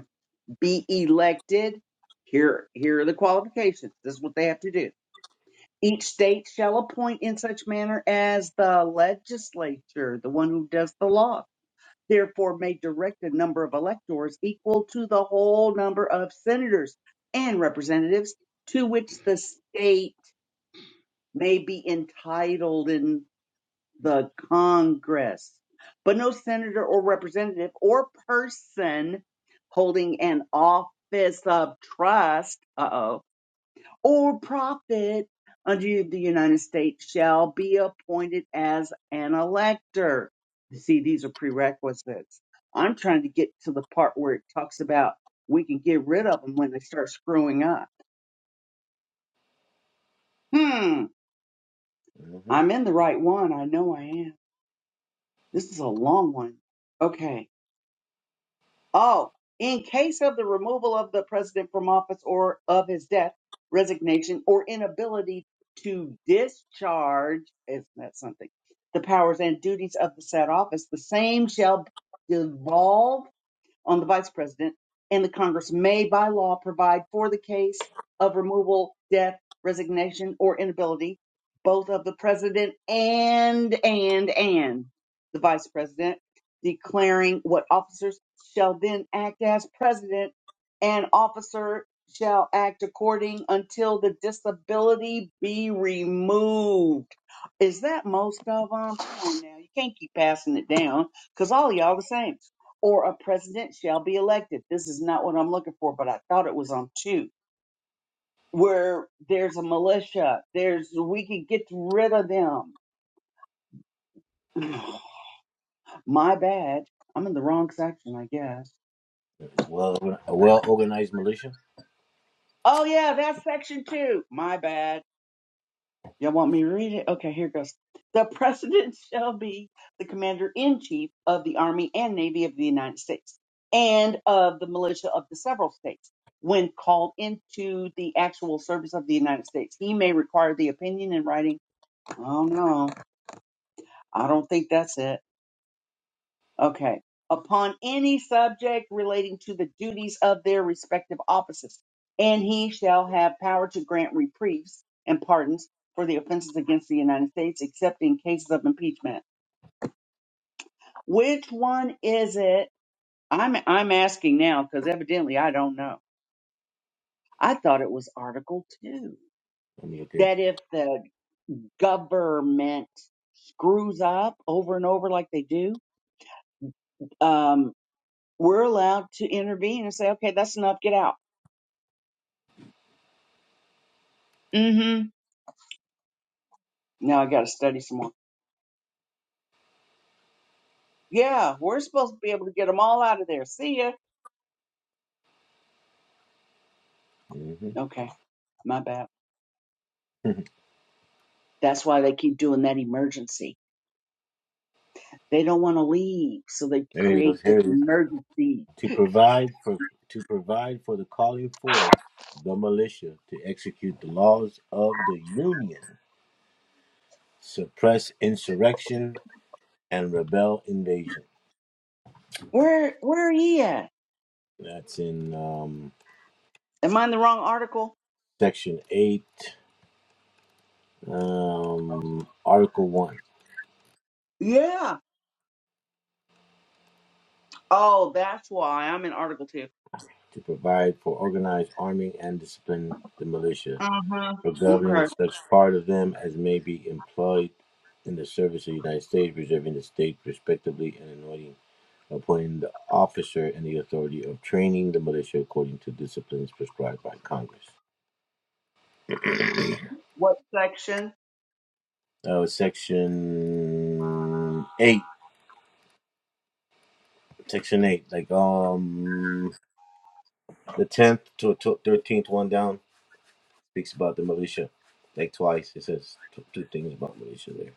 D: be elected. Here, here are the qualifications. This is what they have to do. Each state shall appoint in such manner as the legislature, the one who does the law, therefore may direct a number of electors equal to the whole number of senators and representatives to which the state may be entitled in the Congress, but no senator or representative or person holding an office of trust, uh oh, or profit under the United States shall be appointed as an elector. You see, these are prerequisites. I'm trying to get to the part where it talks about we can get rid of them when they start screwing up. Hmm,
B: Mm-hmm.
D: I'm in the right one. I know I am. This is a long one. Okay. Oh, in case of the removal of the president from office or of his death, resignation, or inability to discharge, isn't that something? The powers and duties of the said office, the same shall devolve on the vice president, and the Congress may by law provide for the case of removal, death, resignation, or inability, both of the president and, and, and the vice president, declaring what officers shall then act as president and officer shall act according until the disability be removed. Is that most of them? Come on now, you can't keep passing it down because all y'all the same or a president shall be elected. This is not what I'm looking for, but I thought it was on two, where there's a militia. There's we could get rid of them. My bad. I'm in the wrong section, I guess.
B: It's well, a well organized militia.
D: Oh yeah, that's section two. My bad. Y'all want me to read it? Okay, here goes. The President shall be the Commander in Chief of the Army and Navy of the United States and of the militia of the several states. When called into the actual service of the United States, he may require the opinion in writing. Oh no, I don't think that's it Okay. Upon any subject relating to the duties of their respective offices, and he shall have power to grant reprieves and pardons for the offenses against the United States, except in cases of impeachment. Which one is it? I'm I'm asking now because evidently I don't know. I thought it was Article Two
B: I'm looking.
D: that if the government screws up over and over like they do, um, we're allowed to intervene and say, okay, that's enough, get out. Mm-hmm. Now I got to study some more. Yeah, we're supposed to be able to get them all out of there. See ya.
B: Mm-hmm.
D: Okay, my bad. That's why they keep doing that emergency. They don't want to leave, so they
B: There it
D: create
B: goes.
D: this
B: Here it is.
D: emergency.
B: To provide for to provide for the calling forth the militia to execute the laws of the Union, suppress insurrection and rebel invasion.
D: Where where are you at?
B: That's in um,
D: Am I in the wrong article?
B: section eight, um, article one.
D: Yeah. Oh, that's why I'm in article 2
B: To provide for organized arming and discipline the militia
D: Uh huh.
B: for
D: Okay.
B: governing such part of them as may be employed in the service of the United States, reserving the state respectively and anointing, appointing the officer and the authority of training the militia according to disciplines prescribed by Congress.
D: What section?
B: Uh, section eight, section eight, like um, the tenth to to- thirteenth one down speaks about the militia, like twice. It says t- two things about militia there.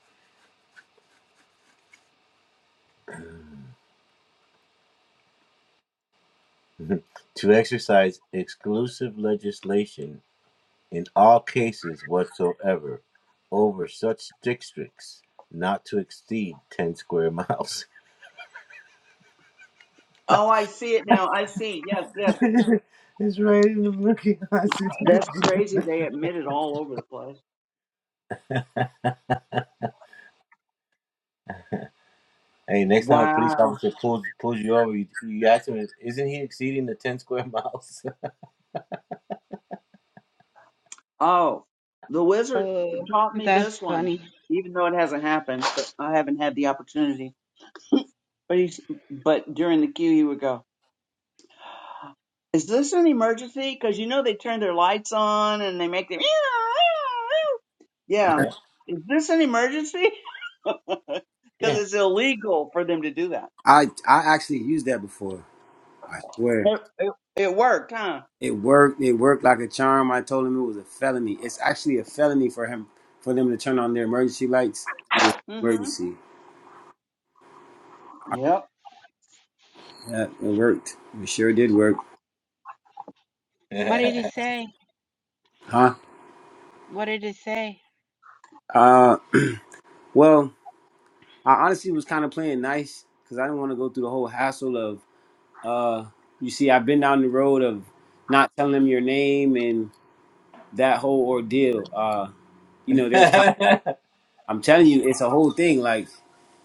B: to exercise exclusive legislation in all cases whatsoever over such districts not to exceed 10 square miles.
D: Oh, I see it now. I see. Yes, yes.
B: it's right in the Milky Constitution.
D: That's crazy. They admit it all over the place.
B: hey, next time a police
D: Wow.
B: officer pulls, pulls you over, you, you ask him, isn't he exceeding the 10 square miles?
D: Oh, the wizard
C: Oh,
D: taught me
C: that's
D: this one,
C: funny.
D: even though it hasn't happened. But I haven't had the opportunity. But he's, but during the queue, he would go, "Is this an emergency?" Because you know they turn their lights on and they make them. Yeah,
B: yeah.
D: is this an emergency? Because
B: Yeah.
D: it's illegal for them to do that.
A: I I actually used that before. I swear.
D: It, it, it worked, huh?
A: It worked it worked like a charm. I told him it was a felony. It's actually a felony for him for them to turn on their emergency lights.
D: Mm-hmm.
A: Emergency.
D: Yep.
A: Yeah, it worked. It sure did work.
C: What did he say?
A: Huh?
C: What did he say?
A: Uh well, I honestly was kind of playing nice because I didn't want to go through the whole hassle of Uh, you see, I've been down the road of not telling them your name and that whole ordeal. Uh, you know, there's time. I'm telling you, it's a whole thing. Like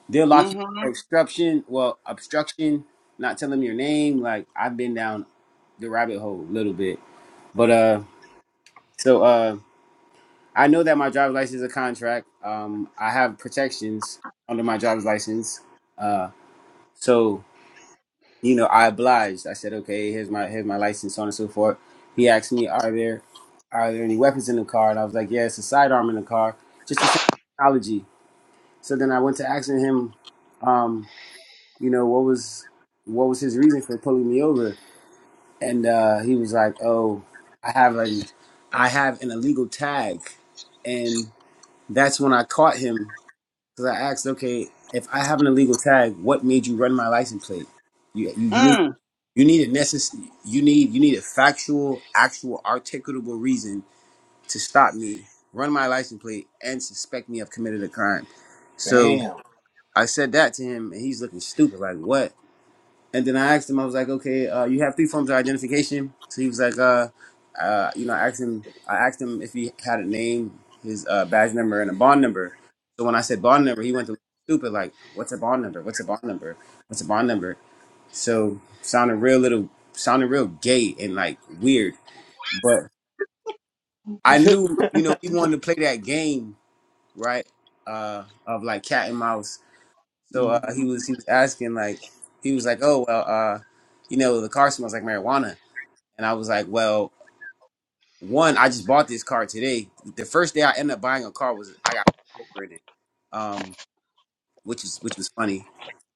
A: they'll lock you up
D: Mm-hmm.
A: for obstruction. Well, obstruction, not telling them your name. Like I've been down the rabbit hole a little bit, but uh, so uh, I know that my driver's license is a contract. Um, I have protections under my driver's license. Uh, so. you know, I obliged. I said, okay, here's my here's my license, so on and so forth. He asked me, are there are there any weapons in the car? And I was like, yeah, it's a sidearm in the car, just the same technology. So then I went to asking him, um, you know, what was what was his reason for pulling me over? And uh, he was like, oh, I have an I have an illegal tag, and that's when I caught him because I asked, okay, if I have an illegal tag, what made you run my license plate? You you, you need
D: Mm.
A: you need a necess- you need you need a factual, actual, articulable reason to stop me, run my license plate, and suspect me of committed a crime. So
B: Bam.
A: I said that to him, and he's looking stupid, like what? And then I asked him, I was like, okay, uh, you have three forms of identification. So he was like, uh, uh, you know, I asked him, I asked him if he had a name, his uh, badge number, and a bond number. So when I said bond number, he went to stupid, like, what's a bond number? What's a bond number? What's a bond number? So sounding real little, sounding real gay and like weird. But I
B: yep.
A: knew, you know, he wanted to play that game, right? Uh, of like cat and mouse. So uh,
D: Mm-hmm.
A: he was he was asking like he was like, oh well, uh, you know, the car smells like marijuana, and I was like, well, one, I just bought this car today. The first day I ended up buying a car was I got pulled over in it. Um, which is which was funny.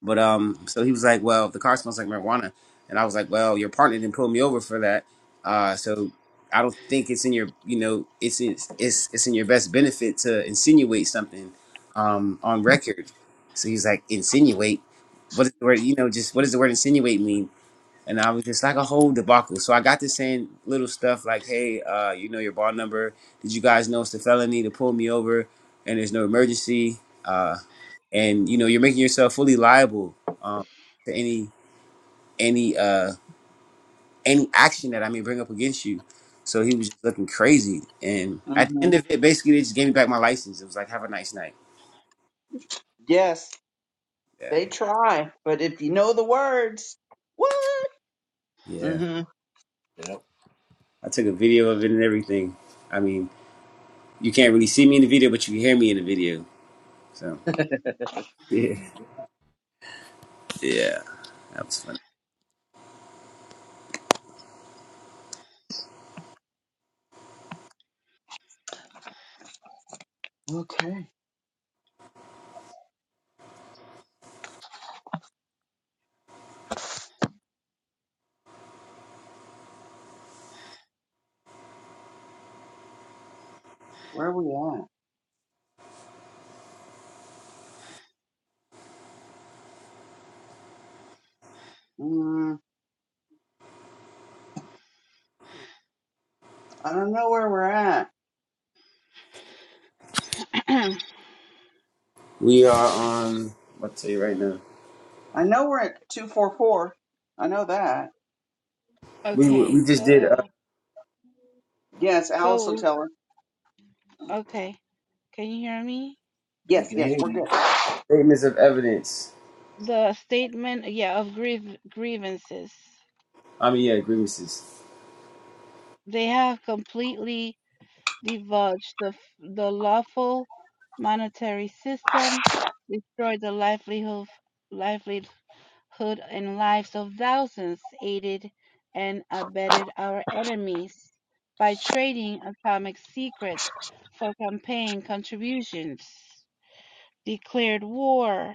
A: But um, so he was like, "Well, if the car smells like marijuana," and I was like, "Well, your partner didn't pull me over for that, uh, so I don't think it's in your, you know, it's it's it's, it's in your best benefit to insinuate something um, on record." So he's like, "Insinuate? What is the word? You know, just what does the word insinuate mean?" And I was just like a whole debacle. So I got to saying little stuff like, "Hey, uh, you know your bar number? Did you guys know it's a felony to pull me over? And there's no emergency." Uh, and you know you're making yourself fully liable um, to any any uh any action that I may bring up against you. So he was just looking crazy, and at the
D: Mm-hmm.
A: end of it, basically they just gave me back my license. It was like, have a nice night.
D: Yes,
A: Yeah,
D: they try, but if you know the words, what?
A: yeah.
D: hmm
A: I took a video of it and everything. I mean, you can't really see me in the video, but you can hear me in the video. So yeah, yeah, that was funny.
D: Okay. Where are we at? Mm, I don't know where we're at.
A: We are on. What to tell you right now?
D: I know we're at 244. I know that.
A: We were-
C: okay,
A: we just did
C: so
A: uh,
D: Yes, Alice will
C: so
D: tell her.
C: Okay. Can you hear me?
B: We
D: Yes,
B: can
D: yes,
B: hear
D: we're
B: you.
D: good.
A: statements of evidence.
C: The statement, yeah, of grief grievances.
A: I mean, yeah, grievances.
C: They have completely divulged the f- the lawful monetary system, destroyed the livelihood livelihood and lives of thousands, aided and abetted our enemies by trading atomic secrets for campaign contributions, declared war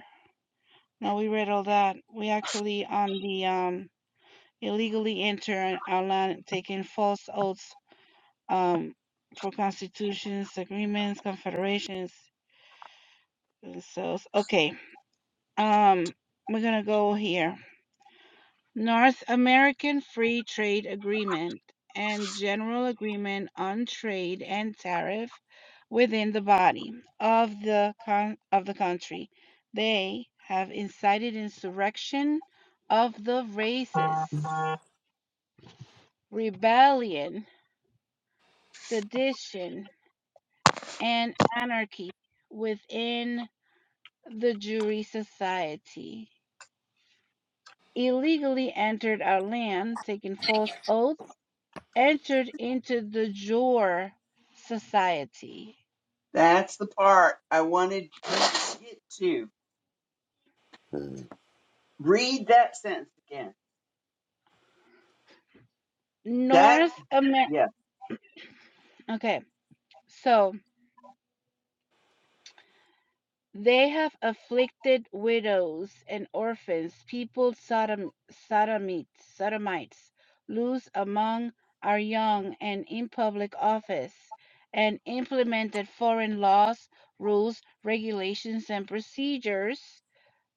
C: No, we read all that. We actually on the um illegally enter our land taking false oaths um for constitutions, agreements, confederations. uh, So okay. Um we're gonna go here. North American Free Trade Agreement, and General Agreement on Trade and Tariff within the body of the con- of the country. They have incited insurrection of the races, rebellion, sedition, and anarchy within the Jury Society. Illegally entered our land, taking false oaths entered into the Jor society.
D: That's the part I wanted you to get to. Read that sentence again. That,
C: North America.
D: yeah.
C: Okay, so they have afflicted widows and orphans, people Sodom, Sodomites, Sodomites, loose among our young and in public office, and implemented foreign laws, rules, regulations, and procedures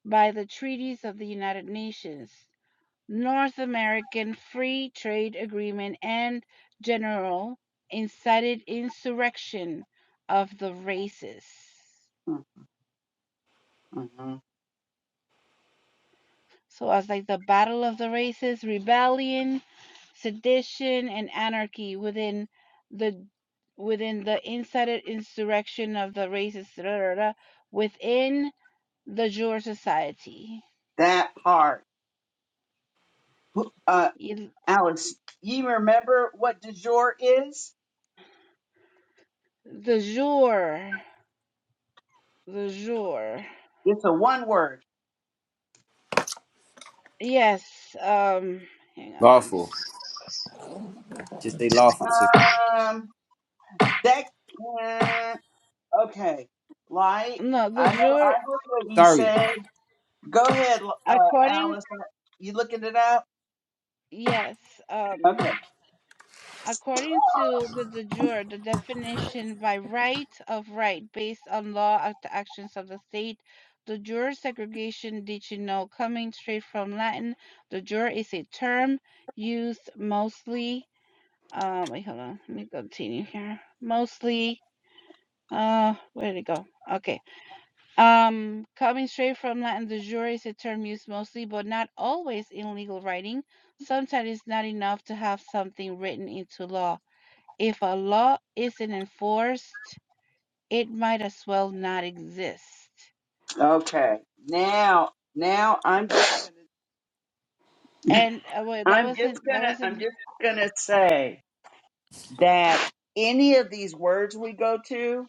C: by the treaties of the United Nations. North American Free Trade Agreement and General incited insurrection of the races.
D: hmm mm-hmm.
C: So as like the battle of the races, rebellion, sedition, and anarchy within the within the incited insurrection of the races within the Jour Society.
D: That part. Uh, Alice, you remember what du jour is?
C: The Jour, the Jour.
D: It's a one word.
C: Yes. Um. Hang on. Let me
A: Lawful.
C: just
A: Just say lawful.
D: Um, that. Okay, light.
C: No, the
D: I know. I
C: jure,
D: heard what you
A: Sorry.
D: said. Go ahead, uh,
C: according,
D: Alice. Uh, You looking it up?
C: yes, um,
D: Okay.
C: according to the de jure, the definition by right of right based on law of the actions of the state, the jure segregation, did you know, coming straight from Latin, the jure is a term used mostly, uh, wait, hold on, let me continue here. Mostly, uh, where did it go? Okay. Um, coming straight from Latin de jure is a term used mostly, but not always, in legal writing. Sometimes it's not enough to have something written into law. If a law isn't enforced, it might as well not exist.
D: Okay. Now, now I'm just gonna,
C: And uh, well, that
D: I'm just
C: wasn't that
D: gonna I'm
C: wasn't
D: just gonna say that any of these words we go to,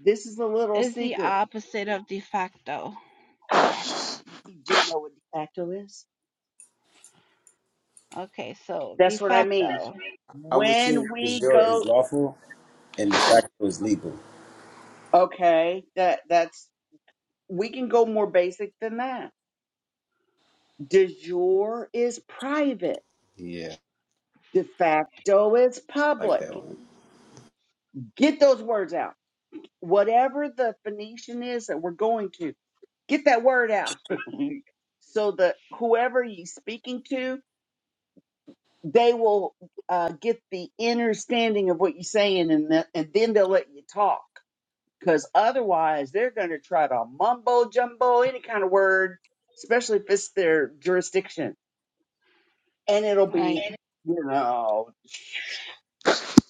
D: this is a little
C: is the
D: secret.
C: opposite of de facto.
D: You do know what dactyl is?
C: Okay, so de
D: That's what I
A: I
D: mean.
C: facto,
A: I would say
D: When
A: the
D: we
A: jure
D: go,
A: is lawful and de facto is legal.
D: okay, that that's we can go more basic than that De jure is private.
A: Yeah,
D: De facto is
A: like
D: public.
A: that one.
D: Get those words out. Whatever the Phoenician is that we're going to, get that word out. so that whoever you're speaking to, they will uh, get the understanding of what you're saying and, the, and then they'll let you talk. Because otherwise, they're going to try to mumbo jumbo any kind of word, especially if it's their jurisdiction. And it'll
C: right?
D: be, you know.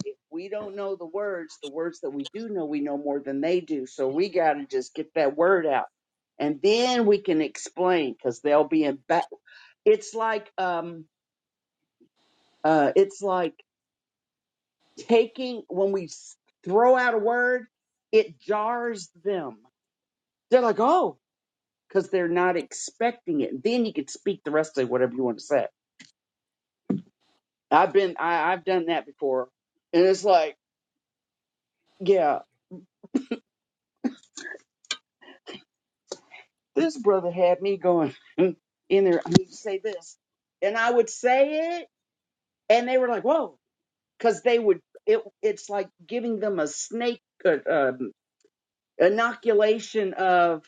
D: if we don't know the words, the words that we do know, we know more than they do. So we got to just get that word out. And then we can explain because they'll be in back. It's like, um, uh, it's like taking, when we s- throw out a word, it jars them. They're like, oh, because they're not expecting it. Then you can speak the rest of whatever you want to say. I've been, I, I've done that before. And it's like, yeah. This brother had me going in there. I need to say this, and I would say it, and they were like, "Whoa," because they would. It it's like giving them a snake uh, um, inoculation of,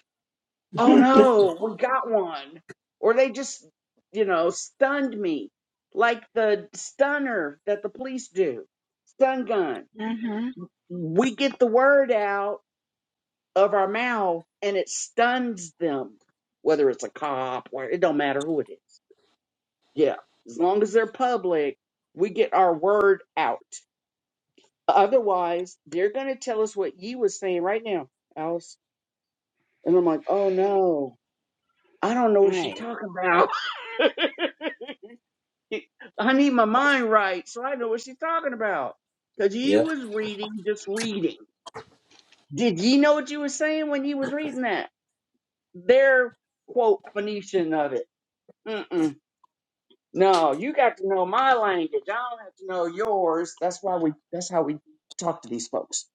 D: "Oh no, we got one," or they just, you know, stunned me, like the stunner that the police do, stun gun.
C: Mhm.
D: We get the word out of our mouth, and it stuns them whether it's a cop or it don't matter who it is. Yeah. As long as they're public, we get our word out. Otherwise, they're going to tell us what you was saying right now, Alice. And I'm like, oh no, I don't know what she's
C: Right.
D: talking about. I need my mind right so I know what she's talking about. Because you
B: Yep.
D: was reading, just reading. Did ye know what you was saying when you was reading that? Their quote Phoenician of it. Mm-mm. No, you got to know my language. I don't have to know yours. That's why we. That's how we talk to these folks.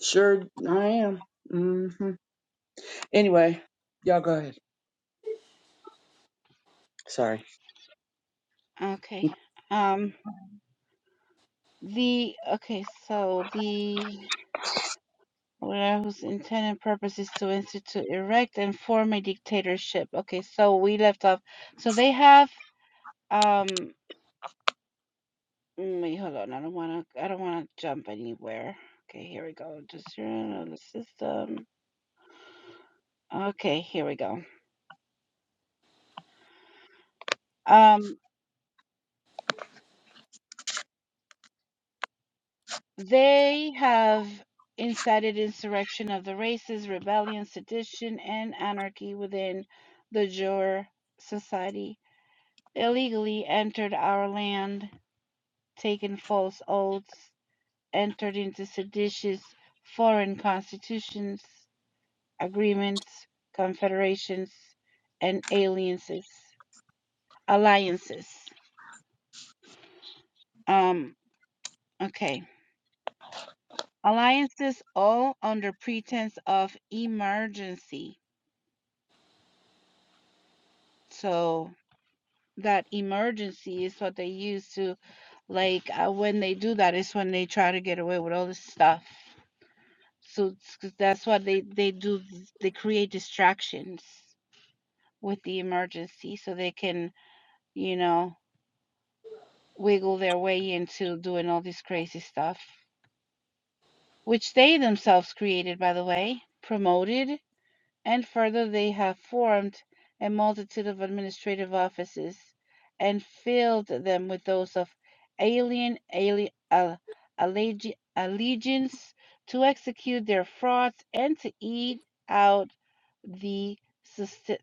D: Sure, I am. hmm Anyway, y'all go ahead. Sorry.
C: Okay. Um the okay, so the where whose intended purpose is to institute, erect, and form a dictatorship. Okay, so we left off. So they have um mm, wait, hold on, I don't wanna I don't wanna jump anywhere. Okay, here we go. Just your the system. Okay, here we go. Um they have incited insurrection of the races, rebellion, sedition, and anarchy within the Jur society, illegally entered our land, taken false oaths entered into seditious foreign constitutions, agreements, confederations, and alliances. Alliances. Um, okay. Alliances all under pretense of emergency. So that emergency is what they use to, like, uh, when they do that is when they try to get away with all this stuff. So that's what they they do. They create distractions with the emergency so they can, you know, wiggle their way into doing all this crazy stuff, which they themselves created, by the way, promoted and further they have formed a multitude of administrative offices, and filled them with those of alien ali- al- allegi- allegiance to execute their frauds and to eat out the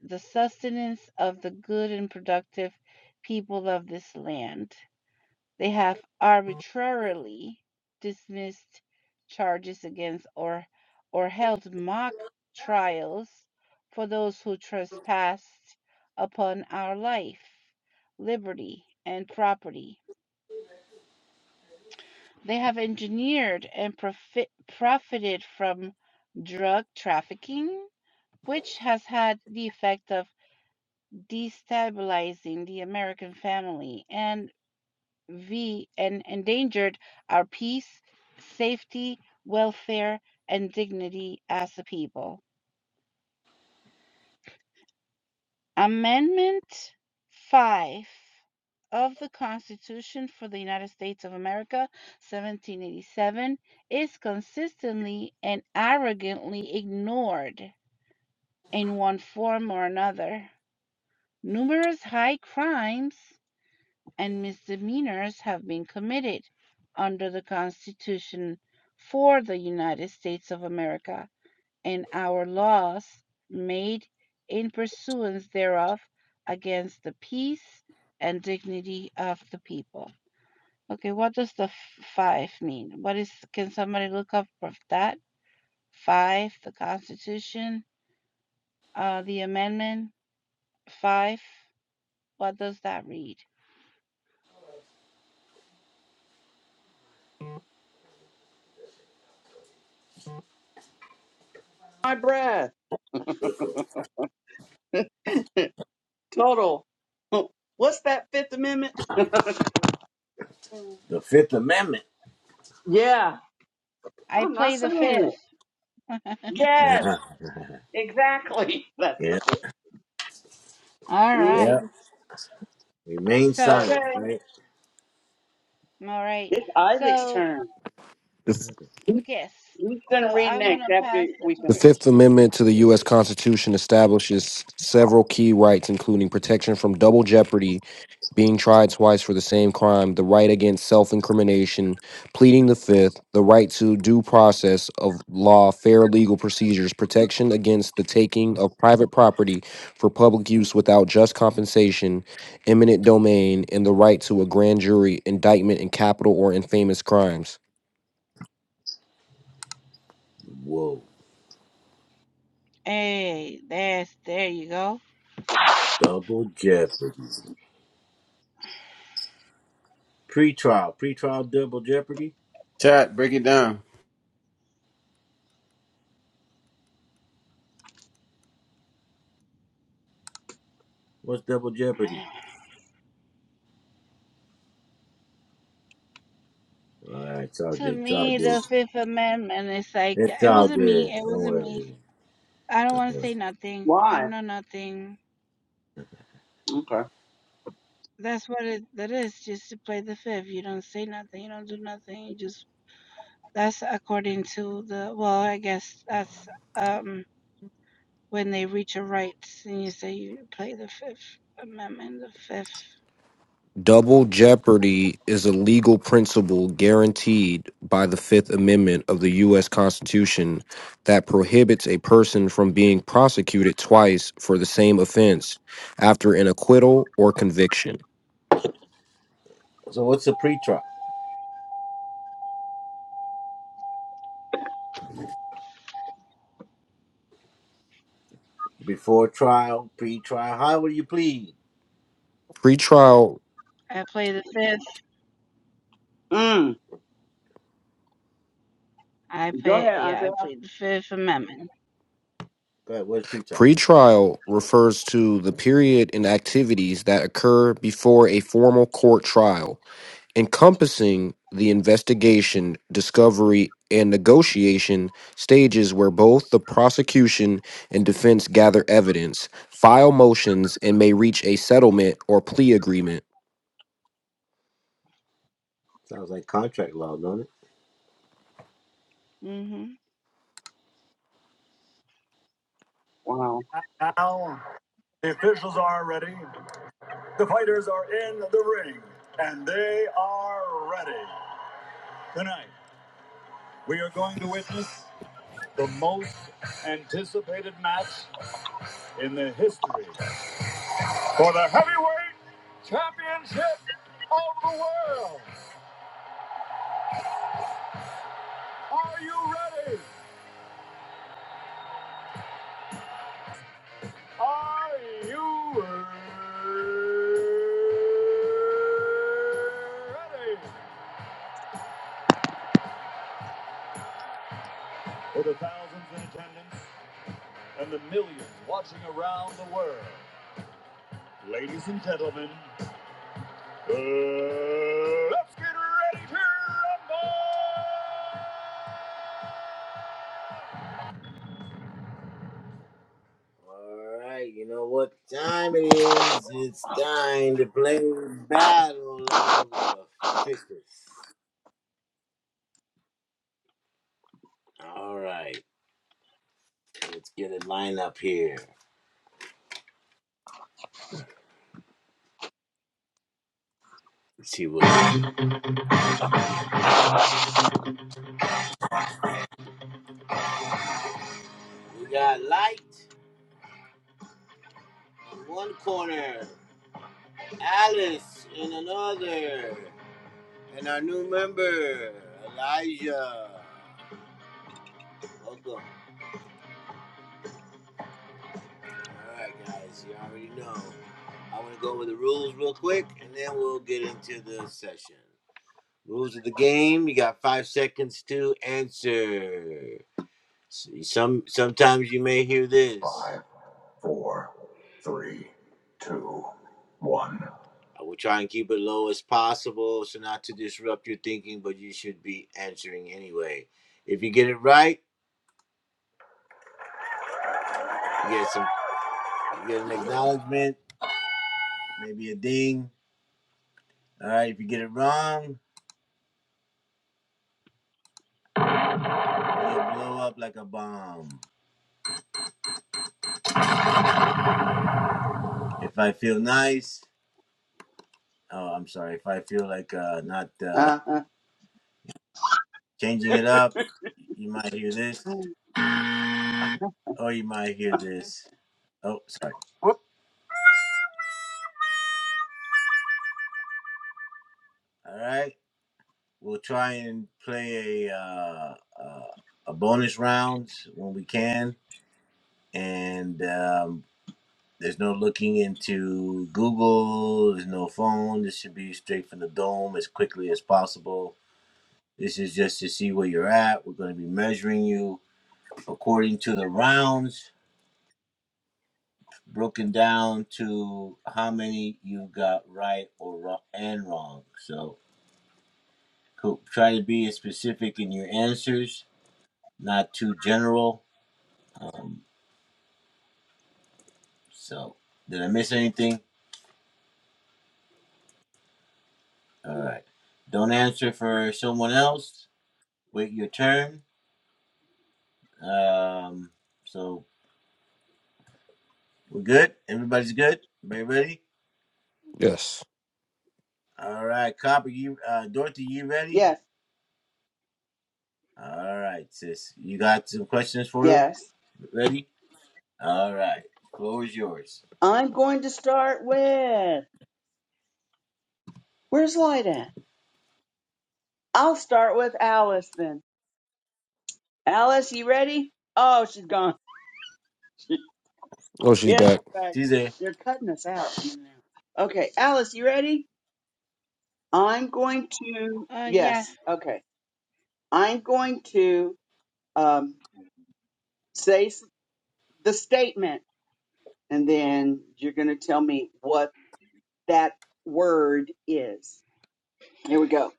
C: the sustenance of the good and productive people of this land. They have arbitrarily dismissed charges against or or held mock trials for those who trespassed upon our life, liberty, and property. They have engineered and profit, profited from drug trafficking, which has had the effect of destabilizing the American family and We and endangered our peace, safety, welfare, and dignity as a people. Amendment 5 of the Constitution for the United States of America, 1787, is consistently and arrogantly ignored in one form or another. Numerous high crimes and misdemeanors have been committed under the Constitution for the United States of America and our laws made in pursuance thereof against the peace and dignity of the people. Okay, what does the five mean? What is, can somebody look up that? Five, the Constitution, uh, the amendment, five, what does that read?
D: My breath. Total. What's that Fifth Amendment?
B: The Fifth Amendment.
D: Yeah,
C: I
D: I'm not
C: play the
D: saying
C: fifth.
D: it. Yes,
B: Uh-huh.
D: exactly. That's the.
B: yeah.
D: 5th
C: All
D: Mhm.
B: Yeah.
C: right.
B: Remain
C: So,
D: Okay,
B: silent, right?
C: all right.
D: it's Isaac's
C: So,
D: turn.
E: The,
C: yes.
D: He's gonna
C: So
D: read
C: I'm going
D: next
C: to
D: after
C: pass the
D: we
E: the
D: finish.
E: Fifth
C: torch.
E: Amendment to the U.S. Constitution establishes several key rights, including protection from double jeopardy, being tried twice for the same crime, the right against self incrimination, pleading the Fifth, the right to due process of law, fair legal procedures, protection against the taking of private property for public use without just compensation, eminent domain, and the right to a grand jury, indictment in capital or infamous crimes.
B: Whoa.
C: Hey, that's, there you go.
B: Double jeopardy. Pre-trial, pre-trial double jeopardy.
A: Chat, break it down.
B: What's double jeopardy? All right, it's all
C: To
B: good. It's all
C: me,
B: good.
C: the Fifth Amendment is like,
B: It's
C: it
B: all
C: wasn't me.
B: good.
C: It
B: Don't
C: wasn't me.
B: worry.
C: I don't want to
B: Yeah.
C: say nothing. I
D: Why?
C: don't know nothing.
D: Okay.
C: That's what it that is, just to play the fifth. You don't say nothing, you don't do nothing, you just that's according to the well, I guess that's um when they reach a rights and you say you play the fifth amendment, the fifth.
E: Double jeopardy is a legal principle guaranteed by the Fifth Amendment of the U.S. Constitution that prohibits a person from being prosecuted twice for the same offense after an acquittal or conviction.
B: So, what's a pre-trial? Before trial, pre-trial. How will you plead?
E: Pretrial
C: I play the fifth.
D: Mm.
C: I
D: Go
C: play
D: ahead,
C: yeah,
D: Isaac.
C: I plead the fifth amendment.
B: Go ahead. What's pre-trial?
E: Pretrial refers to the period and activities that occur before a formal court trial, encompassing the investigation, discovery, and negotiation stages where both the prosecution and defense gather evidence, file motions, and may reach a settlement or plea agreement.
B: Sounds like contract law, don't it?
C: Mhm.
D: Wow.
B: Now, the officials are ready. The fighters are in the ring, and they are ready. Tonight, we are going to witness the most anticipated match in the history for the heavyweight championship of the world. Are you ready? Are you ready? For the thousands in attendance and the millions watching around the world, ladies and gentlemen, uh, let's get ready to rumble! All right, you know what time it is? It's time to play Battle of the Fittest. All right, let's get a lineup here. Let's see what we got. Light in one corner, Alice in another, and our new member, Elijah. Welcome. All right, guys, you already know. I'm gonna go over the rules real quick, and then we'll get into the session. Rules of the game: You got five seconds to answer. Some sometimes you may hear this. Five, four, three, two, one. I will try and keep it low as possible, so not to disrupt your thinking, but you should be answering anyway. If you get it right, you get some, you get an acknowledgement, maybe a ding. All right. If you get it wrong, you'll blow up like a bomb. If I feel nice, oh, I'm sorry. If I feel like uh, not uh, changing it up, you might hear this.
D: Mm,
B: Oh, you might hear this. Oh, sorry. All right, we'll try and play a uh, uh, a bonus rounds when we can. And um, there's no looking into Google. There's no phone. This should be straight from the dome as quickly as possible. This is just to see where you're at. We're going to be measuring you according to the rounds, broken down to how many you got right or wrong and wrong. So Cool. Try to be as specific in your answers, not too general. Um, so, did I miss anything? All right. Don't answer for someone else. Wait your turn. Um, so we're good. Everybody's good. Everybody ready?
E: Yes.
B: All right. Copper. You, uh, Dorothy, you ready?
D: Yes,
B: All right, sis. You got some questions for him?
D: yes.
B: Ready? All right. Floor is yours.
D: I'm going to start with where's Light at? I'll start with Alice then. Alice, you ready? Oh, she's gone.
E: Oh, she's
D: Yes, she's
E: back.
D: back.
B: She's there.
D: They're cutting us out. in and out. Okay, Alice, you ready? I'm going to
C: Uh, yeah,
D: yes. Okay, I'm going to um, say s- the statement, and then you're going to tell me what that word is. Here we go.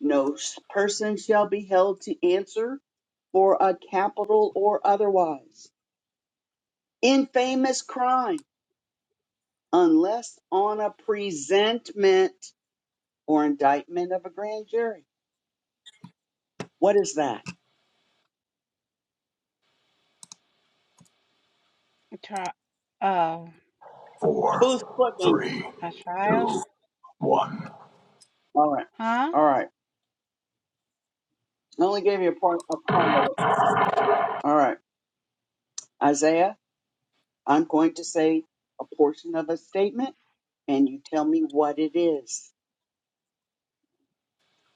D: No s- person shall be held to answer for a capital or otherwise, infamous crime, unless on a presentment or indictment of a grand jury. What is that?
C: a tri- uh,
D: Who's
B: Four,
D: clicking?
B: three,
C: a trial,
D: All right.
C: huh?
D: All right. I only gave you a part, a part of it. All right. Isaiah, I'm going to say a portion of a statement and you tell me what it is.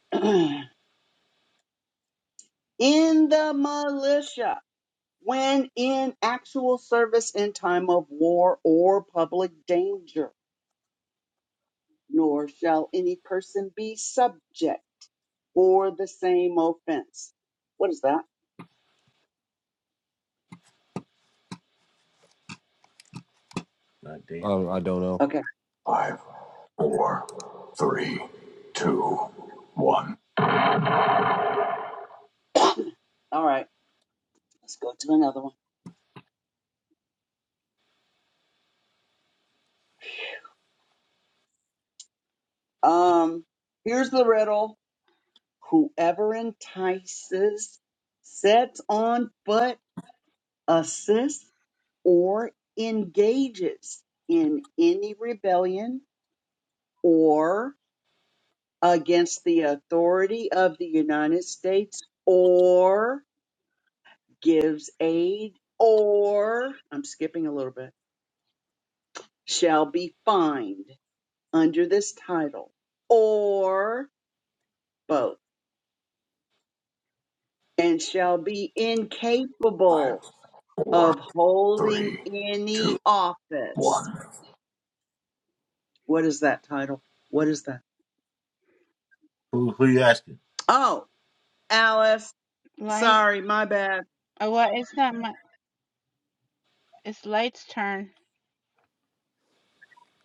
D: in the militia, when in actual service in time of war or public danger nor shall any person be subject for the same offense. What is that?
B: God damn.
E: Um, I don't know.
D: Okay.
B: Five, four, three, two, one.
D: All right. Let's go to another one. Um, here's the riddle. Whoever entices, sets on foot, assists, or engages in any rebellion or against the authority of the United States or gives aid or I'm skipping a little bit shall be fined under this title or both and shall be
B: Five,
D: incapable
B: four,
D: of holding
B: three,
D: any
B: two,
D: office.
B: one.
D: What is that title? What is that?
B: Who who you asking?
D: Oh, Alice.
C: Light.
D: Sorry, my bad.
C: Oh, well, it's not my. It's Light's turn.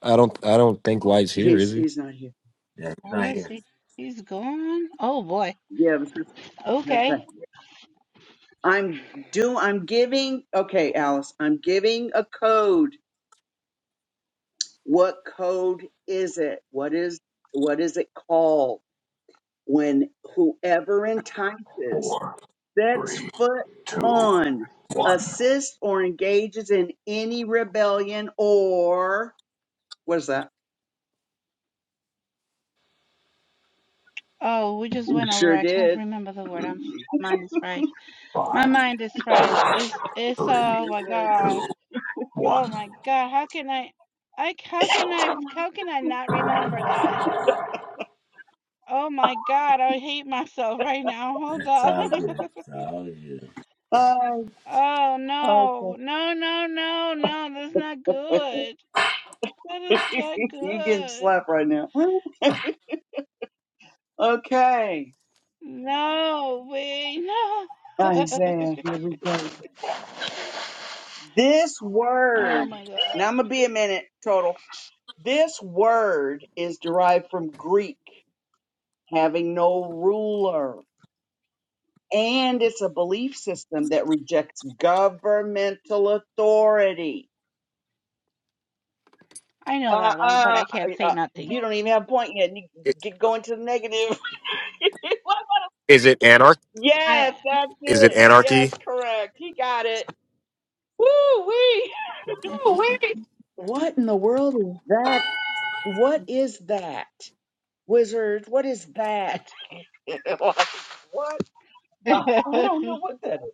E: I don't. I don't think Light's here,
D: He's
E: is he?
D: he's not here.
B: Yeah, he's not
C: Where is
B: here.
C: he? He's gone. Oh boy.
D: Yeah. it Okay.
C: Okay.
D: I'm do I'm giving okay, Alice. I'm giving a code. What code is it? What is what is it called? when whoever entices
B: Four,
D: sets
B: three,
D: foot
B: two,
D: on,
B: one.
D: assists, or engages in any rebellion or what is that?
C: Oh, we just went over.
D: Sure
C: I can't
D: did.
C: remember the word. I'm my mind is fried. My
B: Five,
C: mind is fried.
B: four,
C: It's it's
B: three,
C: oh my
D: Sure did.
C: god.
B: two,
C: Oh
B: one.
C: my god. How can I I how can I how can I not remember that? Oh my god, I hate myself right now. Hold
B: It's
C: up.
B: all good. It's all good.
D: Oh,
C: oh no. No, no, no, no. That's not
D: okay.
C: good. That is not
D: you getting
C: good.
D: slapped right now. Okay.
C: No, wait, no.
D: Isaiah, here we go. This
C: oh
D: word,
C: my
D: now
C: god.
D: I'm going to be a minute total. This word is derived from Greek having no ruler. And it's a belief system that rejects governmental authority.
C: I know
D: Uh,
C: that one, but
D: uh,
C: I can't say
D: uh,
C: nothing.
D: you don't even have a point yet. You get going to the negative.
E: Is it anarch?
D: yes,
C: I
D: that's
E: Is it
D: it. Yes,
E: anarchy?
D: correct. He got it. Woo wee. What in the world is that? What is that, wizard? What is that? like, what? Uh, I don't know what that is.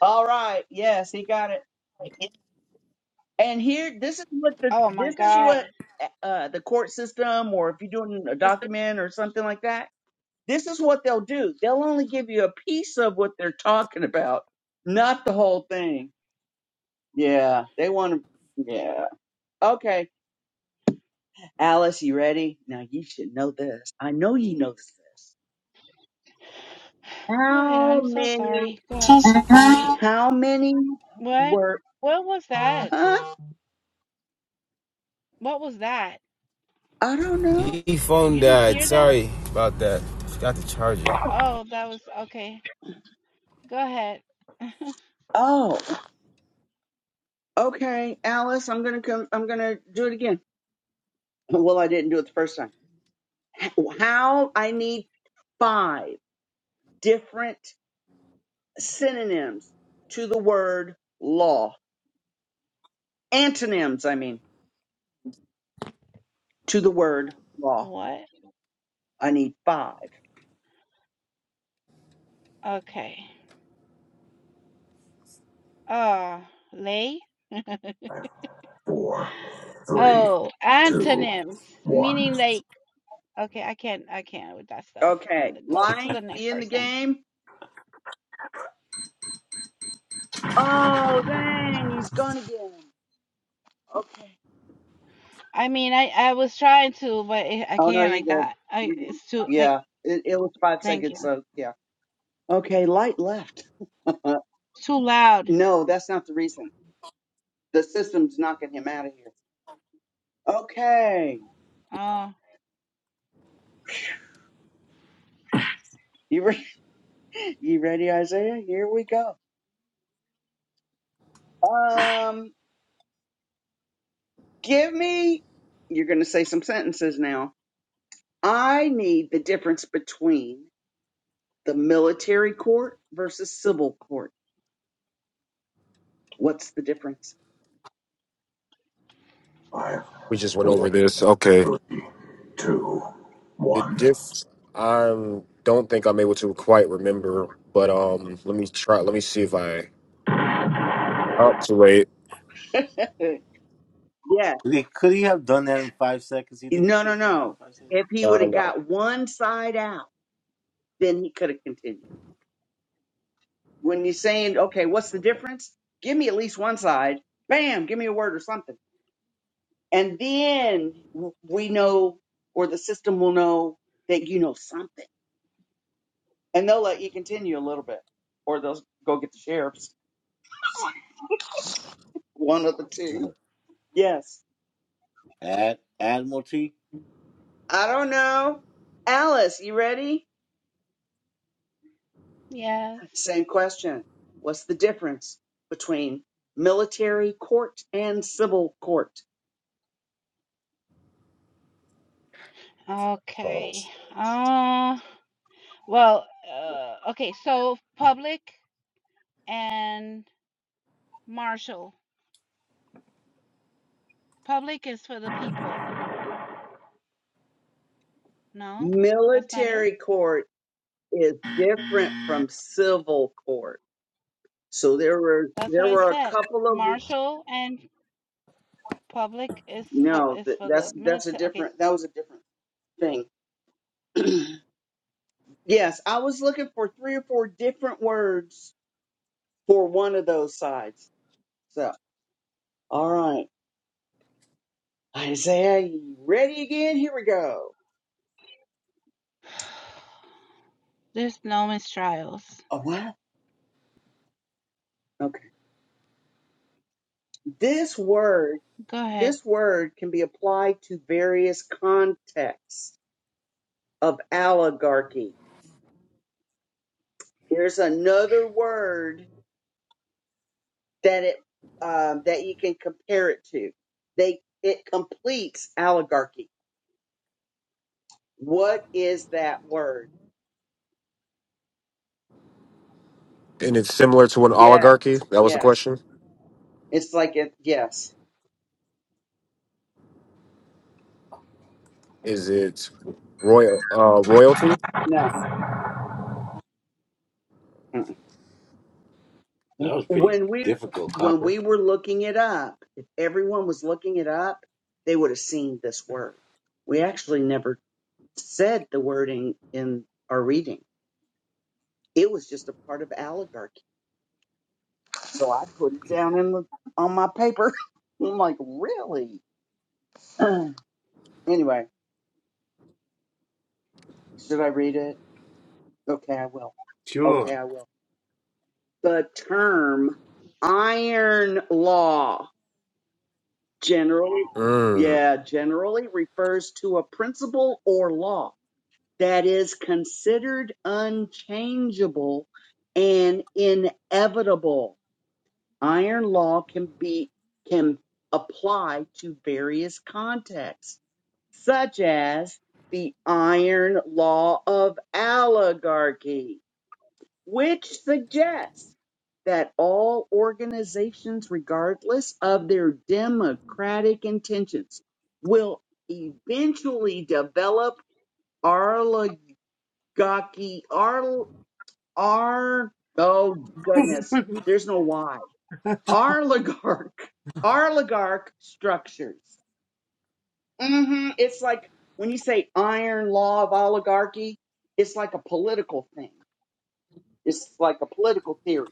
D: All right. Yes, he got it. And here, this is what the
C: oh my
D: this is
C: god.
D: what uh, the court system, or if you're doing a document or something like that, this is what they'll do. They'll only give you a piece of what they're talking about, not the whole thing. Yeah, they want to. Yeah. Okay, Alice, you ready? Now you should know this. I know you
C: Yeah.
D: know this.
C: Go ahead.
D: How
C: I'm so
D: many?
C: sorry. Go ahead.
D: How many
C: What?
D: were?
C: What was that?
D: Huh?
C: What was that?
D: I don't know.
A: E phone
C: You didn't
A: died.
C: hear that?
A: Sorry about that. Forgot to charge it.
C: Oh, that was okay. Go ahead.
D: Oh, okay, Alice. I'm gonna come. I'm gonna do it again. Well, I didn't do it the first time. How I need five different synonyms to the word law. Antonyms, I mean, to the word law.
C: what?
D: I need five.
C: Okay. Uh, lay?
B: Four, three,
C: Oh,
B: two,
C: antonyms,
B: one.
C: meaning like, okay, I can't, I can't with that stuff.
D: Okay.
C: N- Go to
D: Light,
C: the next
D: you in the
C: person.
D: game? Oh, dang, he's gone again. Okay.
C: I mean, I, I was trying to, but it, I
D: Oh, no,
C: can't
D: you're
C: like
D: good.
C: that. I,
D: You're good.
C: it's too, like,
D: Yeah, it, it was five
C: thank you.
D: seconds, so yeah. Okay, light left. Uh,
C: It's too loud.
D: no, that's not the reason. The system's knocking him out of here. Okay.
C: Oh,
D: You ready? You ready, Isaiah? Here we go. Um, give me, you're going to say some sentences now. I need the difference between the military court versus civil court. What's the difference?
B: Five,
E: We just went over
B: four,
E: this. Okay.
B: three, two,
E: The
B: one.
E: diff I don't think I'm able to quite remember, but um, let me try. Let me see if I up to wait.
D: yeah. No, no, no. If he would have got one side out, then he could have continued. When you're saying, okay, what's the difference? Give me at least one side. Bam, give me a word or something. And then we know, or the system will know that you know something. And they'll let you continue a little bit, or they'll go get the sheriffs. One of the two. Yes.
B: Ad Admiralty.
D: I don't know. Alice, you ready?
C: yes.
D: Same question. What's the difference between military court and civil court?
C: Okay. Uh, well, uh, okay, so public and martial. Public is for the people. No, that's not it.
D: Military court is different from civil court. So there were
C: That's what
D: there
C: I
D: were a
C: said.
D: couple of
C: Martial and public is for
D: No,
C: is
D: that,
C: for the
D: that's that's a
C: military. Okay.
D: different. That was a different thing. yes, I was looking for three or four different words for one of those sides. So, all right, Isaiah, you ready again? Here we go.
C: There's no mistrials.
D: A what? Okay. This word,
C: Go ahead.
D: this word can be applied to various contexts of oligarchy. There's another word that it um, that you can compare it to. They it completes oligarchy What is that word?
E: And it's similar to an
D: Yes,
E: oligarchy. That was the
D: yes.
E: question.
D: It's like it. Yes,
E: Is it royal uh, royalty?
D: no. Mm-mm. When we when we were looking it up, if everyone was looking it up, they would have seen this word. We actually never said the wording in our reading. It was just a part of oligarchy. So I put it down in the on my paper. I'm like, really? anyway, should I read it? Okay, I will. Okay, I will. the term iron law generally yeah generally refers to a principle or law that is considered unchangeable and inevitable iron law can be can apply to various contexts such as the iron law of oligarchy which suggests that all organizations, regardless of their democratic intentions, will eventually develop oligarchy. Ar, ar, oh goodness, there's no why. Oligarch, oligarch structures. hmm It's like when you say iron law of oligarchy, it's like a political thing. It's like a political theory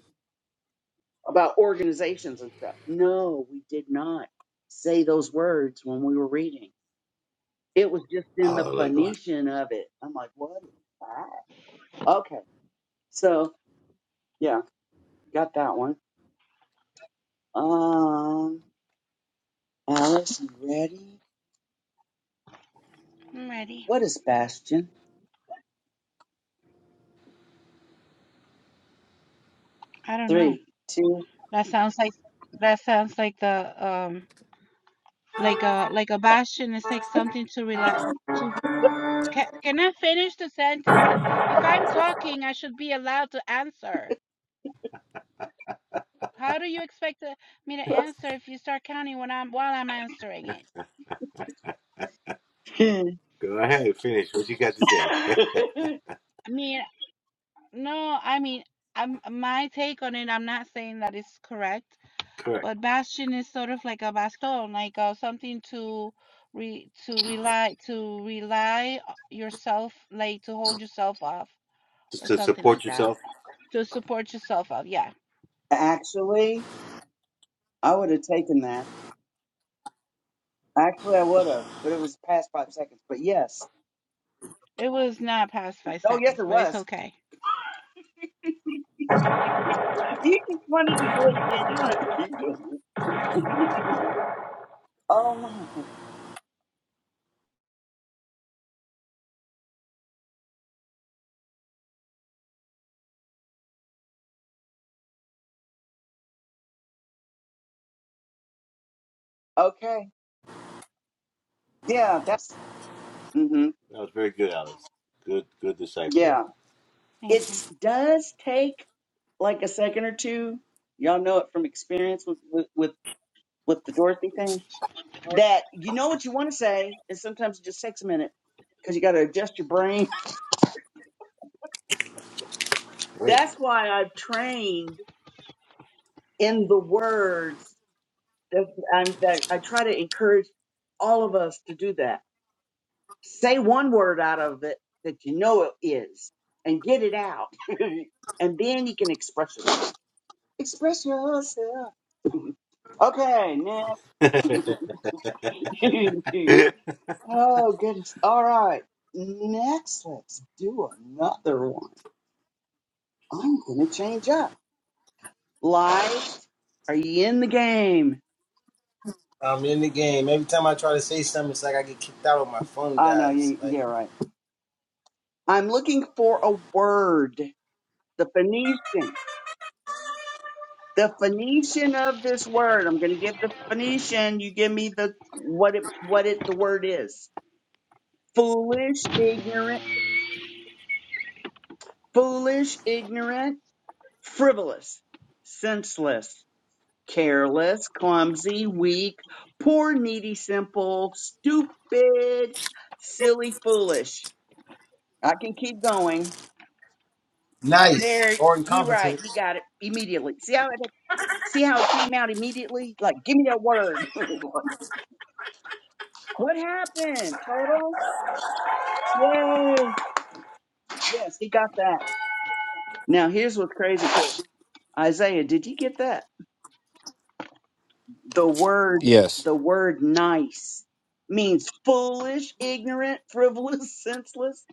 D: about organizations and stuff. No, we did not say those words when we were reading. It was just in the
B: Hallelujah.
D: Phoenician of it. I'm like, what is that? Okay. So yeah, got that one. Um Alice, you ready?
C: I'm ready.
D: What is Bastion?
C: I don't know.
D: Three, two.
C: That sounds like that sounds like the um like a like a bastion. It's like something to relax. Can, can I finish the sentence? If if I'm talking, I should be allowed to answer. How do you expect uh, me to answer if you start counting when I'm while I'm answering it? I mean, no, I mean, I'm my take on it. I'm not saying that it's correct, but bastion is sort of like a baston, like uh, something to re to rely to rely o- yourself, like to hold yourself off or
B: Just to
C: something
B: support
C: like that,
B: yourself.
C: to support yourself off. Yeah,
D: Actually, I would have taken that. Actually I would have, but it was past five seconds. But yes.
C: it was not past five
D: Oh yes
C: seconds,
D: it
C: but it's
D: was.
C: okay.
D: you just wanted to do it again. You don't have to keep doing it. oh my. Okay. Yeah, that's hmm yeah.
B: Oh,
C: Thank
D: It
C: you.
D: does take like a second or two. Y'all know it from experience with with with, with the Dorothy thing. That you know what you want to say, and sometimes it just takes a minute because you got to adjust your brain.
B: yeah.
D: That's why I've trained in the words that, I'm, that I try to encourage all of us to do that Say one word out of it that you know it is and get it out. and then you can express yourself. Express yourself. Okay, next. oh, goodness. All right. Next, let's do another one. I'm going to change up. Life, are you in the game?
A: I'm in the game. Every time I try to say something, it's like I get kicked out or my phone
D: Oh, no,
A: dies.
D: you,
A: Like
D: yeah, right. I'm looking for a word. The Phoenician. the Phoenician of this word. I'm going to give the Phoenician. You give me the what it what it the word is. Foolish, ignorant, foolish, ignorant, frivolous, senseless, careless, clumsy, weak, poor, needy, simple, stupid, silly, foolish. I can keep going. There,
A: nice or
D: you right.
A: incompetent.
D: He got it immediately. See how it see how it came out immediately? Like, give me that word. what happened? Total. Yay! Yes, he got that. Now here's what's crazy. 'cause Isaiah, did you get that? The word,
E: Yes,
D: the word nice means foolish, ignorant, frivolous, senseless,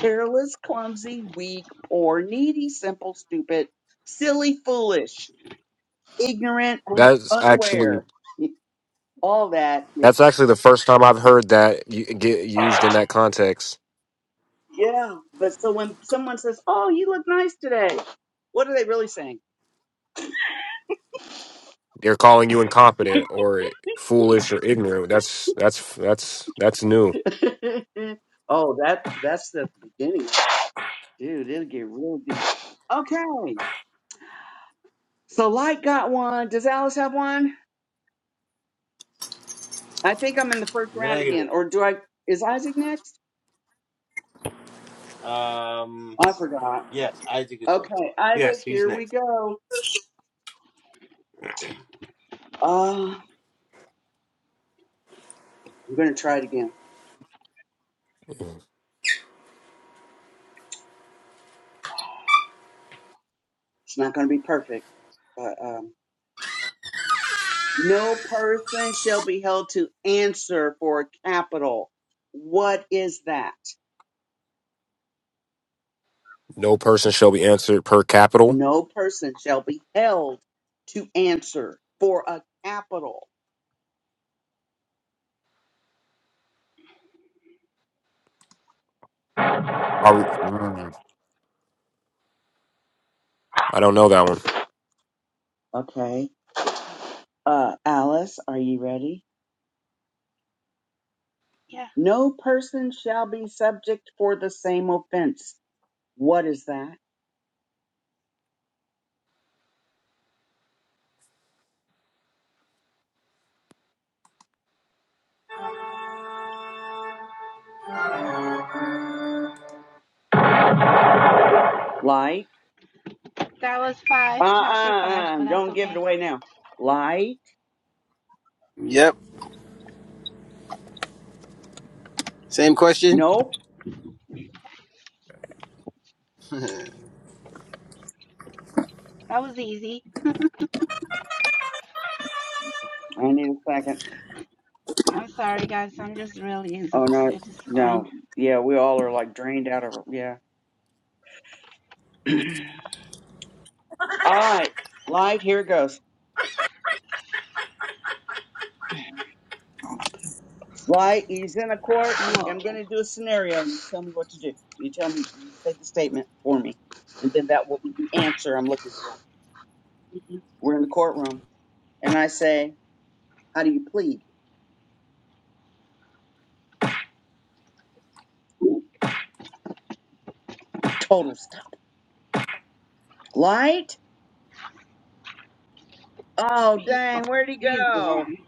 D: careless, clumsy, weak, poor, needy, simple, stupid, silly, foolish, ignorant, un-
E: that's actually
D: unaware. All that is,
E: that's actually the first time I've heard that y- get used in that context.
D: yeah. But so when someone says, Oh, you look nice today, what are they really saying?
E: They're calling you incompetent or foolish or ignorant. That's that's that's that's new.
D: oh, that that's the beginning. Dude, it'll get real deep. Okay. So Light got one. Does Alice have one? I think I'm in the first round again. Or do I is Isaac next? Oh, I forgot. Okay, Isaac,
B: He's
D: here we
B: next.
D: go. Uh I'm gonna try it again.
E: Mm-hmm.
D: It's not gonna be perfect, but um no person shall be held to answer for capital. What is that?
E: No person shall be answered per capital.
D: No person shall be held to answer for a capital.
E: Are we, I don't know that one.
D: Okay. Uh, Alice, are you ready?
C: Yeah,
D: No person shall be subject for the same offense. What is that? Like,
C: that was
D: uh,
C: five, chapter
D: uh,
C: five,
D: uh,
C: but that's
D: don't give it
C: okay.
D: away now. Like,
A: Yep. Same question.
D: nope.
C: That was easy.
D: I need a second.
C: I'm sorry, guys. I'm just really
D: Oh no,
C: exhausted. It's fine.
D: no. Yeah, we all are like drained out of it. Yeah. all right. Light, here it goes. Light, he's in a court. I'm,
C: Whoa.
D: I'm going to do a scenario. You tell me what to do. You tell me, you say the statement for me. And then that will be the answer I'm looking for. We're in the courtroom. And I say, How do you plead? Total stop. Light? Oh,
C: He's
D: dang,
C: gone.
D: where'd he
C: He's
D: go?
C: gone.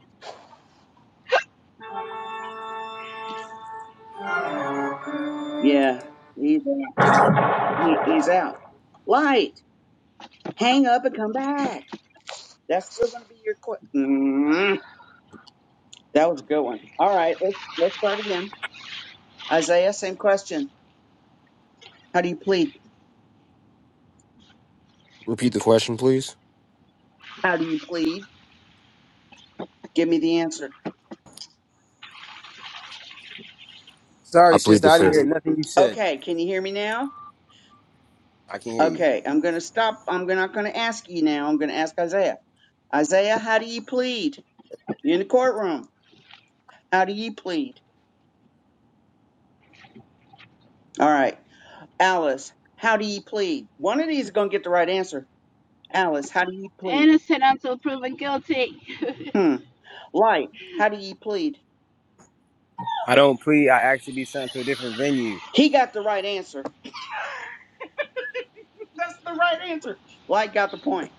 D: Yeah, he's out. He, he's out. Light, hang up and come back. That's still going to be your question. mm That was a good one. All right, let's, let's start again. Isaiah, same question. How do you plead?
E: Repeat the question, please.
D: How do you plead? Give me the answer.
E: I
A: Sorry,
E: plead
A: sister,
E: the
A: I didn't hear
E: fifth.
A: nothing you said.
D: Okay, can you hear me now?
A: I can hear you.
D: Okay, I'm going to stop. I'm not going to ask you now. I'm going to ask Isaiah. Isaiah, how do you plead? You in the courtroom. How do you plead? All right. Alice, how do ye plead? One of these is going to get the right answer. Alice, how do ye plead?
C: Innocent until proven guilty.
D: Hmm. Light, how do ye plead?
A: I don't plead. I ask to be sent to a different venue.
D: He got the right answer. That's the right answer. Light got the point.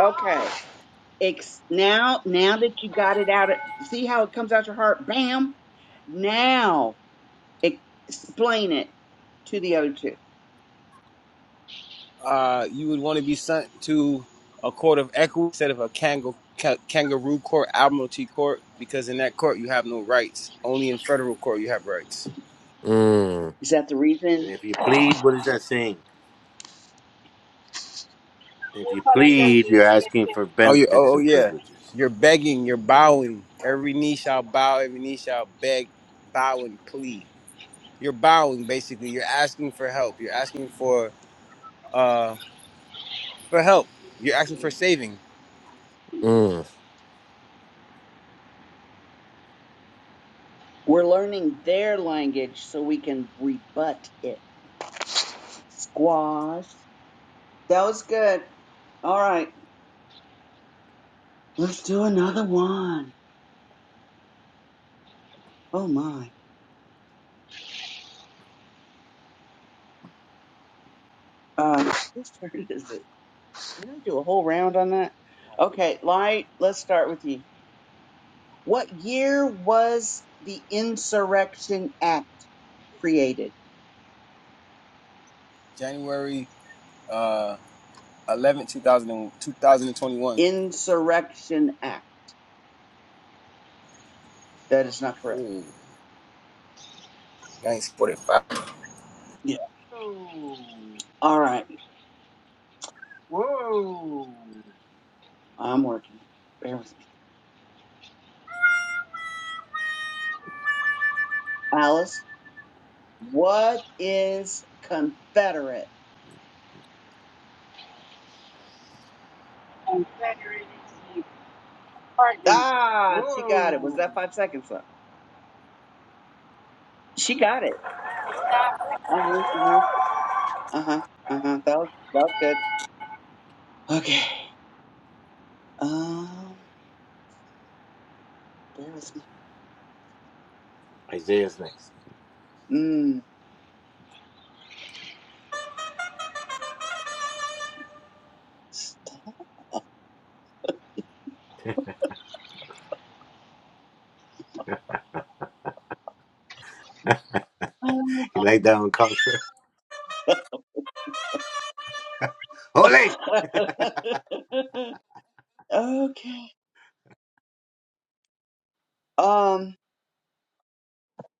D: Okay. Ex- now, now that you got it out, of, see how it comes out your heart? Bam. Now, explain it to the other two.
A: uh, you would want to be sent to a court of equity instead of a kangaroo, ca- kangaroo court, admiralty court, because in that court you have no rights. Only in federal court you have rights.
E: Mm,
D: Is that the reason
B: If
C: New
B: you
C: calendar
B: plead, you're asking
C: jurisdiction
B: for
A: Oh yeah,
B: benefits
A: oh, oh
B: and
A: yeah.
B: privileges.
A: You're begging, you're bowing. Every knee shall bow, every knee shall beg, bow and plead. You're bowing basically. You're asking for help. You're asking for uh for help. You're asking for saving.
E: mm.
D: we're learning their language so we can rebut it? Squash. That was good. All right. Let's do another one. Oh my. Um, whose turn is it? Can I do a whole round on that? Okay, Light, let's start with you. What year was the Insurrection Act created?
A: January uh eleventh, two thousand and 2000, 2021.
D: Insurrection Act. That is not correct.
A: Ooh, 1945.
D: Yeah. All right. I'm working. it. Bear with me. Alice, what is Confederate?
C: and federated team partner.
D: Ah, she got it. Was
B: Whoa.
D: that five seconds up? She got it.
C: But not when I
D: Uh huh. Uh huh. Uh huh. Uh huh. That was, that was good. Okay. Um, bear with me.
B: Isaiah's next.
D: Mm. Um,
B: You laid down Comfort? Holy!
D: okay. Um.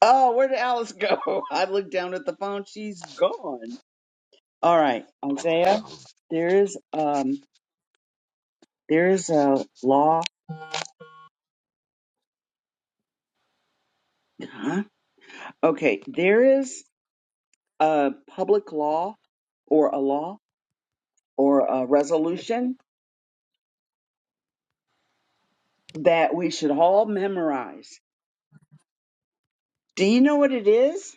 D: Oh, where did Alice go? I looked down at the phone. She's gone. All right,
B: He's
D: Isaiah.
B: gone.
D: There is um. There is a law. Huh? Okay. There is a public law, or a law, or a resolution that we should all memorize. Do you know what it is?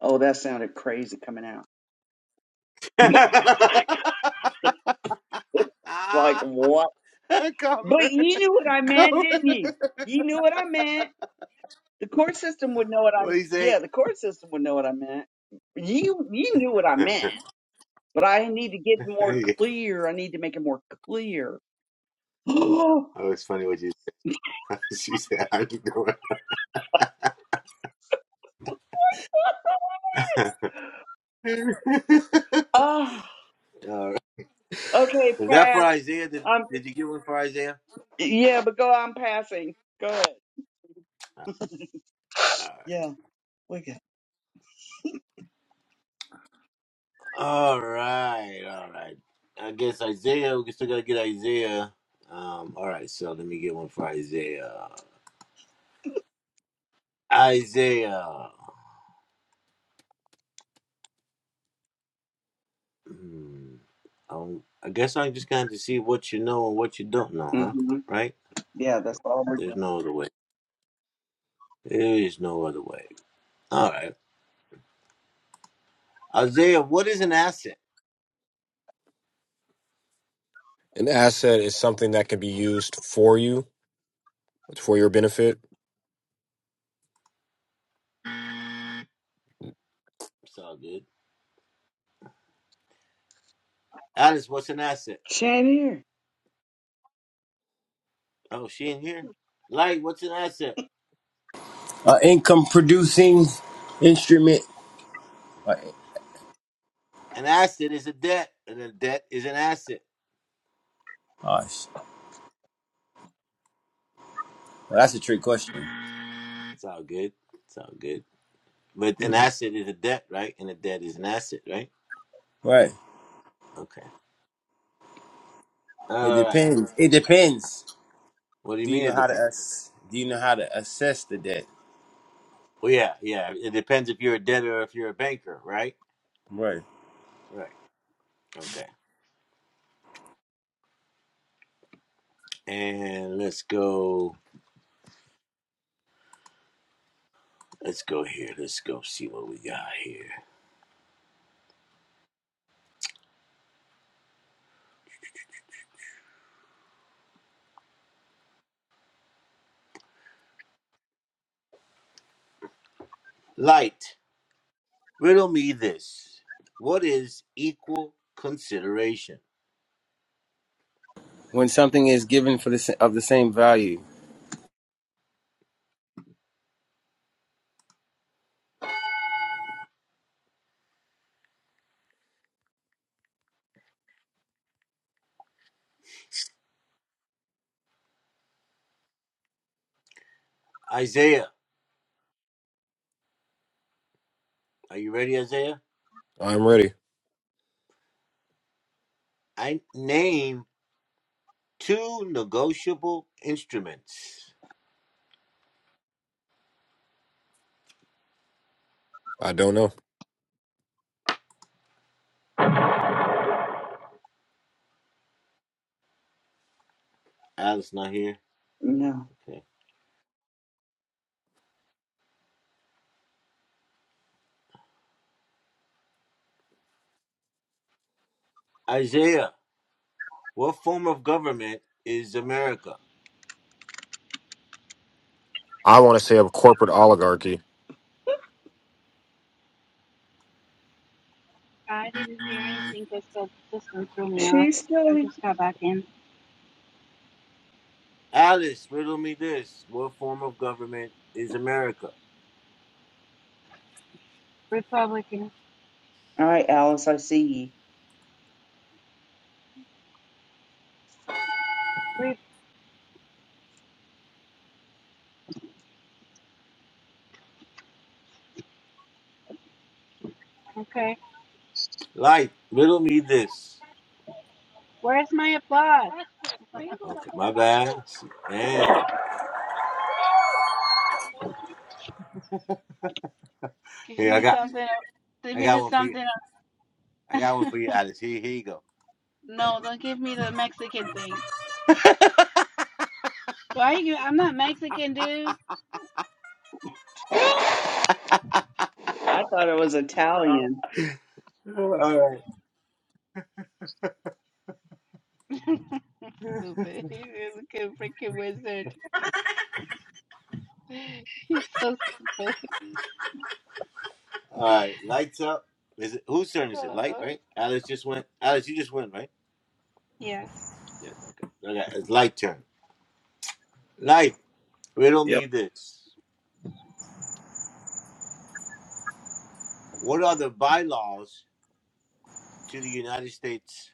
D: Oh, that sounded crazy coming out. It's like what? But you knew what I meant, didn't you? You knew what I meant. The court system would know what I'm. Yeah, the court system would know what I meant. You you knew what I meant, but I need to get more clear. I need to make it more clear. Oh, okay,
B: Is that for
D: pass.
B: Isaiah? Did,
D: I'm
B: did you get one for Isaiah?
D: yeah, but go. I'm passing. Go ahead. Yeah, we good.
B: All right. All right. All right. I guess Isaiah, we still got to get Isaiah. Um, all right. So let me get one for Isaiah. Isaiah. Hmm. Um, I guess I just got to see what you know and what you don't know, huh?
D: hmm
B: Right?
D: Yeah, that's all we're
B: There's
D: doing.
B: no other way. There is no other way. All right. Isaiah, what is an asset?
E: An asset is something that can be used for you, for your benefit.
B: It's all good. Alice, what's an asset?
D: She ain't here.
B: Oh, she in here? Light, what's an asset?
A: uh, income producing instrument? Uh,
B: An asset is a debt, and a debt is an asset.
A: oh, well, that's a trick question.
B: It's all good. It's all good. But an asset is a debt, right? And a debt is an asset, right?
A: Right.
B: Okay.
A: It
B: All right.
A: depends. It depends.
B: What do you
A: Do you
B: mean
A: know
B: it
A: how to
B: depends?
A: ass- do you know how to assess the debt?
B: Well, yeah, yeah. It depends if you're a debtor or if you're a banker, right?
A: Right.
B: Right. Okay. And let's go. Let's go here. Let's go see what we got here. Light, riddle me this. What is equal consideration?
A: When something is given the same value.
B: Isaiah, are you ready, Isaiah?
E: I'm ready.
B: I name two negotiable instruments.
E: I don't know.
B: Alice not here.
D: No,
B: Okay. Isaiah, what form of government is America?
E: I want to say a corporate oligarchy.
C: I didn't hear anything because the system threw me off.
D: she's still
C: I
D: here.
C: just got back in.
B: Alice, riddle me this. What form of government is America?
D: All right, Alice. I see you.
C: Wait, okay.
B: Light, riddle me this.
C: Where's my applause?
B: Okay, my bad. Damn.
C: Give
B: Here, I
C: me
B: got,
C: something. Give
B: I
C: me
B: got
C: the
B: one for you.
C: something.
B: I got one for you, Alice. Here, here you go.
C: No, don't give me the Mexican thing. Why are you? I'm not Mexican, dude.
D: I thought it was Italian.
B: All right,
C: stupid. He's a freaking wizard. He's so stupid.
B: all right. Lights up. Is it whose turn is it? Light,
C: Oh,
B: right? Alice just went. Alice, you just went, right?
C: yes.
B: Yes. Okay. Okay. It's light turn. Light. Riddle
A: Yep.
B: me this. What are the bylaws to the United States?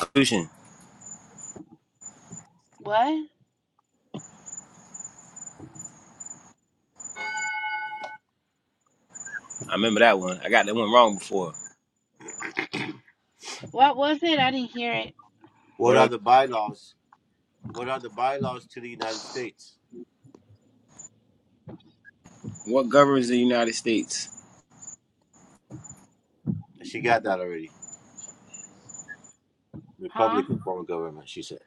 A: Constitution.
C: What?
A: I remember that one. I got that one wrong before.
C: What was it? I didn't hear it.
B: What are
A: What
B: the bylaws? What are the bylaws to the United States?
A: what governs the United States?
B: She got that already.
C: Huh?
B: Republican form of government. She said.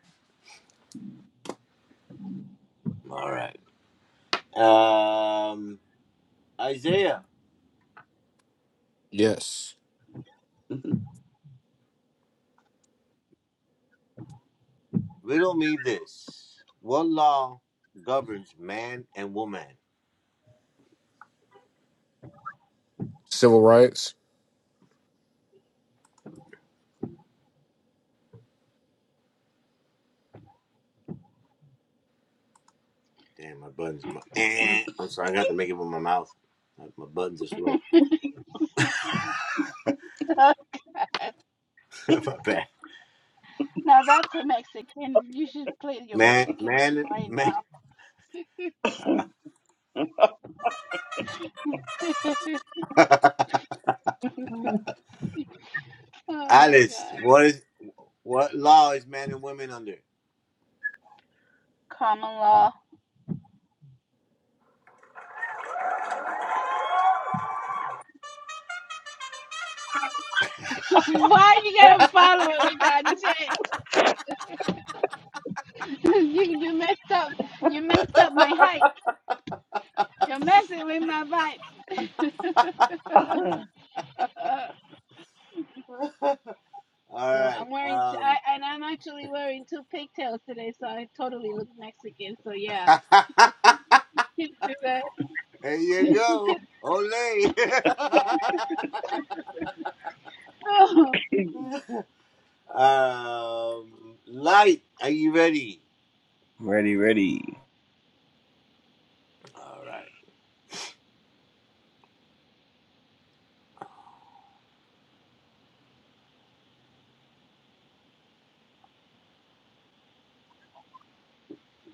B: All right. Um, Isaiah.
E: Yes.
B: Riddle me this. What law governs man and woman?
E: Civil rights.
B: Damn, my buttons. My, eh, I'm sorry, I got to make it with my mouth. My my buttons are slow. my bad.
C: now that's a Mexican. You should play your
B: Man,
C: Mexican
B: man,
C: thing
B: man.
C: right now. oh my
B: Alice,
C: god.
B: what is what law is man and women under?
C: Common law. Why you gotta follow it with that shit? you you messed up. You messed up my height. You're messing with my vibe. Yo, I'm wearing t- I and I'm actually wearing two pigtails today, so I totally look Mexican. So yeah, you can do that. You can. Oh,
A: Ready, ready.
B: All right.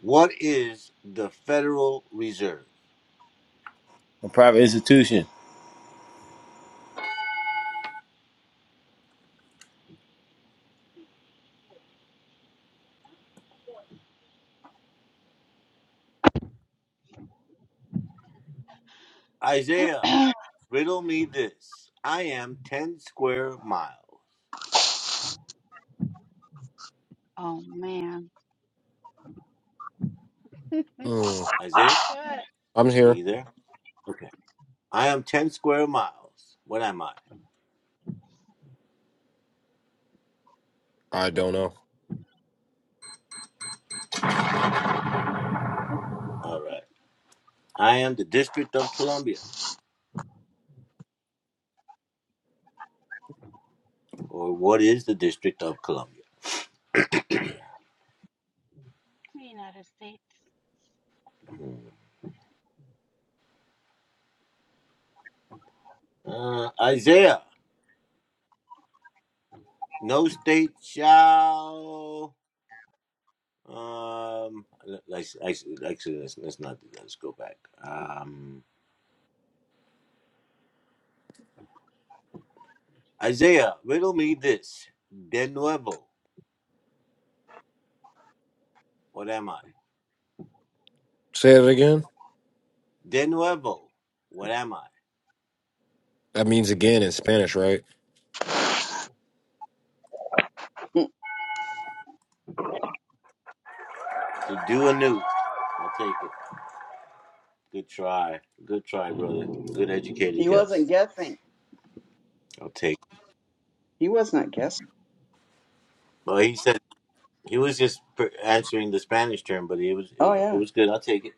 B: What is the Federal Reserve?
A: A private institution.
B: Isaiah, riddle me this. I am 10 square miles.
C: oh man.
E: Hmm.
B: Isaiah,
C: Uh,
E: I'm
B: are
E: here.
B: you there? Okay. I am 10 square miles. What am I?
E: I don't know.
B: All right. I am the District of Columbia, or what is the District of Columbia?
C: United States.
B: Uh, Isaiah, no state shall. Um, like, like, like, let's, let's not do that. Let's go back. Um, Isaiah, riddle me this. De nuevo, what am I?
E: Say it again.
B: De nuevo, what am I?
E: That means again in Spanish, right?
B: To do anew. I'll take it. Good try. Good try, brother. Good educated
D: he
B: guess.
D: wasn't guessing.
B: I'll take it.
D: He was not guessing.
B: But he said, He was just pr- answering the Spanish term, but it was it
D: Oh
B: was it
D: yeah.
B: was good. I'll take it.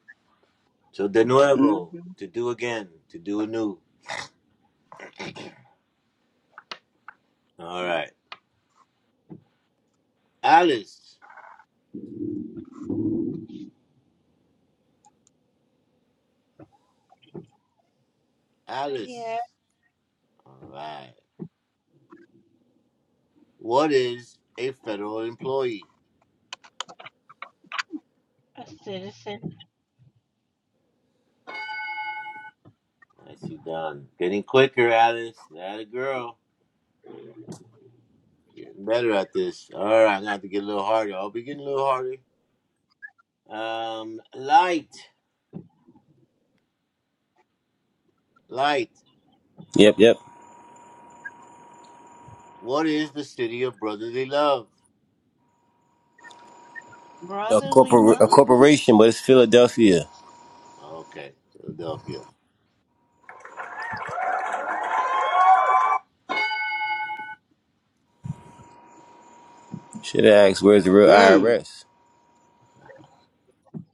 B: So de
D: hmm
B: nuevo, to do again, to do anew. All right, Alice,
C: Yeah,
B: Alice. All right. What is a federal employee?
C: a citizen.
B: Nice. Oh, Um, light, light.
A: Yep, yep.
B: What is city of brotherly love?
A: A
C: Brotherly
A: corpor- a
C: love?
A: corporation, but it's Philadelphia.
B: Okay, Philadelphia.
A: Should have asked where's the real
D: Mm.
A: IRS?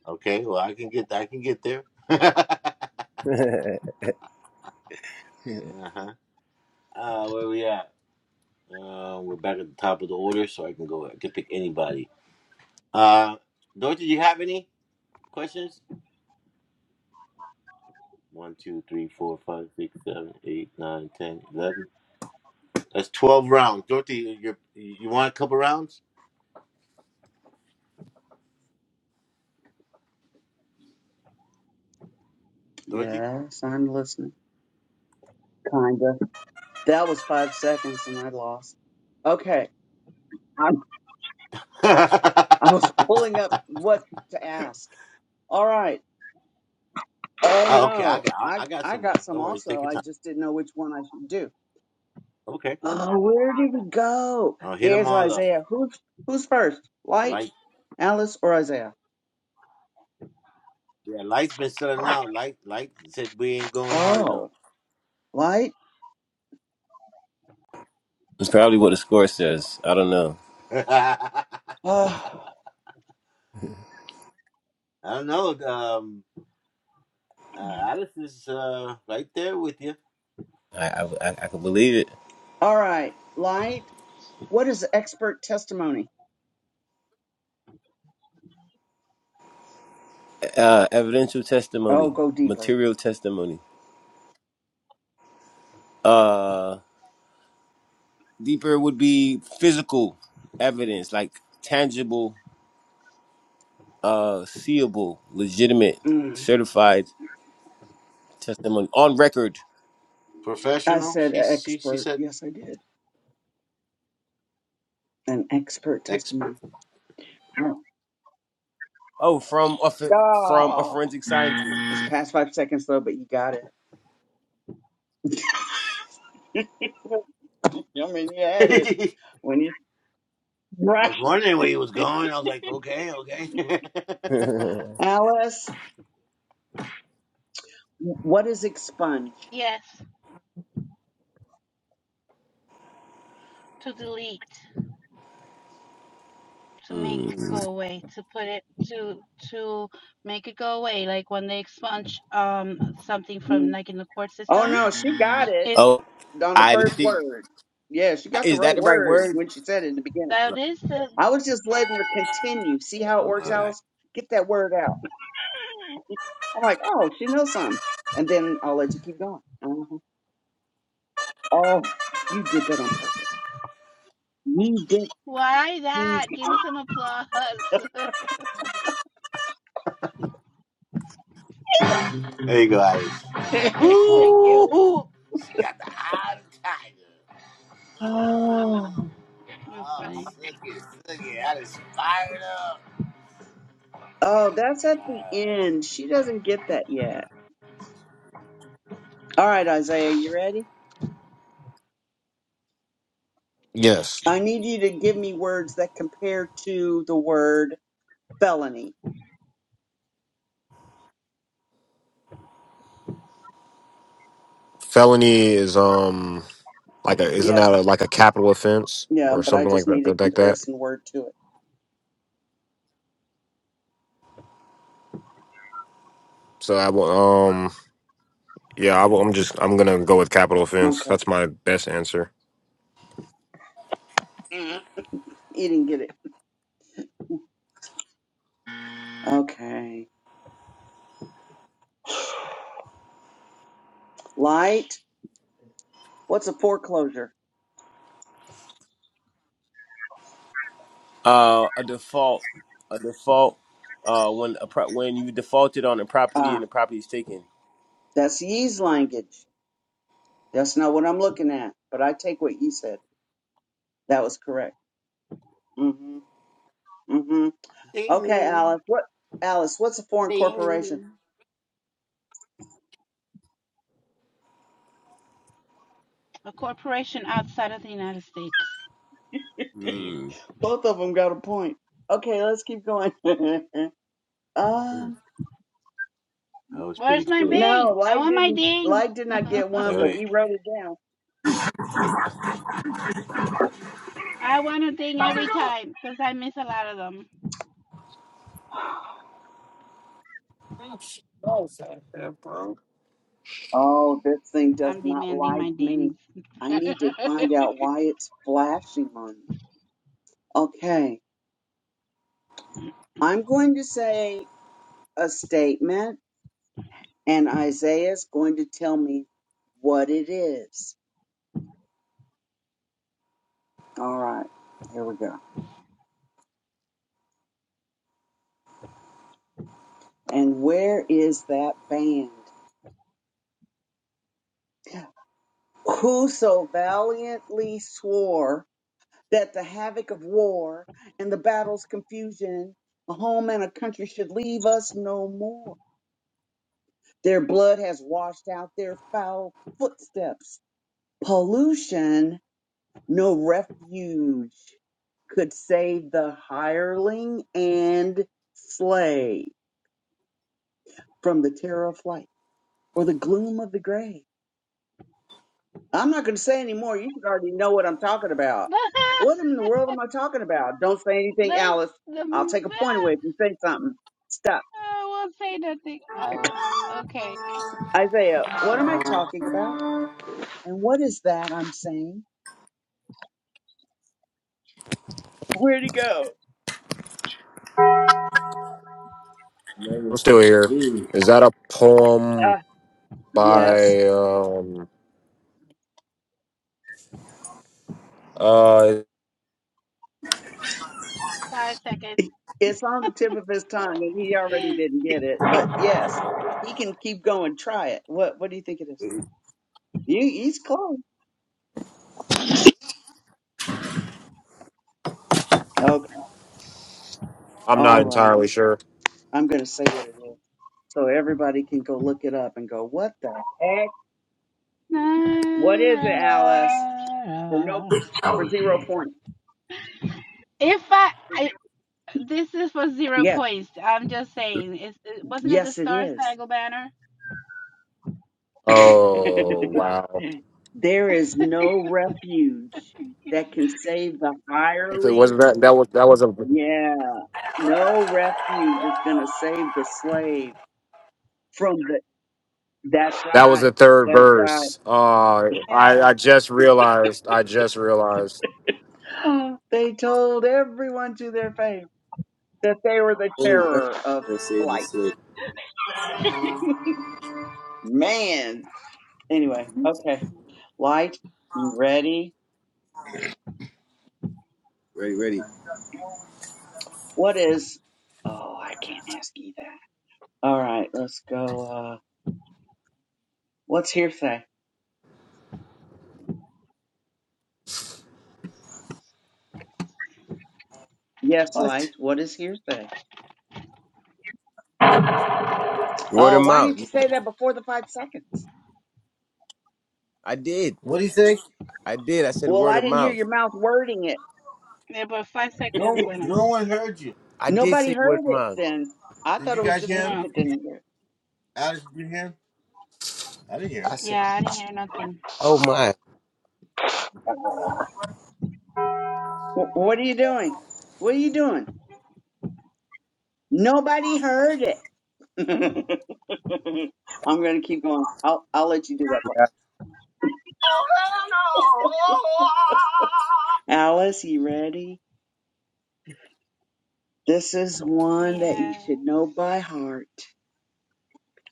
B: Okay, well I can get I can get there. uh-huh. Uh, where we at? Uh, we're back at the top of the order, so I can go. I can pick anybody. Uh, Dorothy, do you have any questions? One, two, three, four, five, six, seven, eight, nine, ten, eleven. That's twelve rounds. Dorothy, you you want a couple rounds, Dorothy?
D: Yes, I'm listening. Kinda. That was five seconds, and I lost. Okay. I
B: oh,
D: I was pulling up what to ask. All right. Oh
B: okay, I
D: no.
B: got I
D: I
B: I got
D: I
B: some
D: got
B: more.
D: some
B: Don't worry,
D: also.
B: take your
D: I
B: time.
D: just didn't know which one I should do.
B: Okay,
D: Oh, where did we go?
B: I'll hit them
D: There's
B: all up.
D: Isaiah. Who's who's first? Light,
B: Light,
D: Alice, or Isaiah?
B: yeah, light's been selling out. Light, light said we ain't going hard enough.
D: Oh. Light?
A: It's probably what the score says. I don't know.
B: I
D: Oh,
B: don't know. Um, uh, Alice is uh right there with you.
A: I I, I, I can believe it.
D: all right. Light? What is expert testimony?
A: Uh, evidential
D: Oh,
A: testimony,
D: go deeper.
A: material testimony. Uh, deeper would be physical evidence, like tangible, uh, seeable, legitimate,
D: Mm.
A: certified testimony on record.
D: I
B: Professional,
D: said
B: she she she
D: expert.
B: said
D: Yes, I did. An expert
B: expert.
D: testimony. Oh.
A: Oh, from a ph- from a
D: Ah.
A: forensic scientist.
D: It's past five seconds, though, but you got it. I mean, you had it. When you
B: I
D: right.
B: was wondering where he was going. I was like, okay, okay. there
D: Alice, what is expunge?
C: Yes, to delete. to make
A: Mm.
C: go away to put it to to make it go away like when they expunge um something from
D: Mm.
C: like in the court
D: Oh
C: system
D: no, she got it
C: is
A: Oh,
D: on the
A: I didn't
D: first
A: think.
D: word. Yeah, she got the
A: Is that
D: right
A: the right
D: word
A: word?
D: when she said it in the beginning.
C: that is the
D: I was just letting her continue. See how it works,
A: Okay.
D: Alice? Get that word out. I'm like, oh, she knows something. And then I'll let you keep going. Uh-huh. Oh, you did that on purpose. You did.
C: why
D: You...
C: that give me some applause
B: you go, Iris.
C: thank you
B: Ooh, she got the eye of the tiger. Ooh.
D: oh,
C: you're
B: Oh,
C: funny
B: suck it, suck it. I just fired up.
D: Oh, that's at the
B: Uh,
D: end. She doesn't get that yet. All right, Isaiah, you ready?
E: Yes,
D: I need you to give me words that compare to the word felony.
E: felony is um like a isn't
D: Yes.
E: that a, like a capital offense
D: Yeah,
E: or
D: but I
E: something like
D: just need a
E: that like that.
D: comparison word to it.
E: So I will um yeah I will, I'm just I'm gonna go with capital offense.
D: Okay.
E: That's my best answer.
D: Mhm. You didn't get it. Okay. Light. What's a foreclosure?
A: Uh, a default, a default. Uh, when a pro- when you defaulted on a property and
D: Ah,
A: the property is taken.
D: that's Yee's language. That's not what I'm looking at, but I take what you said. That was correct. Mm-hmm. Mm-hmm.
B: damn.
D: Okay, Alice. What Alice, what's a foreign corporation?
C: a corporation outside of the united states
B: Damn.
A: Hmm.
D: Both of them got a point. Okay, let's keep going.
B: Mm,
D: um
B: That was pretty
C: where's my
B: quick.
D: no,
C: ding i
D: Light
C: want my
D: didn't
C: ding
D: Light did not get one,
B: Wait,
D: but
B: wait.
D: he wrote it down.
C: i want a ding every time because i miss a lot of them
D: Oh, this thing does
C: i'm
D: not
C: demanding
D: like
C: my
D: me.
C: dings
D: I need to find out why it's flashing on me. Okay. I'm going to say a statement, and Isaiah's going to tell me what it is. All right, here we go. And where is that band? Who so valiantly swore that the havoc of war and the battle's confusion, a home and a country should leave us no more. Their blood has washed out their foul footsteps. Pollution No refuge could save the hireling and slave from the terror of flight or the gloom of the grave. I'm not going to say any more. You should already know what I'm talking about.
C: That's
D: What in the world am I talking about? Don't say anything,
C: that's
D: Alice. I'll take a point
C: the
D: away if you say something. Stop.
C: I won't say nothing. Oh, okay.
D: Isaiah, what am I talking about? And what is that I'm saying? Where'd he go?
E: I'm
A: Eleven
E: still here.
A: seventeen.
E: Is that a
D: Uh,
E: poem
D: yes.
E: by um uh
C: Five seconds.
D: It's on the tip of his tongue, and he already didn't get it. But yes, he can keep going. Try it. What What do you think it is? You, he's close. Okay.
E: I'm
D: All
E: not
D: right.
E: entirely sure.
D: I'm going to say what it is, so everybody can go look it up and go, "What the heck?
C: Na,
D: What is it,
C: na,
D: Alice?" For no,
C: na.
D: for zero point.
C: If I, I, this is for zero
D: Yeah.
C: points. I'm just saying. It's, it, wasn't it the
D: Yes, it
C: Star
D: is.
C: Spangled Banner?
E: Oh
C: So,
E: wow,
D: there is no refuge that can save the hireling
E: was that that was that was a
D: Yeah, no refuge is going to save the slave from the. That's
E: that was
D: right.
E: the third
D: That's
E: verse. Uh,
C: yeah.
E: I I just realized. I just realized.
D: right. They told everyone to their face that they were the
A: Oh, that's
D: terror of
A: what I'm gonna say
D: flight.
A: this way.
D: Man. Anyway, okay. Light, you ready?
A: Ready, ready.
D: What is? Oh, I can't ask you that. All right, let's go. Uh, what's hearsay? Yes, light.
B: What?
D: What is hearsay?
A: Word
D: Oh,
A: of
D: why
A: mouth.
D: didn't you say that before the five seconds?
A: I did.
B: What do you say?
A: I did. I said
D: Well,
A: word
D: I
A: of
D: didn't hear
A: mouth.
D: your mouth wording it.
C: Yeah, but five seconds
B: No,
C: when
B: no one heard you.
A: I did
D: Nobody
A: say word
D: heard
A: of
D: it
A: mouth.
D: then. I
B: Did
D: thought
B: you
D: it was
B: guys
C: I.
D: just
B: hear
D: me
B: him?
C: No.
D: that didn't hear.
B: Alice, did you hear him? I didn't hear
A: I
B: him.
A: said,
C: Yeah, I didn't hear nothing.
A: oh my.
D: W- what are you doing? What are you doing? Nobody heard it. I'm going to keep going. I'll, I'll let you do that part. Alice, you ready? This is one that you
C: Yes.
D: should know by heart.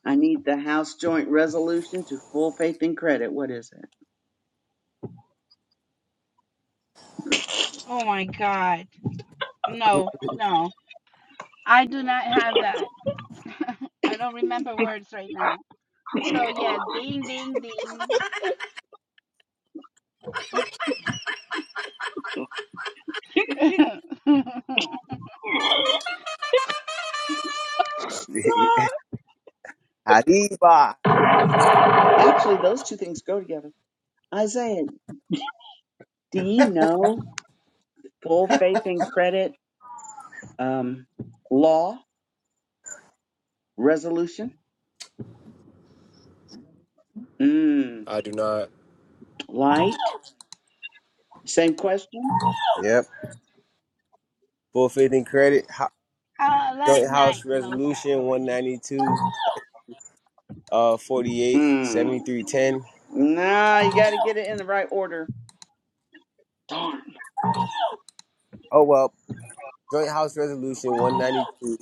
D: I need the House Joint Resolution to full faith and credit. What is it?
C: Oh my God. No, no. I do not have that. I don't remember words right now. So yeah, ding ding ding. uh,
D: Actually, those two things go together. Isaiah, do you know full faith and credit um, law resolution? Mm,
E: I do not.
D: light. Same question.
A: Yep. Full faith and credit. Ho-
C: like
A: Joint
C: night
A: House
C: knows that
A: Resolution one
C: already.
A: ninety two. Uh, 48,
D: Mm,
A: seventy-three, ten.
D: nah, you got to get it in the right order. Darn.
A: Oh, well, Joint House Resolution One Ninety Two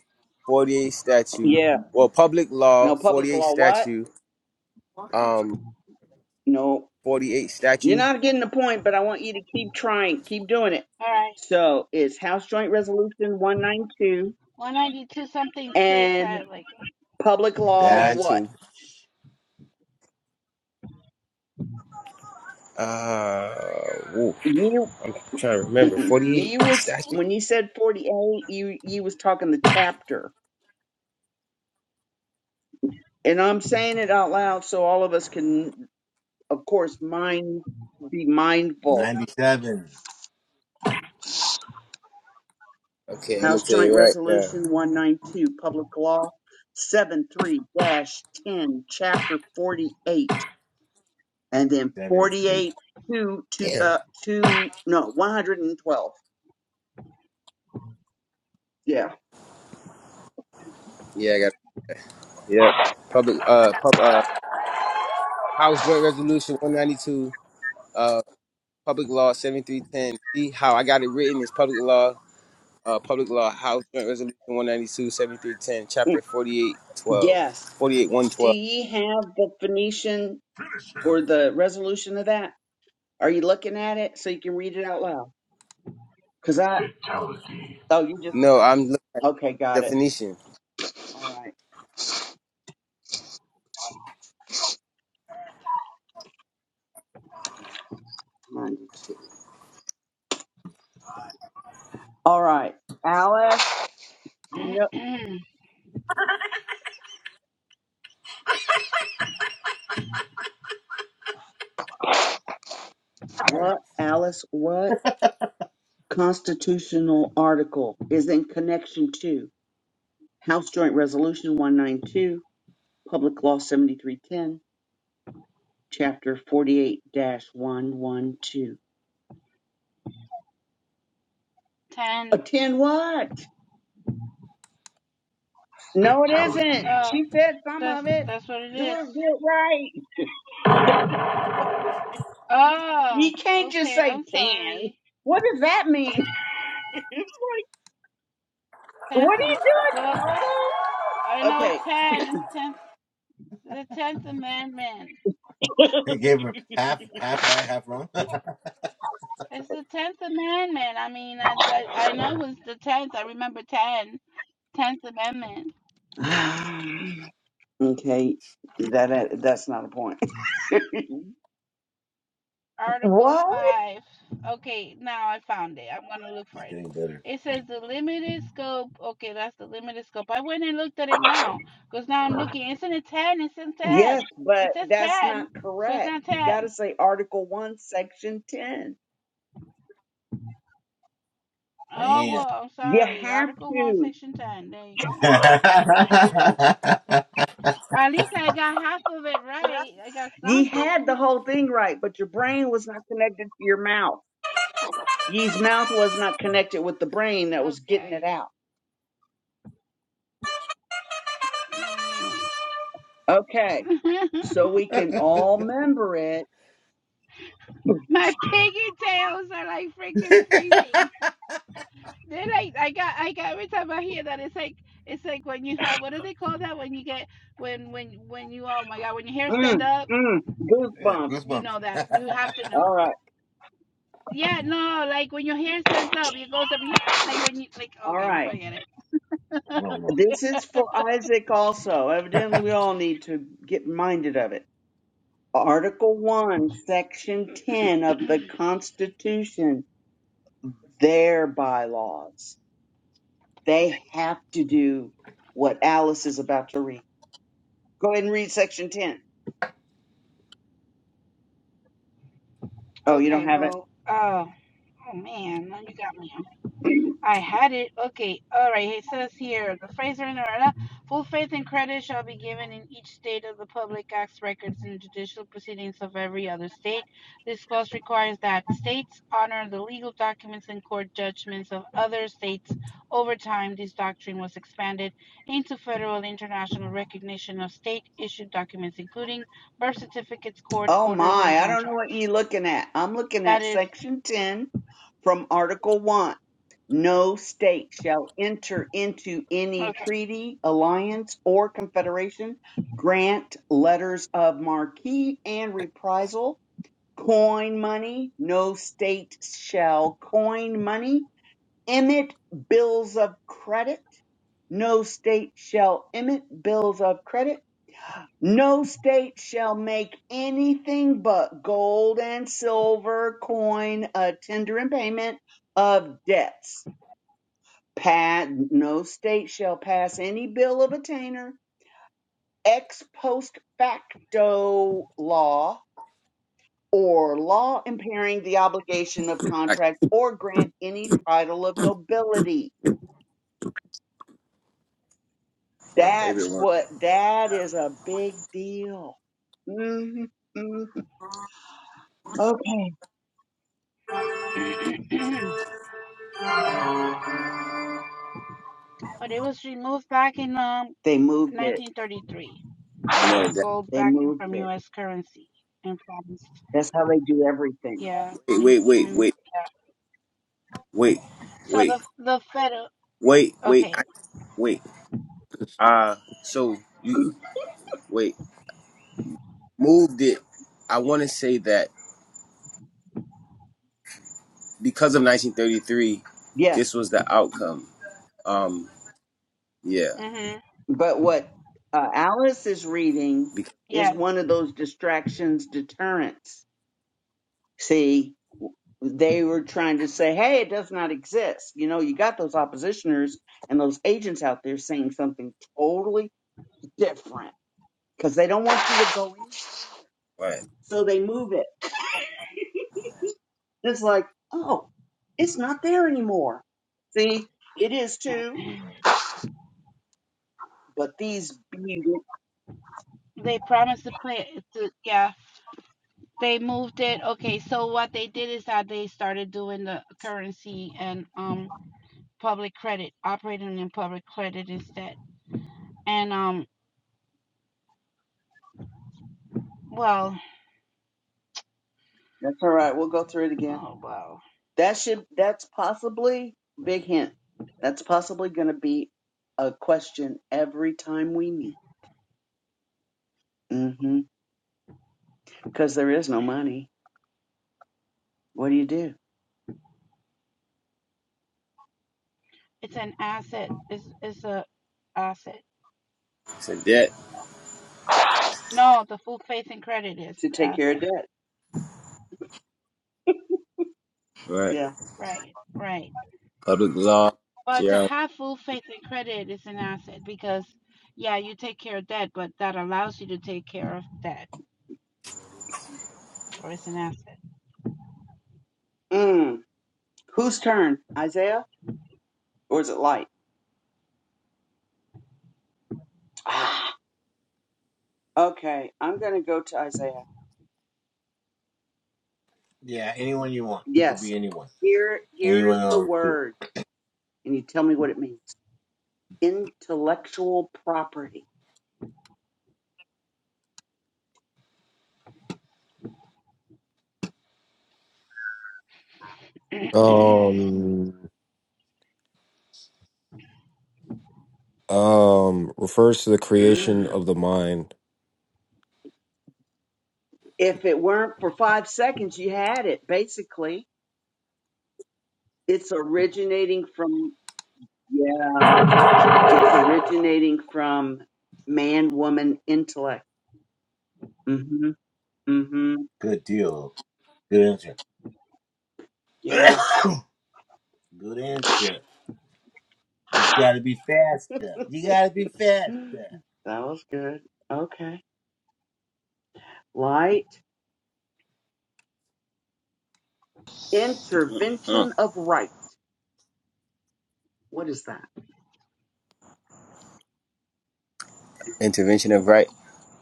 A: Forty Eight 48 statute,
D: Yeah.
A: well, public law
D: No public
A: 48
D: law. What?
A: statute, um,
D: No.
A: 48
D: You're
A: statute
D: not getting the point, but I want you to keep trying, keep doing it.
C: All right,
D: So it's House Joint Resolution 192
C: one ninety two something six.
D: and
C: I like
D: public law.
B: Dash.
D: What?
A: 192. Uh, woo,
D: You.
A: I'm trying to remember
D: Mm-mm.
A: 48
D: You was
A: statute.
D: when you said 48. You you was talking the chapter, and I'm saying it out loud so all of us can. of course, mind be mindful.
B: 97.
A: Okay, I'm gonna
D: House
A: tell
D: Joint
A: you right
D: Resolution
A: now.
D: 192, Public Law 73 10, Chapter 48, and then
B: 73.
D: 48 to, to the, to, no, 112. Yeah.
A: Yeah, I got yep. Public uh, pub, uh House Joint Resolution 192, uh, Public Law 7310. See how I got it written is Public Law, uh, Public Law House Joint Resolution One Ninety Two Seven Three Ten Chapter Forty Eight Twelve,
D: Yes.
A: Forty Eight One
D: Do
A: Twelve.
D: you have the Phoenician
B: Finish him.
D: or the resolution of that? Are you looking at it so you can read it out loud? Because I,
B: Fatality.
D: oh, you just,
A: No, I'm looking at
D: okay,
A: the
D: got it.
A: Phoenician.
D: All right. 92. All right. Alice.
B: Sorry.
D: What, Alice, what constitutional article is in connection to House Joint Resolution 192, Public Law 7310, Chapter 48 112?
C: ten.
D: Attend what? No, it isn't.
B: Fatality.
C: Oh,
D: She said some
C: that's
D: of it.
C: that's what it
D: Do
C: is.
D: it, do it right.
C: Oh,
D: You can't just
C: okay.
D: say
C: I'm
D: 10.
C: sorry.
D: What does that mean? it's like, what
C: Tenth.
D: are
C: Am- Well,
D: you
C: I know it's ten. It's tenth. The tenth amendment.
D: doing,
B: They
D: total?
B: gave her half half right, half wrong. it's
C: It's the Tenth Amendment. I mean, I, I, I know it was the Tenth. I remember ten. Tenth Amendment,
D: Okay. Okay, that that- that's not a point.
C: Article
D: What?
C: Five. Okay, now I found it. I'm gonna look for it.
B: getting better.
C: It says the limited scope. Okay, that's the limited scope. I went and looked at it now, cause now I'm looking. Isn't it ten? It's in ten.
D: yes, but
C: It says
D: that's
C: ten,
D: not
C: so it's
D: correct.
C: not
D: You got to
C: ten.
D: say Article One, Section Ten.
C: Oh
B: Damn.
C: well, I'm
D: You
C: sorry.
D: have
C: Article One,
D: to.
C: Section Ten. There you go.
B: yeah,
C: At least I got half of it right. I got
D: Ye had the
C: something.
D: whole thing right, but your brain was not connected to your mouth. Ye's mouth was not connected with the brain that was getting it
C: Okay.
D: out.
C: Mm.
D: Okay, so we can all member it.
C: My piggy tails are like freaking freezing. They're like I got I got every time I hear that it's like it's like when you have what do they call that when you get when when when you oh my god when your hair stand
D: Mm,
C: up
D: mm, goosebumps.
C: you
B: goosebumps.
C: know that you have to know
D: All right,
C: yeah no like when your hair stands up it goes up yeah like when you like
D: all
C: okay
D: right.
C: forget it
B: No, no.
D: This is for Isaac also. Evidently, we all need to get reminded of it. Article 1, Section 10 of the Constitution, their bylaws. They have to do what Alice is about to read. Go ahead and read Section 10. Oh, you
C: okay
D: don't have it?
C: well uh oh man now you got me huh? I had it. Okay. All right. It says here the Fraser and Arana full faith and credit shall be given in each state of the public acts records and judicial proceedings of every other state. This clause requires that states honor the legal documents and court judgments of other states. Over time, this doctrine was expanded into federal and international recognition of state issued documents, including birth certificates, court
D: Oh
C: orders, and
D: my, I don't know what
C: contracts.
D: you're looking at. I'm looking
C: That
D: at
C: is
D: Section 10 from Article 1. No state shall enter into any
C: okay.
D: treaty, alliance, or confederation, grant letters of marque and reprisal coin money. No state shall coin money, emit bills of credit. No state shall emit bills of credit. No state shall make anything but gold and silver coin a tender in payment of debts. Pa- no state shall pass any bill of attainder ex post facto law or law impairing the obligation of
A: Like,
D: contract or grant any title of nobility.
A: My
B: Damn.
D: That's
A: favorite one.
D: what that is a big deal. hmm hmm Okay.
C: but it was removed back in um
D: They moved it.
C: 1933
A: No,
C: remove
A: that
C: gold
D: They
C: backing
D: moved
C: from
D: it.
C: U.S. currency and from
D: That's how they do everything.
C: yeah. Re,
A: wait, wait,
C: re,
A: wait, wait,
C: yeah.
A: wait,
C: so
A: wait,
C: the the Fed
A: wait, wait,
C: okay.
A: I, wait. Uh, so you wait moved it. I want to say that because of 1933,
D: Yeah.
A: this was the outcome. Um, yeah,
C: Mhm.
D: But what uh, Alice is reading
A: because
D: is
C: Yes,
D: one of those distractions deterrents. See, they were trying to say, hey, it does not exist. You know, you got those oppositioners and those agents out there saying something totally different because they don't want you to go in,
A: right,
D: so they move it. It's like, oh, it's not there anymore. See, it is too, but these be
C: they promised to play to yeah. They moved it. Okay, so what they did is that they started doing the currency and um public credit, operating in public credit instead. And um well,
D: that's all right. We'll go through it again.
C: oh well,
D: That should that's possibly big hint. That's possibly going to be a question every time we meet. Mm-hmm. Because there is no money. What do you do?
C: it's an asset. It's it's a asset.
A: so that
C: No, the full faith and credit is
D: to
C: an
D: take care
C: asset.
D: of debt.
A: right,
D: Yeah.
C: Right, right.
A: public law,
C: But to
A: yeah,
C: have full faith and credit is an asset because, yeah, you take care of debt, but that allows you to take care of debt. So it's an asset.
D: Mm. Whose turn? Isaiah? Or is it light? Ah, okay. I'm gonna go to Isaiah.
B: Yeah, anyone you want. It could
D: Yes.
B: be anyone.
D: Here here is
B: Anyone
D: the
B: else too.
D: word. And you tell me what it means. Intellectual property.
E: Um, um, refers to the creation
D: Mm.
E: of the mind.
D: if it weren't for five seconds, you had it, basically. It's originating from yeah. It's originating from man woman intellect. Mm-hmm. Mm-hmm.
B: Good deal. Good answer.
D: Yeah.
B: Good answer. Just gotta be faster. You gotta be faster.
D: That was good. Okay. Light
A: uh,
D: intervention of right. What is that?
A: intervention of right,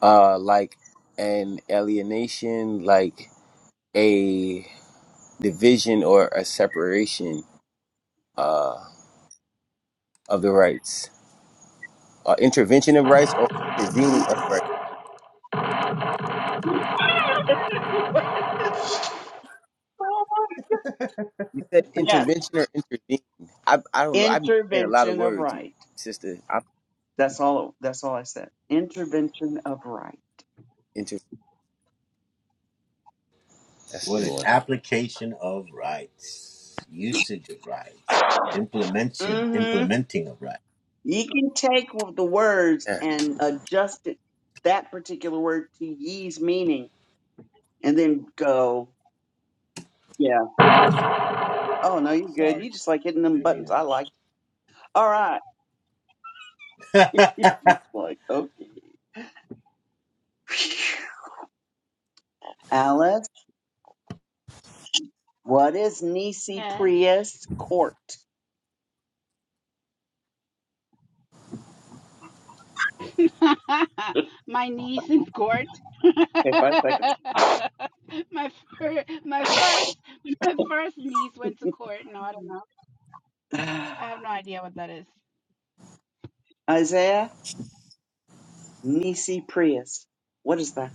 A: uh, like an alienation, like a division or a separation uh, of the rights, uh, intervention of rights, or intervening of rights. You said
D: yes.
A: intervention or intervene. I I don't know. I be hearing a lot of
D: Intervention of
A: words,
D: right.
A: sister. I
D: That's all that's all I said. Intervention of right.
A: inter. That's a
B: What
A: new
B: is
A: one.
B: application of rights, usage of rights, implementation,
D: Mm-hmm.
B: implementing of rights?
D: You can take the words
A: Yeah,
D: and adjust it that particular word to ye's meaning and then go, yeah. Oh no, you're good.
B: Sorry,
D: You just like hitting them
B: didn't
D: buttons.
B: mean
D: I like it. All right.
B: it.
D: It's like, okay. Alice. What is Nisi
C: yes.
D: Prius Court?
C: my niece in court.
D: Okay, five seconds.
C: my fir- my first my first niece went to court. No, I don't know. I have no idea what that is.
D: Isaiah, Nisi Prius. What is that?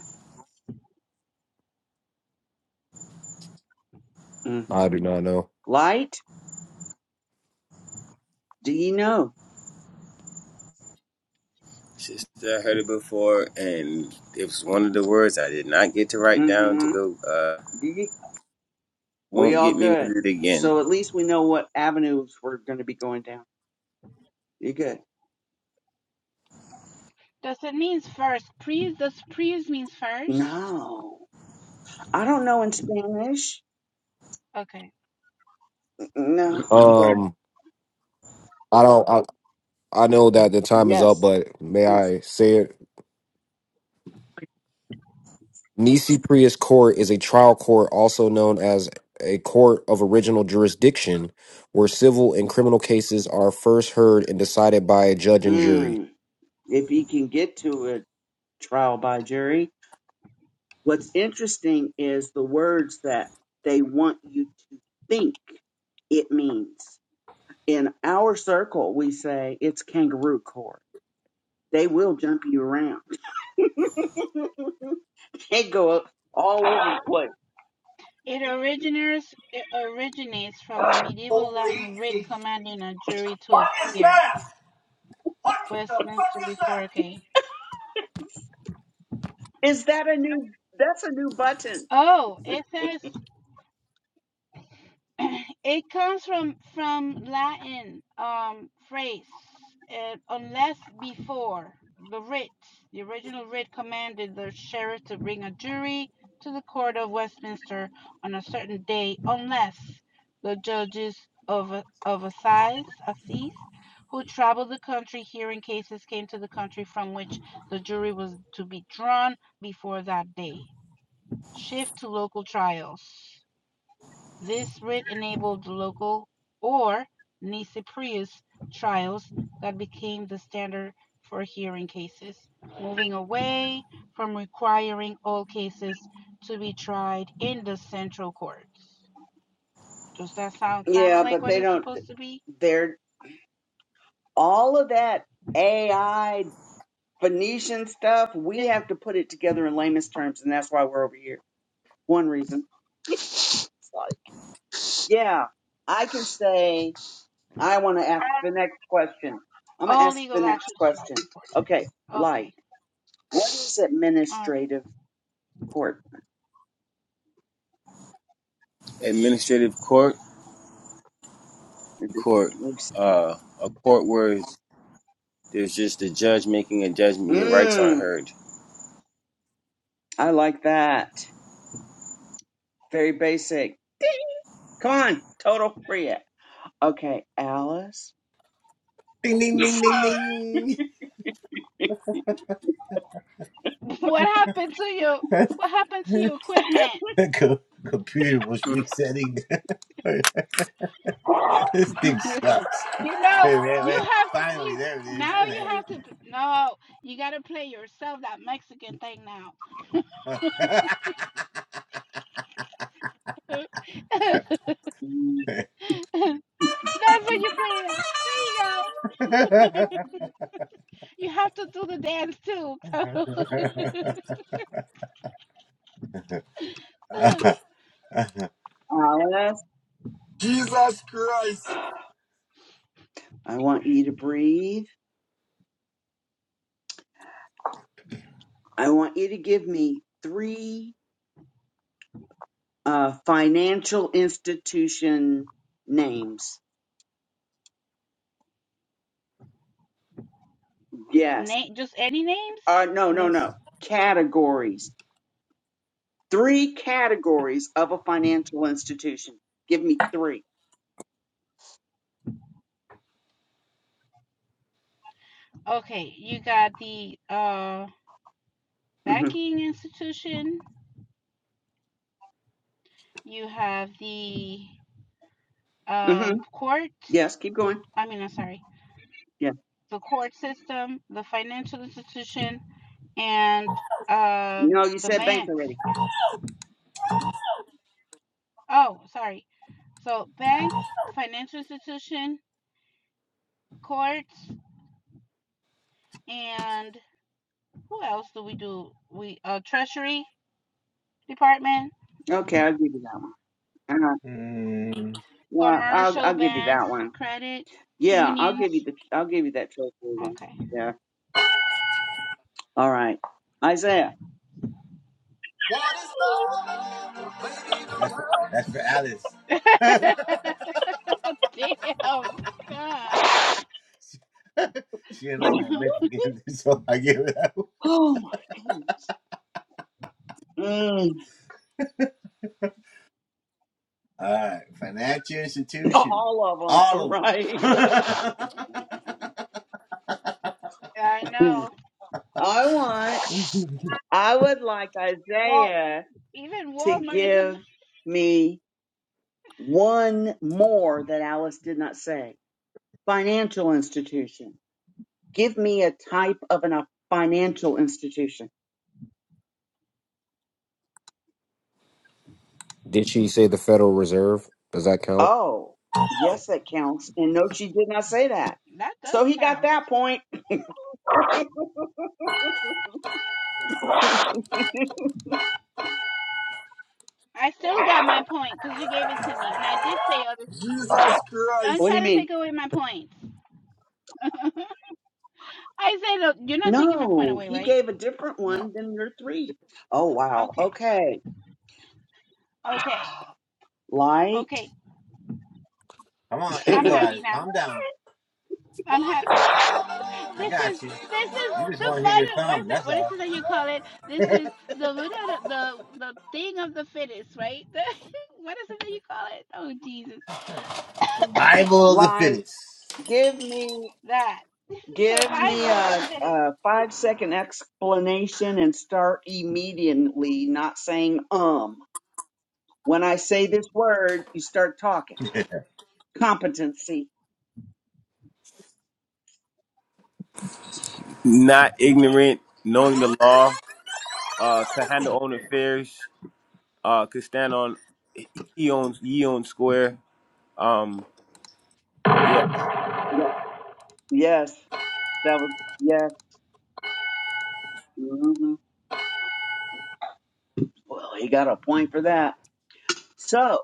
D: Mm.
E: I do not know.
D: Light? Do you know?
A: sister. I heard it before, and it was one of the words I did not get to write down to
D: Mm-hmm.
A: go. Uh,
D: Do you? We
A: won't
D: all
A: get me with
D: good.
A: it again.
D: So at least we know what avenues we're going to be going down. You good?
C: Does it mean first? Please, does please means first?
D: No. I don't know in Spanish.
C: Okay.
D: No, but
E: Um, I don't. I, I know that the time is up,
D: yes,
E: but may
D: please.
E: I say it? Nisi Prius Court is a trial court, also known as a court of original jurisdiction, where civil and criminal cases are first heard and decided by a judge and jury.
D: Mm. If you can get to a trial by jury, What's interesting is the words that they want you to think it means. In our circle, we say it's kangaroo court. They will jump you around. They go up all over the place.
C: It originates it originates from a medieval
B: Holy,
C: Latin writ
B: shit.
C: commanding a jury to
B: what is
C: appear.
B: that? What the fuck
C: Westminster
B: is
C: before
B: that?
C: okay.
D: Is that a new? That's a new button.
C: Oh, it says it comes from from Latin um, phrase uh, unless before the writ. The original writ commanded the sheriff to bring a jury to the court of Westminster on a certain day, unless the judges of of assize, assize who traveled the country hearing cases came to the country from which the jury was to be drawn before that day. Shift to local trials. This writ enabled local or "nisi prius" trials that became the standard for hearing cases, moving away from requiring all cases to be tried in the central courts. Does that sound kind of
D: Yeah,
C: like
D: but
C: what
D: they
C: it's
D: don't.
C: supposed to be?
D: They're all of that AI Phoenician stuff. We
C: It-
D: have to put it together in layman's terms, and that's why we're over here. One reason. It's like, yeah, I can say. I want to ask the next question. I'm going to
C: all
D: ask the
C: legal
D: next
C: actions tried
D: question.
C: before. trial.
D: Okay, light.
C: Okay,
D: What is
C: all right.
D: administrative court?
A: Administrative court, court, uh, a court where there's just a judge making a judgment. Your rights aren't
D: Mmm,
A: heard.
D: I like that. Very basic. Ding. Come on, total free it. Okay, Alice.
B: Ding, ding, ding, ding, ding.
C: So, well,
B: The co- computer was resetting. this thing sucks.
C: you know,
B: Wait, wait,
C: you
B: wait.
C: have to.
B: Finally,
C: You
B: there it is.
C: now you have to. No, you got to play yourself that Mexican thing now. That's
D: Mm,
B: There
C: what you're playing. at. There you go. You have to do the dance too. So.
B: it is.
D: Alice,
B: Jesus Christ.
D: I want you to breathe. I want you to give me three uh, financial institution names. Yes.
C: Name just any names?
D: Uh, no, no, no.
B: Yes.
D: Categories. three categories of a financial institution. Give me 3
C: Okay, you got the uh
D: Mm-hmm.
C: banking institution, you have the
D: Mm-hmm.
C: um court,
D: Yes, keep going.
C: I mean I'm sorry,
D: Yeah.
C: the court system, the financial institution, and um
D: No, you
C: the
D: said bank
C: banks.
D: already.
C: Oh, sorry. So banks, financial institution, courts, and who else do we do? We uh, treasury department,
D: Okay, I'll give you that one. Uh,
B: Mm.
D: yeah, I'll
C: commercial
D: I'll give you
C: banks,
D: that one.
C: credit
D: Yeah, I'll
C: unions.
D: give you the I'll give you that treasury one.
C: Okay.
D: Yeah. All right, Isaiah.
B: What is love? That's for, that's for Alice.
C: Damn, God.
B: she didn't like my Mexican, so I give it up. All
D: Oh my goodness. Mm,
B: right, financial institution,
D: all of them,
B: all of them.
D: right?
C: I know.
D: I want, I would like
C: Well,
D: Isaiah
C: even
D: to
C: Walmart is a.
D: give me One more that Alice did not say. Financial institution. Give me a type of an, a financial institution.
E: Did she say the Federal Reserve? Does that count?
D: Oh, yes, that counts. And no, she did not say that.
C: That does
D: So he got
C: count.
D: that point.
C: I still got my point because you gave it to me, and I did say other.
B: Jesus
C: Don't
D: What do
B: Christ.
D: you
C: try to
D: mean?
C: take away my points. I said uh, you're not taking my point
D: No,
C: away,
D: he
C: right?
D: gave a different
B: No,
D: one than your three. Oh, wow.
C: Okay,
D: Okay.
C: okay,
D: Light.
C: okay.
B: come on, here you
C: I'm
B: go,
C: happy
B: Alice.
C: now.
B: Calm down.
C: I'm happy now.
B: I
C: This is
B: got you.
C: this is
B: You just
C: the
B: want to hear your
C: final. What is
B: song.
C: it?
B: That's
C: What is
B: all.
C: it that you call it? This is the winner, of the the thing of the fittest, right? The, what is it that you call it? Oh Jesus,
B: Survival of the
D: Light.
B: fittest.
D: Give me,
C: that
D: give me
C: survival of the
D: a,
C: fittest.
D: a five second explanation and start immediately, not saying um. When I say this word, you start talking. Competency.
A: Not ignorant, knowing the law, uh, could handle own affairs, uh, could stand on he owns he owns square. Um, yeah,
D: That, yes, that was, yes. hmm Well, you got a point for that. So,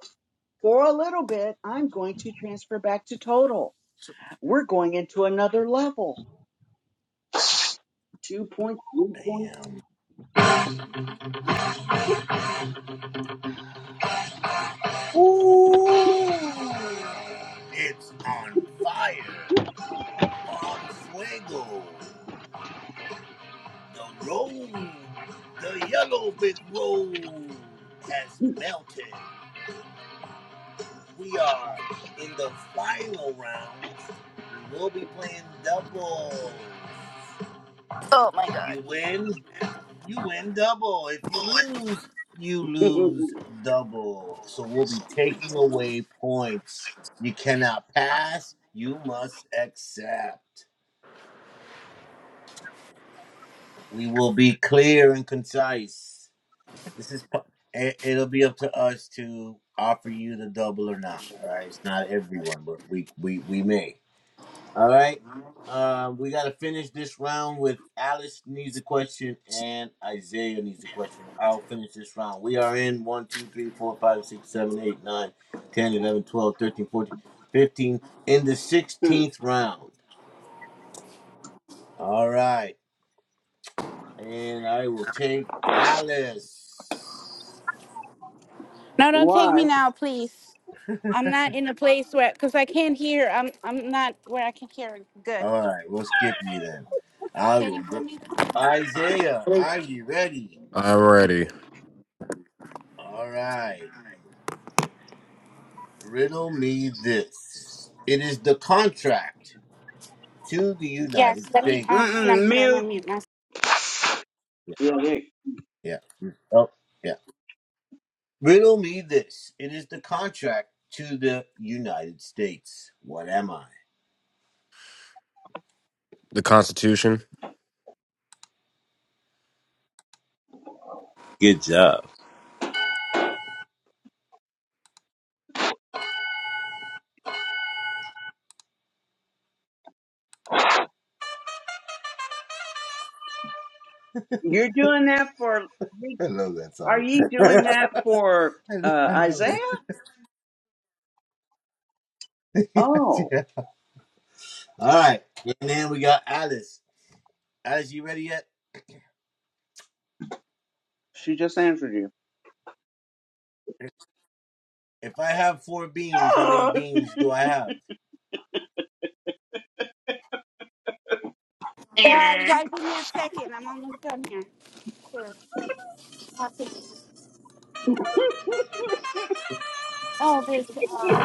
D: for a little bit, I'm going to transfer back to total. We're going into another level. Two point, three
B: Damn, Ooh. it's on fire. on fuego. The road, the yellow brick road has melted. We are in the final rounds. We'll be playing double.
C: Oh my god.
B: You win, you win double. If you lose, you
D: point.
B: lose double. So we'll be taking away points. You cannot pass, you must accept. We will be clear and concise. This is pu- it, it'll be up to us to offer you the double or not. All right, it's not everyone, but we we we may. All right, uh, we got to finish this round with Alice needs a question and Isaiah needs a question. I'll finish this round. We are in one, 2, 3, 4, 5, 6, 7, 8, 9, 10, 11, 12, 13, 14, 15. in the 16th round. All right, and I will take Alice.
C: No, don't take
D: Why?
C: me now, please. I'm not in a place where, cause I can't hear. I'm, I'm not where I can hear good.
B: All right, we'll skip you then. I will go. Isaiah, are you ready?
E: I'm ready.
B: All right. Riddle me this. It is the contract to the
C: Yes,
B: United
C: let me. Uh, hang on,
D: Mm-mm,
B: States.
C: put it
D: mute.
C: on mute now.
B: Yeah.
D: Yeah, there-
B: yeah. mm, Oh, yeah. Riddle me this. It is the contract to the United States. What am I?
E: The Constitution.
A: Good job.
D: You're doing that for,
B: I love that
D: are
B: song.
D: you doing that for
B: I,
D: uh,
B: I love
D: Isaiah?
B: it.
D: Oh,
B: yeah. All right. And then we got Alice. Alice, you ready yet?
D: she just answered
B: If I have four beans, how many
D: you.
B: beans do I have?
C: Yeah, you guys give me a second. I'm almost done here. Sure. Oh, there's um,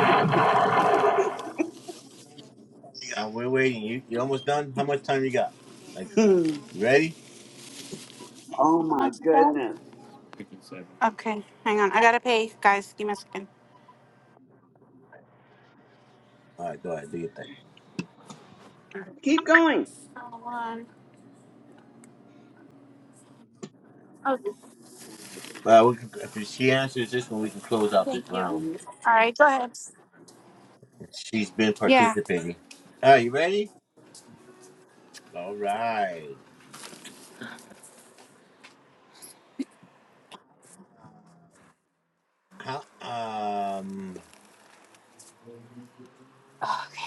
B: Uh, we're waiting. You you almost done? How much time you got? Like,
D: Hmm.
B: you ready?
D: Oh
C: how
D: my
C: much is that?
D: goodness.
C: Okay, hang on. I gotta pay, guys. Give me a second.
B: All right, go ahead. Do your thing.
D: Keep going.
C: Uh, One. Oh, this-
B: Uh, we can, if she answers this one, we can close
C: oh,
B: out this
C: thank you.
B: round.
C: All right, go ahead.
B: She's been
C: Yeah.
B: participating. All right, you ready? All right. How, um,
C: Okay.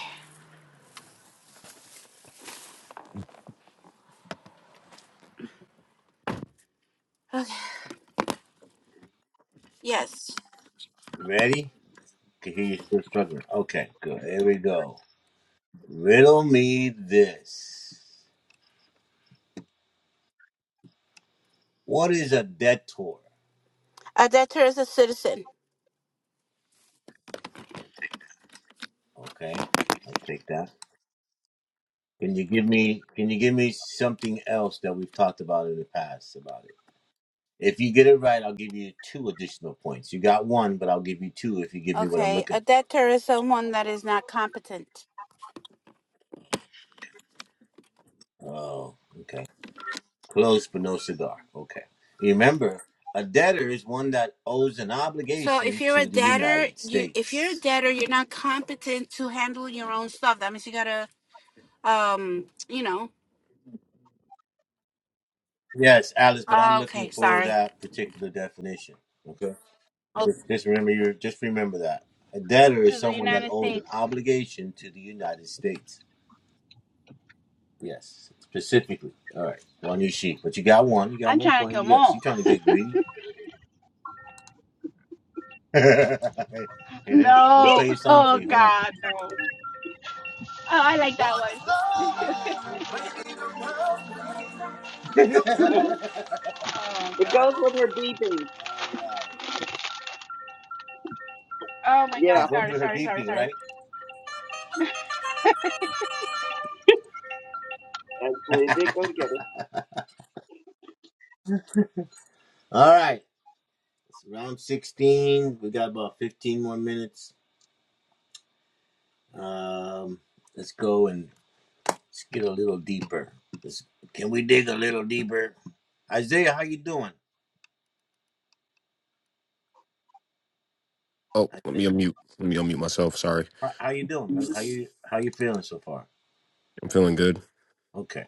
C: Yes.
B: ready? Can hear you still struggling. Okay, good. Here we go. Riddle me this. What is a detour?
C: A debtor is a citizen.
B: Okay, I'll take that. Can you give me? Can you give me something else that we've talked about in the past about it? If you get it right, I'll give you two additional points. You got one, but I'll give you two if you give me what I'm
C: Okay. A
B: looking for.
C: debtor is someone that is not competent.
B: Oh, okay. Close but no cigar. Okay. Remember, a debtor is one that owes an
C: So if
B: obligation
C: you're a
B: to the
C: debtor,
B: United
C: you if you're a
B: States.
C: debtor, you're not competent to handle your own stuff. That means you gotta um, you know.
B: Yes, Alice, but I'm looking
C: Okay,
B: for
C: sorry.
B: that particular definition. Okay.
C: Oh,
B: Just, just remember your just remember that. A debtor is
C: to the
B: someone that
C: United
B: owes an
C: States.
B: obligation to the United States. Yes, specifically. All right, one each sheet. But you got one. You got
C: I'm
B: one
C: trying to
B: point.
C: kill 'em
B: You got. She
C: all.
B: trying to get greedy. Here, let me, let me
C: No.
B: play your song for
C: Oh
B: you. Hold on.
C: God, no. Oh, I like that one.
D: it
C: Oh God.
D: goes with her beeping.
B: All right.
C: Oh my God.
B: Okay,
D: Yeah,
B: go
C: Sorry,
B: through her
C: sorry, sorry,
B: BP,
C: sorry.
B: right?
D: actually, it did go together.
B: All right. It's round sixteen. We got about fifteen more minutes. Um, let's go and let's get a little deeper. Let's, can we dig a little deeper? Isaiah, how you doing?
E: Oh, let
B: Isaiah,
E: me unmute. Let me unmute myself. Sorry,
B: How how you doing, man? How you how you feeling so far?
E: I'm feeling good.
B: Okay.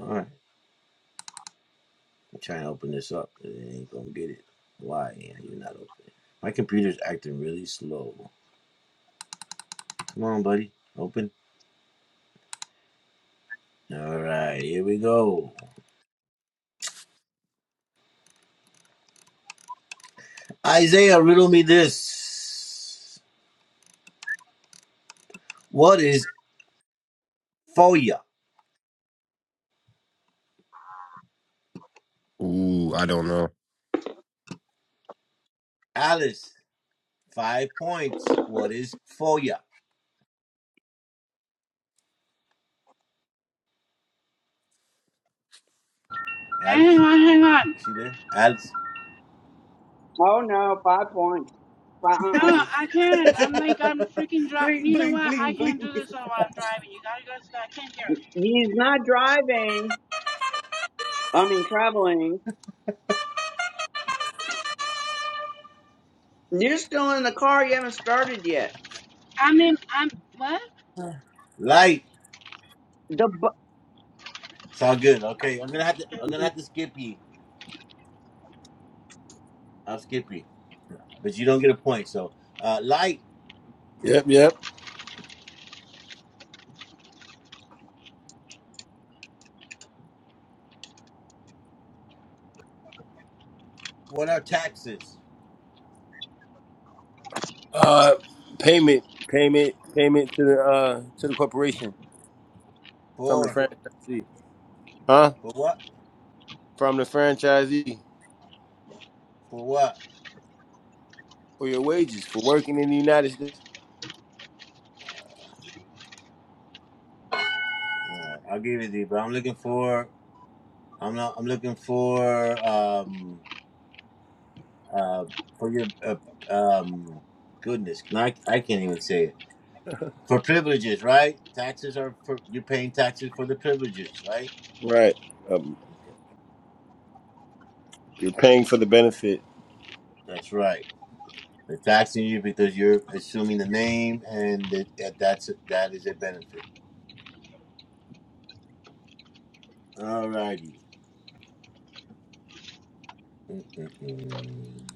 B: All right. I'm trying to open this up. but It ain't gonna get it. Why? You're not open. My computer's acting really slow. Come on, buddy. Open. All right, here we go. Isaiah, riddle me this. What is FOIA?
E: Ooh, I don't know.
B: Alice, five points. What is FOIA?
C: Hang
B: Alice,
C: on, hang on.
B: is she there? Alice.
D: Oh no, five points. Fi-
C: No,
D: Uh-uh.
C: I can't. I'm like I'm freaking driving.
B: bling,
C: You know
B: bling,
C: what? I
B: bling,
C: can't
B: bling.
C: do this while I'm driving. You gotta go. So I can't hear. it.
D: He's not driving. I mean, traveling. You're still in the car. You haven't started yet.
C: I'm in. I'm what?
B: Light.
D: The bu-
B: It's all good. Okay, I'm gonna have to. I'm gonna have to skip you. I'll skip you, but you don't get a point. So, uh, light.
A: yep, yep.
B: What are taxes
A: Uh, payment, payment, payment to the uh to the corporation from the
B: for?
A: franchisee, huh?
B: For what?
A: From the franchisee
B: For what?
A: for your wages for working in the United States.
B: All right, I'll give it to you, but I'm looking for. I'm not. I'm looking for. Um. Uh. For your. Uh, um. Goodness, I. I can't even say it. For privileges, right? Taxes are for you're paying taxes for the privileges, right?
A: Right, um,
B: Okay,
A: you're paying for the benefit.
B: that's right. They're taxing you because you're assuming the name, and that that- that's that is a benefit. All righty. Mm-mm,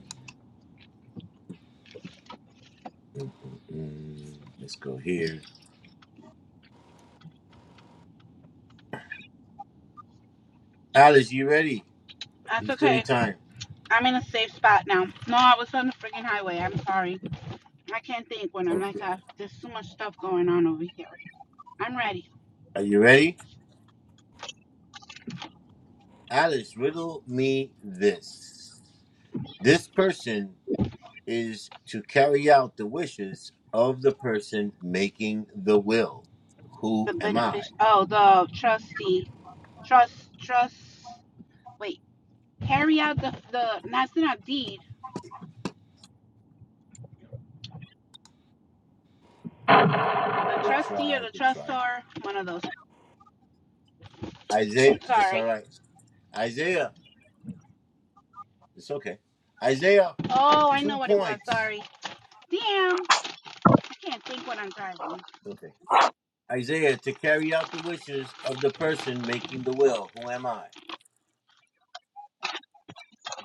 B: mm. Let's go here. Alice, you ready?
C: That's
B: You still
C: okay.
B: need time.
C: I'm in a safe spot now. No, I was on the freaking highway. I'm sorry. I can't think when I'm like,
B: Okay.
C: uh, there's so much stuff going on over here. I'm ready.
B: Are you ready? Alice, riddle me this. This person is to carry out the wishes of the person making the will. Who
C: The
B: am I?
C: benefic. Oh, the trustee. Trust. Trust. Wait. carry out the, the that's not deed. The
B: Good
C: trustee or
B: try,
C: the
B: good try.
C: trustor, one of those.
B: Isaiah, that's all
C: Sorry.
B: right. Isaiah, it's okay. Isaiah,
C: Oh, I know
B: two
C: what it was.
B: points.
C: Sorry. Damn, I can't think what I'm driving.
B: Okay. Isaiah, to carry out the wishes of the person making the will. Who am I?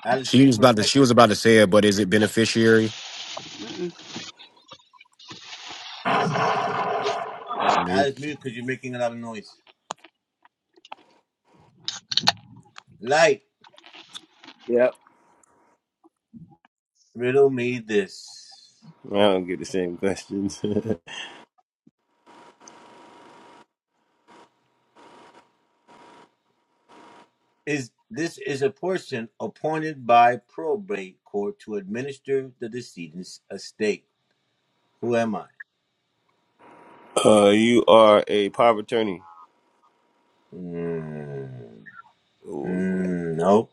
B: Alice,
E: She
B: me
E: was
B: for a
E: about to.
B: second.
E: She was about to say it, but is it beneficiary?
C: Mm-mm.
B: No,
E: Nope.
B: Alex, mute because you're making a lot of noise. Light,
A: Yep.
B: riddle me this.
A: I don't get the same questions.
B: Is this is a person appointed by probate court to administer the decedent's estate? Who am I?
A: uh, you are a power of attorney.
B: Mm,
A: Ooh,
B: mm, no,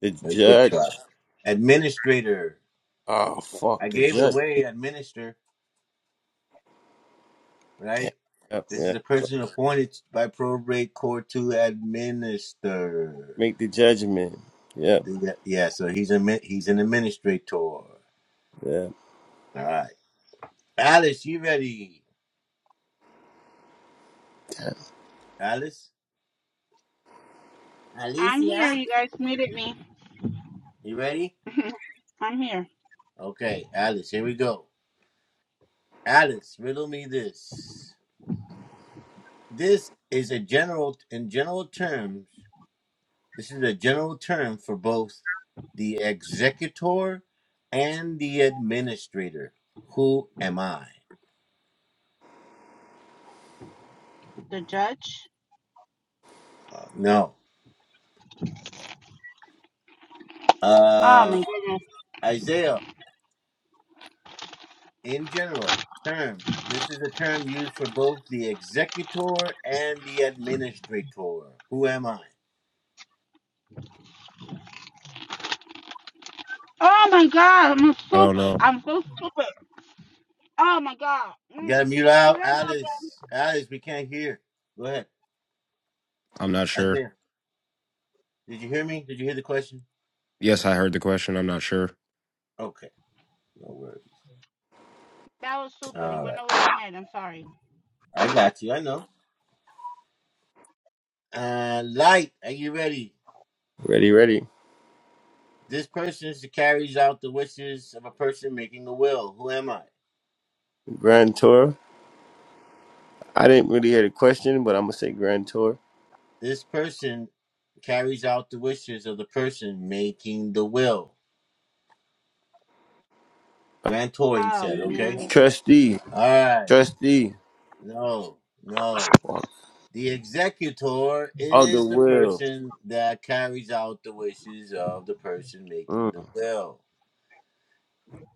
A: The
B: but good try.
A: judge.
B: Administrator.
A: Oh fuck,
B: I
A: the
B: gave it
A: judge.
B: away. Administer,
A: Yep,
B: right?
A: yep.
B: This is
A: yep.
B: a person appointed by probate court to administer.
A: Make the judgment. Yep,
B: Do that- Yeah, so he's a he's an administrator.
A: yep.
B: All right. Alice, you ready? Alice,
C: I'm here.
B: Alicia.
C: You guys muted me.
B: you ready?
C: I'm here.
B: Okay, Alice, here we go. Alice, riddle me this. This is a general, in general terms, this is a general term for both the executor and the administrator. Who am I?
C: The judge.
B: Uh, no.
C: Oh my
B: Uh,
C: goodness.
B: Isaiah, in general term, this is a term used for both the executor and the administrator. Who am I?
C: Oh my god. I'm
E: I don't know.
C: stupid. I'm so stupid. Oh my god.
B: You
C: Mm.
B: gotta mute
C: Can
B: out,
C: I go again?
B: Alice. Alice, we can't hear. Go ahead,
E: I'm not sure.
B: Isaiah. Did you hear me? Did you hear the question?
E: Yes, I heard the question. I'm not sure.
B: Okay, no worries.
C: That was stupid. It
B: All
C: went
B: right,
C: over my head. I'm sorry.
B: I got you. I know. Uh, light, are you ready?
A: Ready, ready.
B: This person is- carries out the wishes of a person making a will. Who am I?
A: Grand Tour. I didn't really hear the question, but I'm gonna say Grand Tour.
B: This person carries out the wishes of the person making the will. Grantor, he
C: Oh
B: said. Okay.
C: man.
A: Trustee,
B: All right.
A: trustee
B: No, no. The executor
A: of the
B: is the
A: will.
B: person that carries out the wishes of the person making
A: Mm.
B: the will,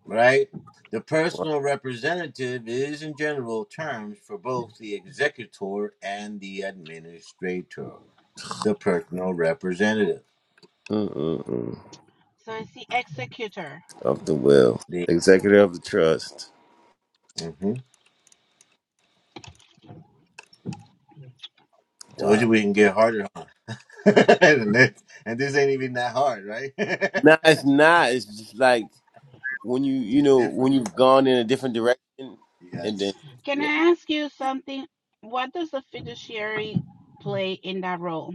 B: right? The personal representative is, in general terms, for both the executor and the administrator. The personal representative.
A: Mm, mm, mm.
C: So it's the executor.
A: Of the will.
B: The,
A: Executor of the trust.
B: hmm Told
A: Wow.
B: you we can get harder on. and this and this ain't even that hard, right?
A: No, it's not. It's just like when you, you
B: Just
A: know, when
B: different.
A: you've gone in a different direction, and then
B: Yes.
C: Can
A: yeah,
C: I ask you something? What does the fiduciary play in that role?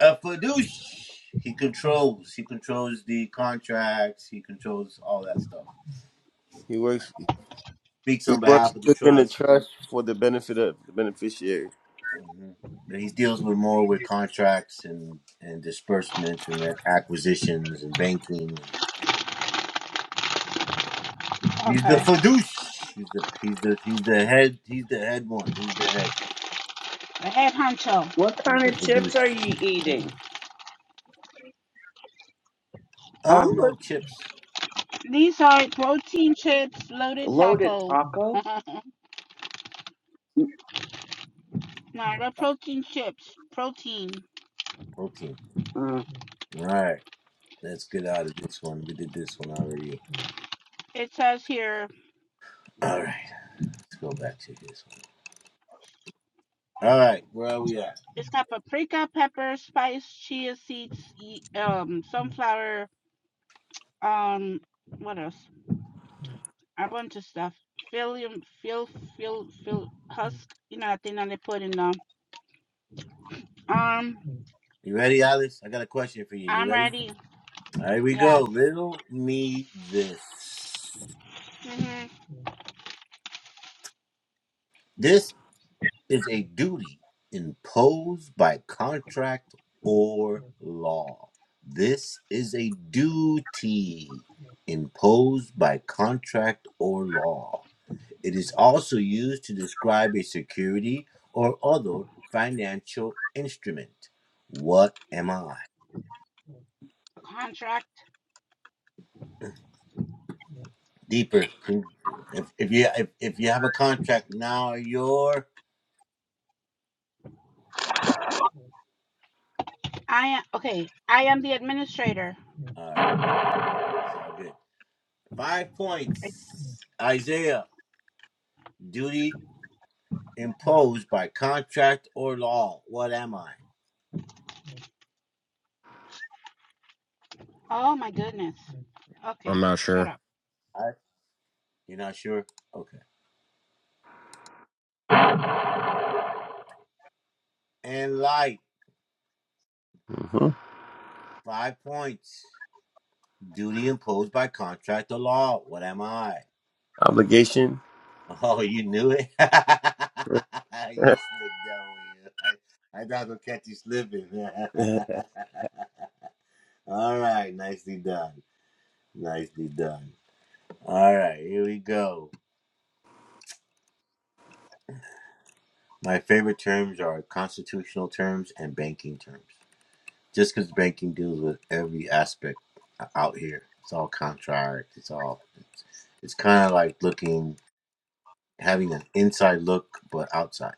B: A Fadoosh. He controls. He controls the contracts. He controls all that stuff.
A: he works.
B: Speaks
A: He
B: on
A: works
B: behalf of the
A: within the
B: trust.
A: trust for the benefit of the beneficiary.
B: hmm But he deals with more with contracts and and disbursements and acquisitions and banking. And he's the
C: Okay,
B: Fadoosh. He's the he's the he's the head. He's the head one. He's the head.
C: the head honcho.
D: what
B: He's the
D: kind of chips
B: Fadoosh.
D: are you
B: Yeah.
D: eating? I'm
B: Oh
D: with
B: no, chips.
C: These are protein chips, loaded
D: loaded
C: taco.
D: taco.
C: no, the protein chips, protein.
B: Protein.
D: Mm.
B: All right. Let's get out of this one. We did this one already.
C: It says here
B: All right. Let's go back to this one. All right. Where are we at?
C: it's got paprika, pepper, spice, chia seeds, um, sunflower, um, what else? A bunch of stuff. Phyllium, fill, fill, fill husk. You know, that thing that they put in them. Um,
B: You ready, Alice? I got a question for you. You
C: I'm
B: ready?
C: ready.
B: All right, here we go.
C: Yes.
B: Riddle me this.
C: hmm
B: This is a duty imposed by contract or law. This is a duty imposed by contract or law. It is also used to describe a security or other financial instrument. What am I?
C: A contract.
B: deeper. to- If if you if, if you have a contract now, you're
C: I am okay. I am the administrator.
B: all right. It's all good. Five
C: It's
B: points, Isaiah. Duty imposed by contract or law. What am I?
C: oh my goodness.
E: I'm
C: Okay,
E: not
C: shut
E: sure.
C: up.
B: I you're not sure. Okay. And light.
A: hmm
B: Five points. Duty imposed by contract or law. What am I?
A: Obligation.
B: Oh, you knew it. you slipped down. I, I thought I'd catch you slipping.
A: it
B: All right, nicely done. Nicely done. All right, here we go. My favorite terms are constitutional terms and banking terms. Just because banking deals with every aspect out here, it's all contract. It's all it's, it's kind of like looking, having an inside look, but outside.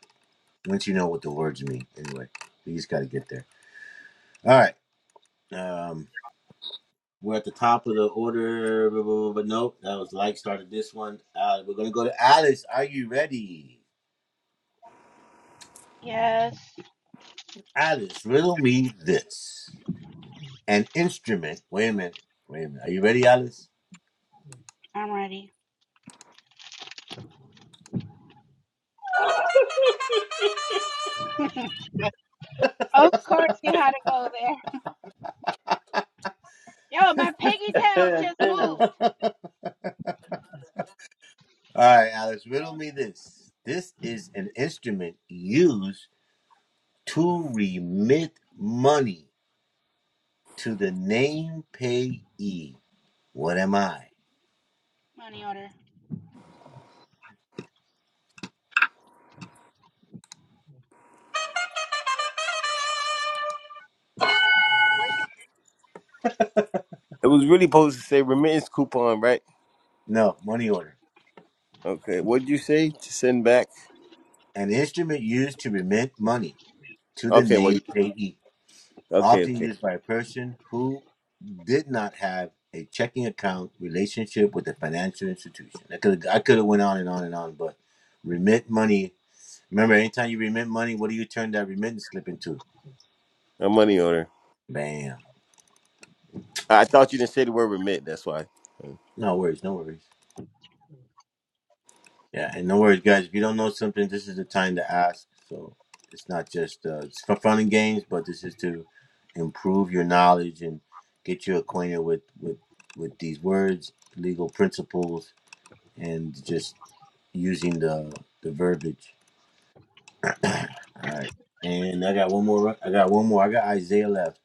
B: Once you know what the words mean, anyway, you just got to get there. All right. Um, We're at the top of the order, blah, blah, blah, but nope, that was like started this one. Uh, we're going to go to Alice. Are you ready?
C: Yes,
B: Alice, riddle me this. An instrument. Wait a minute. Wait a minute. Are you ready, Alice?
C: I'm ready. of course you had to go there. Yo, my piggy tails just moved.
B: All right, Alice, riddle me this. This is an instrument used to remit money to the name payee. What am I?
C: Money order. Where's it?
A: was really supposed to say remittance coupon, right?
B: No, money order.
A: Okay.
B: An instrument used to remit money to the
A: Okay.
B: name payee. often used by a person who did not have a checking account relationship with a financial institution. I could I could have went on and on and on, but remit money. Remember, anytime you remit money, what do you turn that remittance slip into?
A: A money order.
B: Bam.
A: I thought you didn't say the word remit. That's why.
B: No worries, no worries. Yeah, and no worries, guys. If you don't know something, this is the time to ask. So it's not just uh, it's for fun and games, but this is to improve your knowledge and get you acquainted with with with these words, legal principles, and just using the the verbiage. All right, and I got one more. right- I got one more. I got Isaiah left.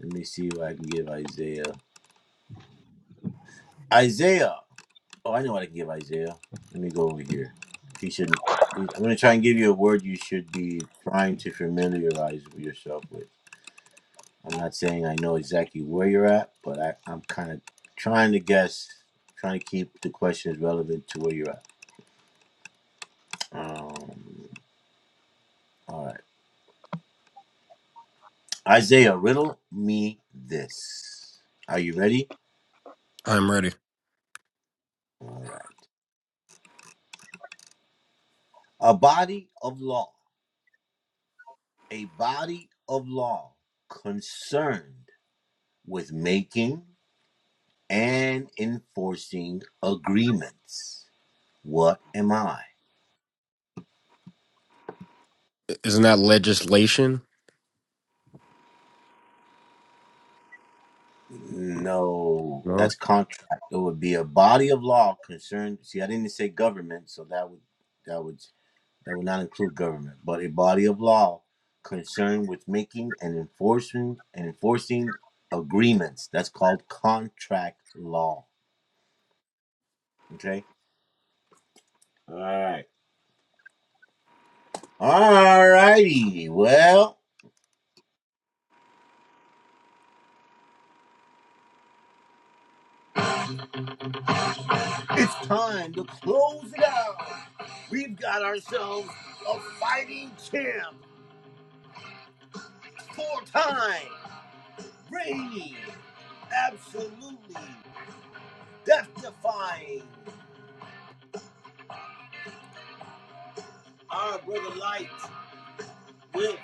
B: Let me see what I can give Isaiah. Isaiah. Oh, I know what I can give Isaiah. Let me go over here. He shouldn't. he- I'm gonna try and give you a word you should be trying to familiarize yourself with. I'm not saying I know exactly where you're at, but I, I'm kind of trying to guess, trying to keep the questions relevant to where you're at. Um, All right. Isaiah, riddle me this. Are you ready?
E: I'm ready.
B: All right. A body of law, a body of law concerned with making and enforcing agreements. What am I?
E: Isn't that legislation?
B: No,
E: No.
B: that's contract. It would be a body of law concerned. See, I didn't say government, so that would that would that would not include government, but a body of law concerned with making and enforcing and enforcing agreements. That's called contract law. Okay. All right. All righty. Well, it's time to close it out. We've got ourselves a fighting champ, four-time, reigning, absolutely death-defying. Our brother Light with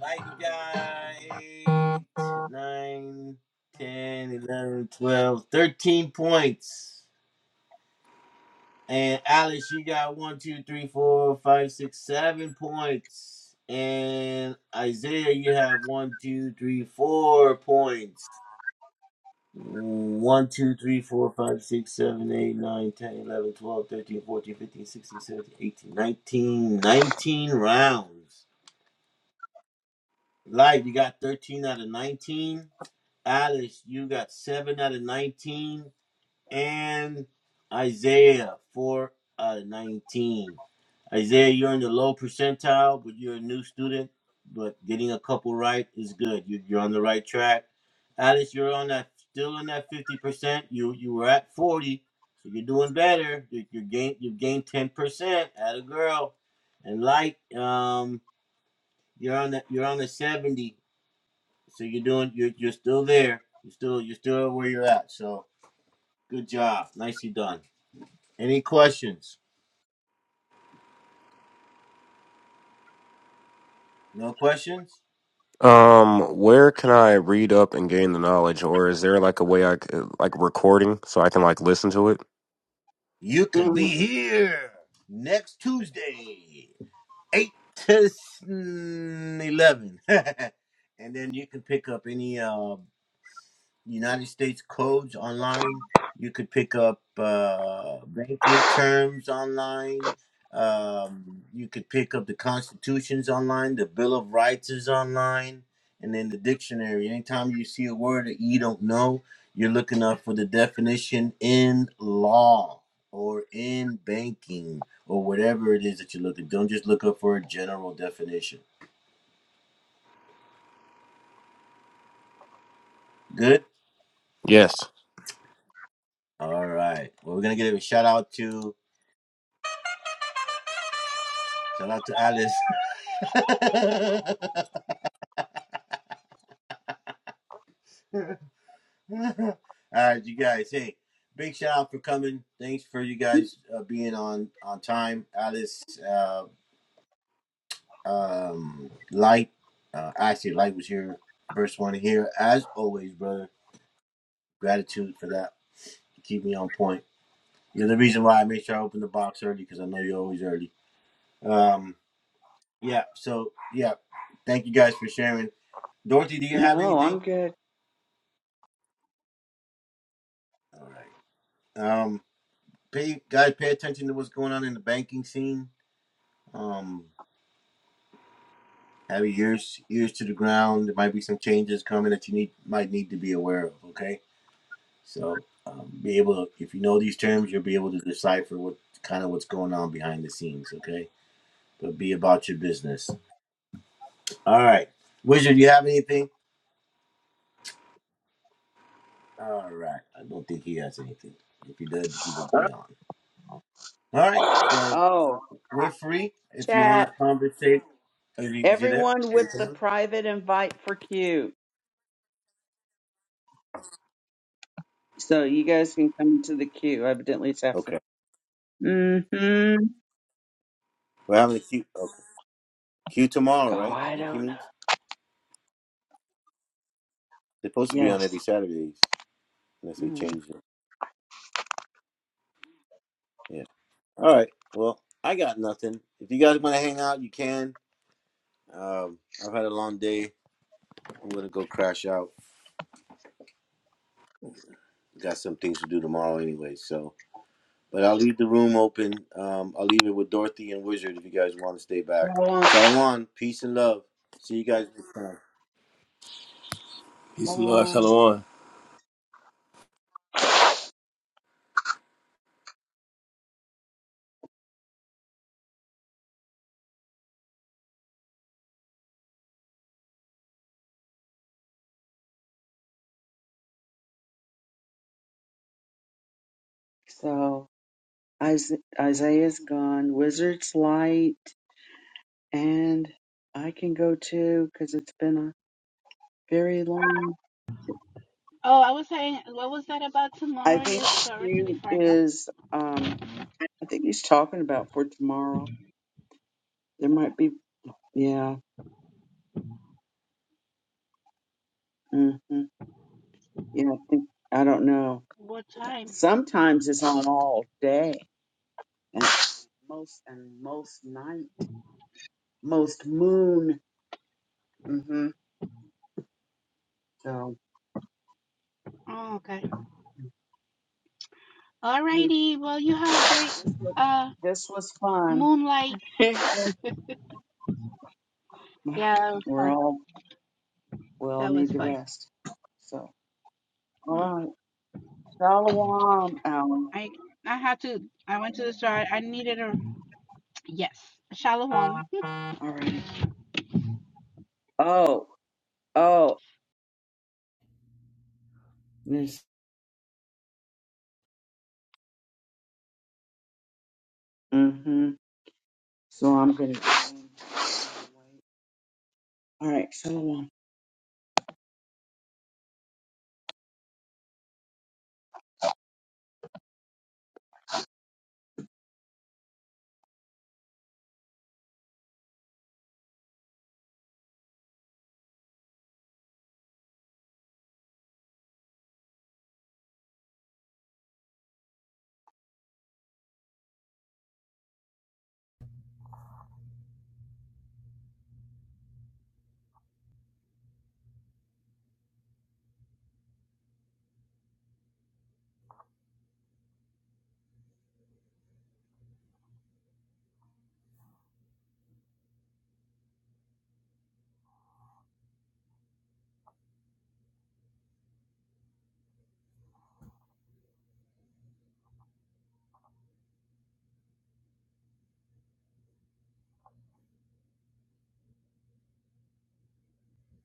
B: Like you got 8, nine, ten, eleven, twelve, thirteen points. And Alice, you got one, 2, 3, 4, 5, 6, 7 points. And Isaiah, you have one, 2, 3, 4 points. One, two, three, four, five, six, seven, eight, nine, ten, eleven, twelve, thirteen, fourteen, fifteen, sixteen, seventeen, eighteen, nineteen, nineteen rounds. Live, you got 13 out of 19. Alice, you got seven out of nineteen, and Isaiah four out of nineteen. Isaiah, you're in the low percentile, but you're a new student. But getting a couple right is good. You, you're on the right track. Alice, you're on that still on that fifty percent. You you were at forty, so you're doing better. You you gain you gained ten percent. At a girl, and light, um, you're on that you're on the seventy. So you're doing you're you're still there. You're still you're still where you're at. So good job. Nicely done. Any questions? No questions?
E: Um, where can I read up and gain the knowledge, or is there like a way I c- like recording so I can like listen to it?
B: You can be here next Tuesday, eight to eleven, and then you can pick up any uh United States codes online. You could pick up uh, banking terms online. Um, you could pick up the constitutions online. The Bill of Rights is online, and then the dictionary. Anytime you see a word that you don't know, you're looking up for the definition in law or in banking or whatever it is that you're looking. Don't just look up for a general definition. Good.
E: Yes.
B: All right. Well, we're gonna give a shout out to shout out to Alice. All right, you guys. Hey, big shout out for coming. Thanks for you guys uh, being on on time. Alice, uh, um, Light, uh, actually, Light was here first one here as always, brother. Gratitude for that. Keep me on point. You're the reason why I make sure I open the box early because I know you're always early. Um, yeah. So yeah, thank you guys for sharing. Dorothy, do you have
D: no, I'm
B: anything?
D: good.
B: All right. Um. pay guys pay attention to what's going on in the banking scene. Um, have your ears ears to the ground. There might be some changes coming that you need might need to be aware of. Okay, so um, be able to, if you know these terms, you'll be able to decipher what kind of what's going on behind the scenes. Okay, but be about your business. All right, Wizard, do you have anything? All right, I don't think he has anything. If he did, he would be on. All right, so
D: Oh, I-
B: we're free. If you want
D: chat.
B: to conversate, is he, is he there?
D: Everyone with the private invite for Q. So you guys can come to the queue. Evidently, it's after.
B: Okay,
D: Mm-hmm.
B: we're having a queue. Q tomorrow,
D: Oh,
B: right?
D: I
B: If He
D: don't know.
B: means they're supposed to be on
D: Yes.
B: every Saturdays unless they
D: Mm-hmm.
B: change it. Yeah. All right. Well, I got nothing. If you guys want to hang out, you can. Um, I've had a long day. I'm gonna go crash out. Got some things to do tomorrow anyway. So, but I'll leave the room open. Um, I'll leave it with Dorothy and Wizard if you guys want to stay back.
D: Shalom.
B: Shalom. Peace and love. See you guys next time.
A: Peace and love.
D: Shalom.
A: Shalom.
D: So Isa- Isaiah's gone. Wizard's light, and I can go too because it's been a very long.
C: Oh, I was saying, what was that about
D: I
C: tomorrow?
D: think
C: Yes,
D: the
C: Dorothy,
D: queue
C: before I go.
D: is. Um, I think he's talking about for tomorrow. There might be. Yeah. Mm-hmm. Yeah. I think. I don't know.
C: What time?
D: Sometimes it's on all day. most and most night, most moon. hmm So
C: Oh, okay.
D: you,
C: Alrighty. Well, you have a great
D: this, was,
C: uh
D: this was fun.
C: moonlight. Yeah, that was
D: We're
C: fun.
D: all we all
C: That was
D: need to
C: fun.
D: rest. So
C: Mm-hmm.
D: all right, shalom, Alan.
C: I I had to I went to the store. I needed a yes, a shallow home.
D: All righty. Oh, oh, this. hmm So I'm gonna. All right, shalom.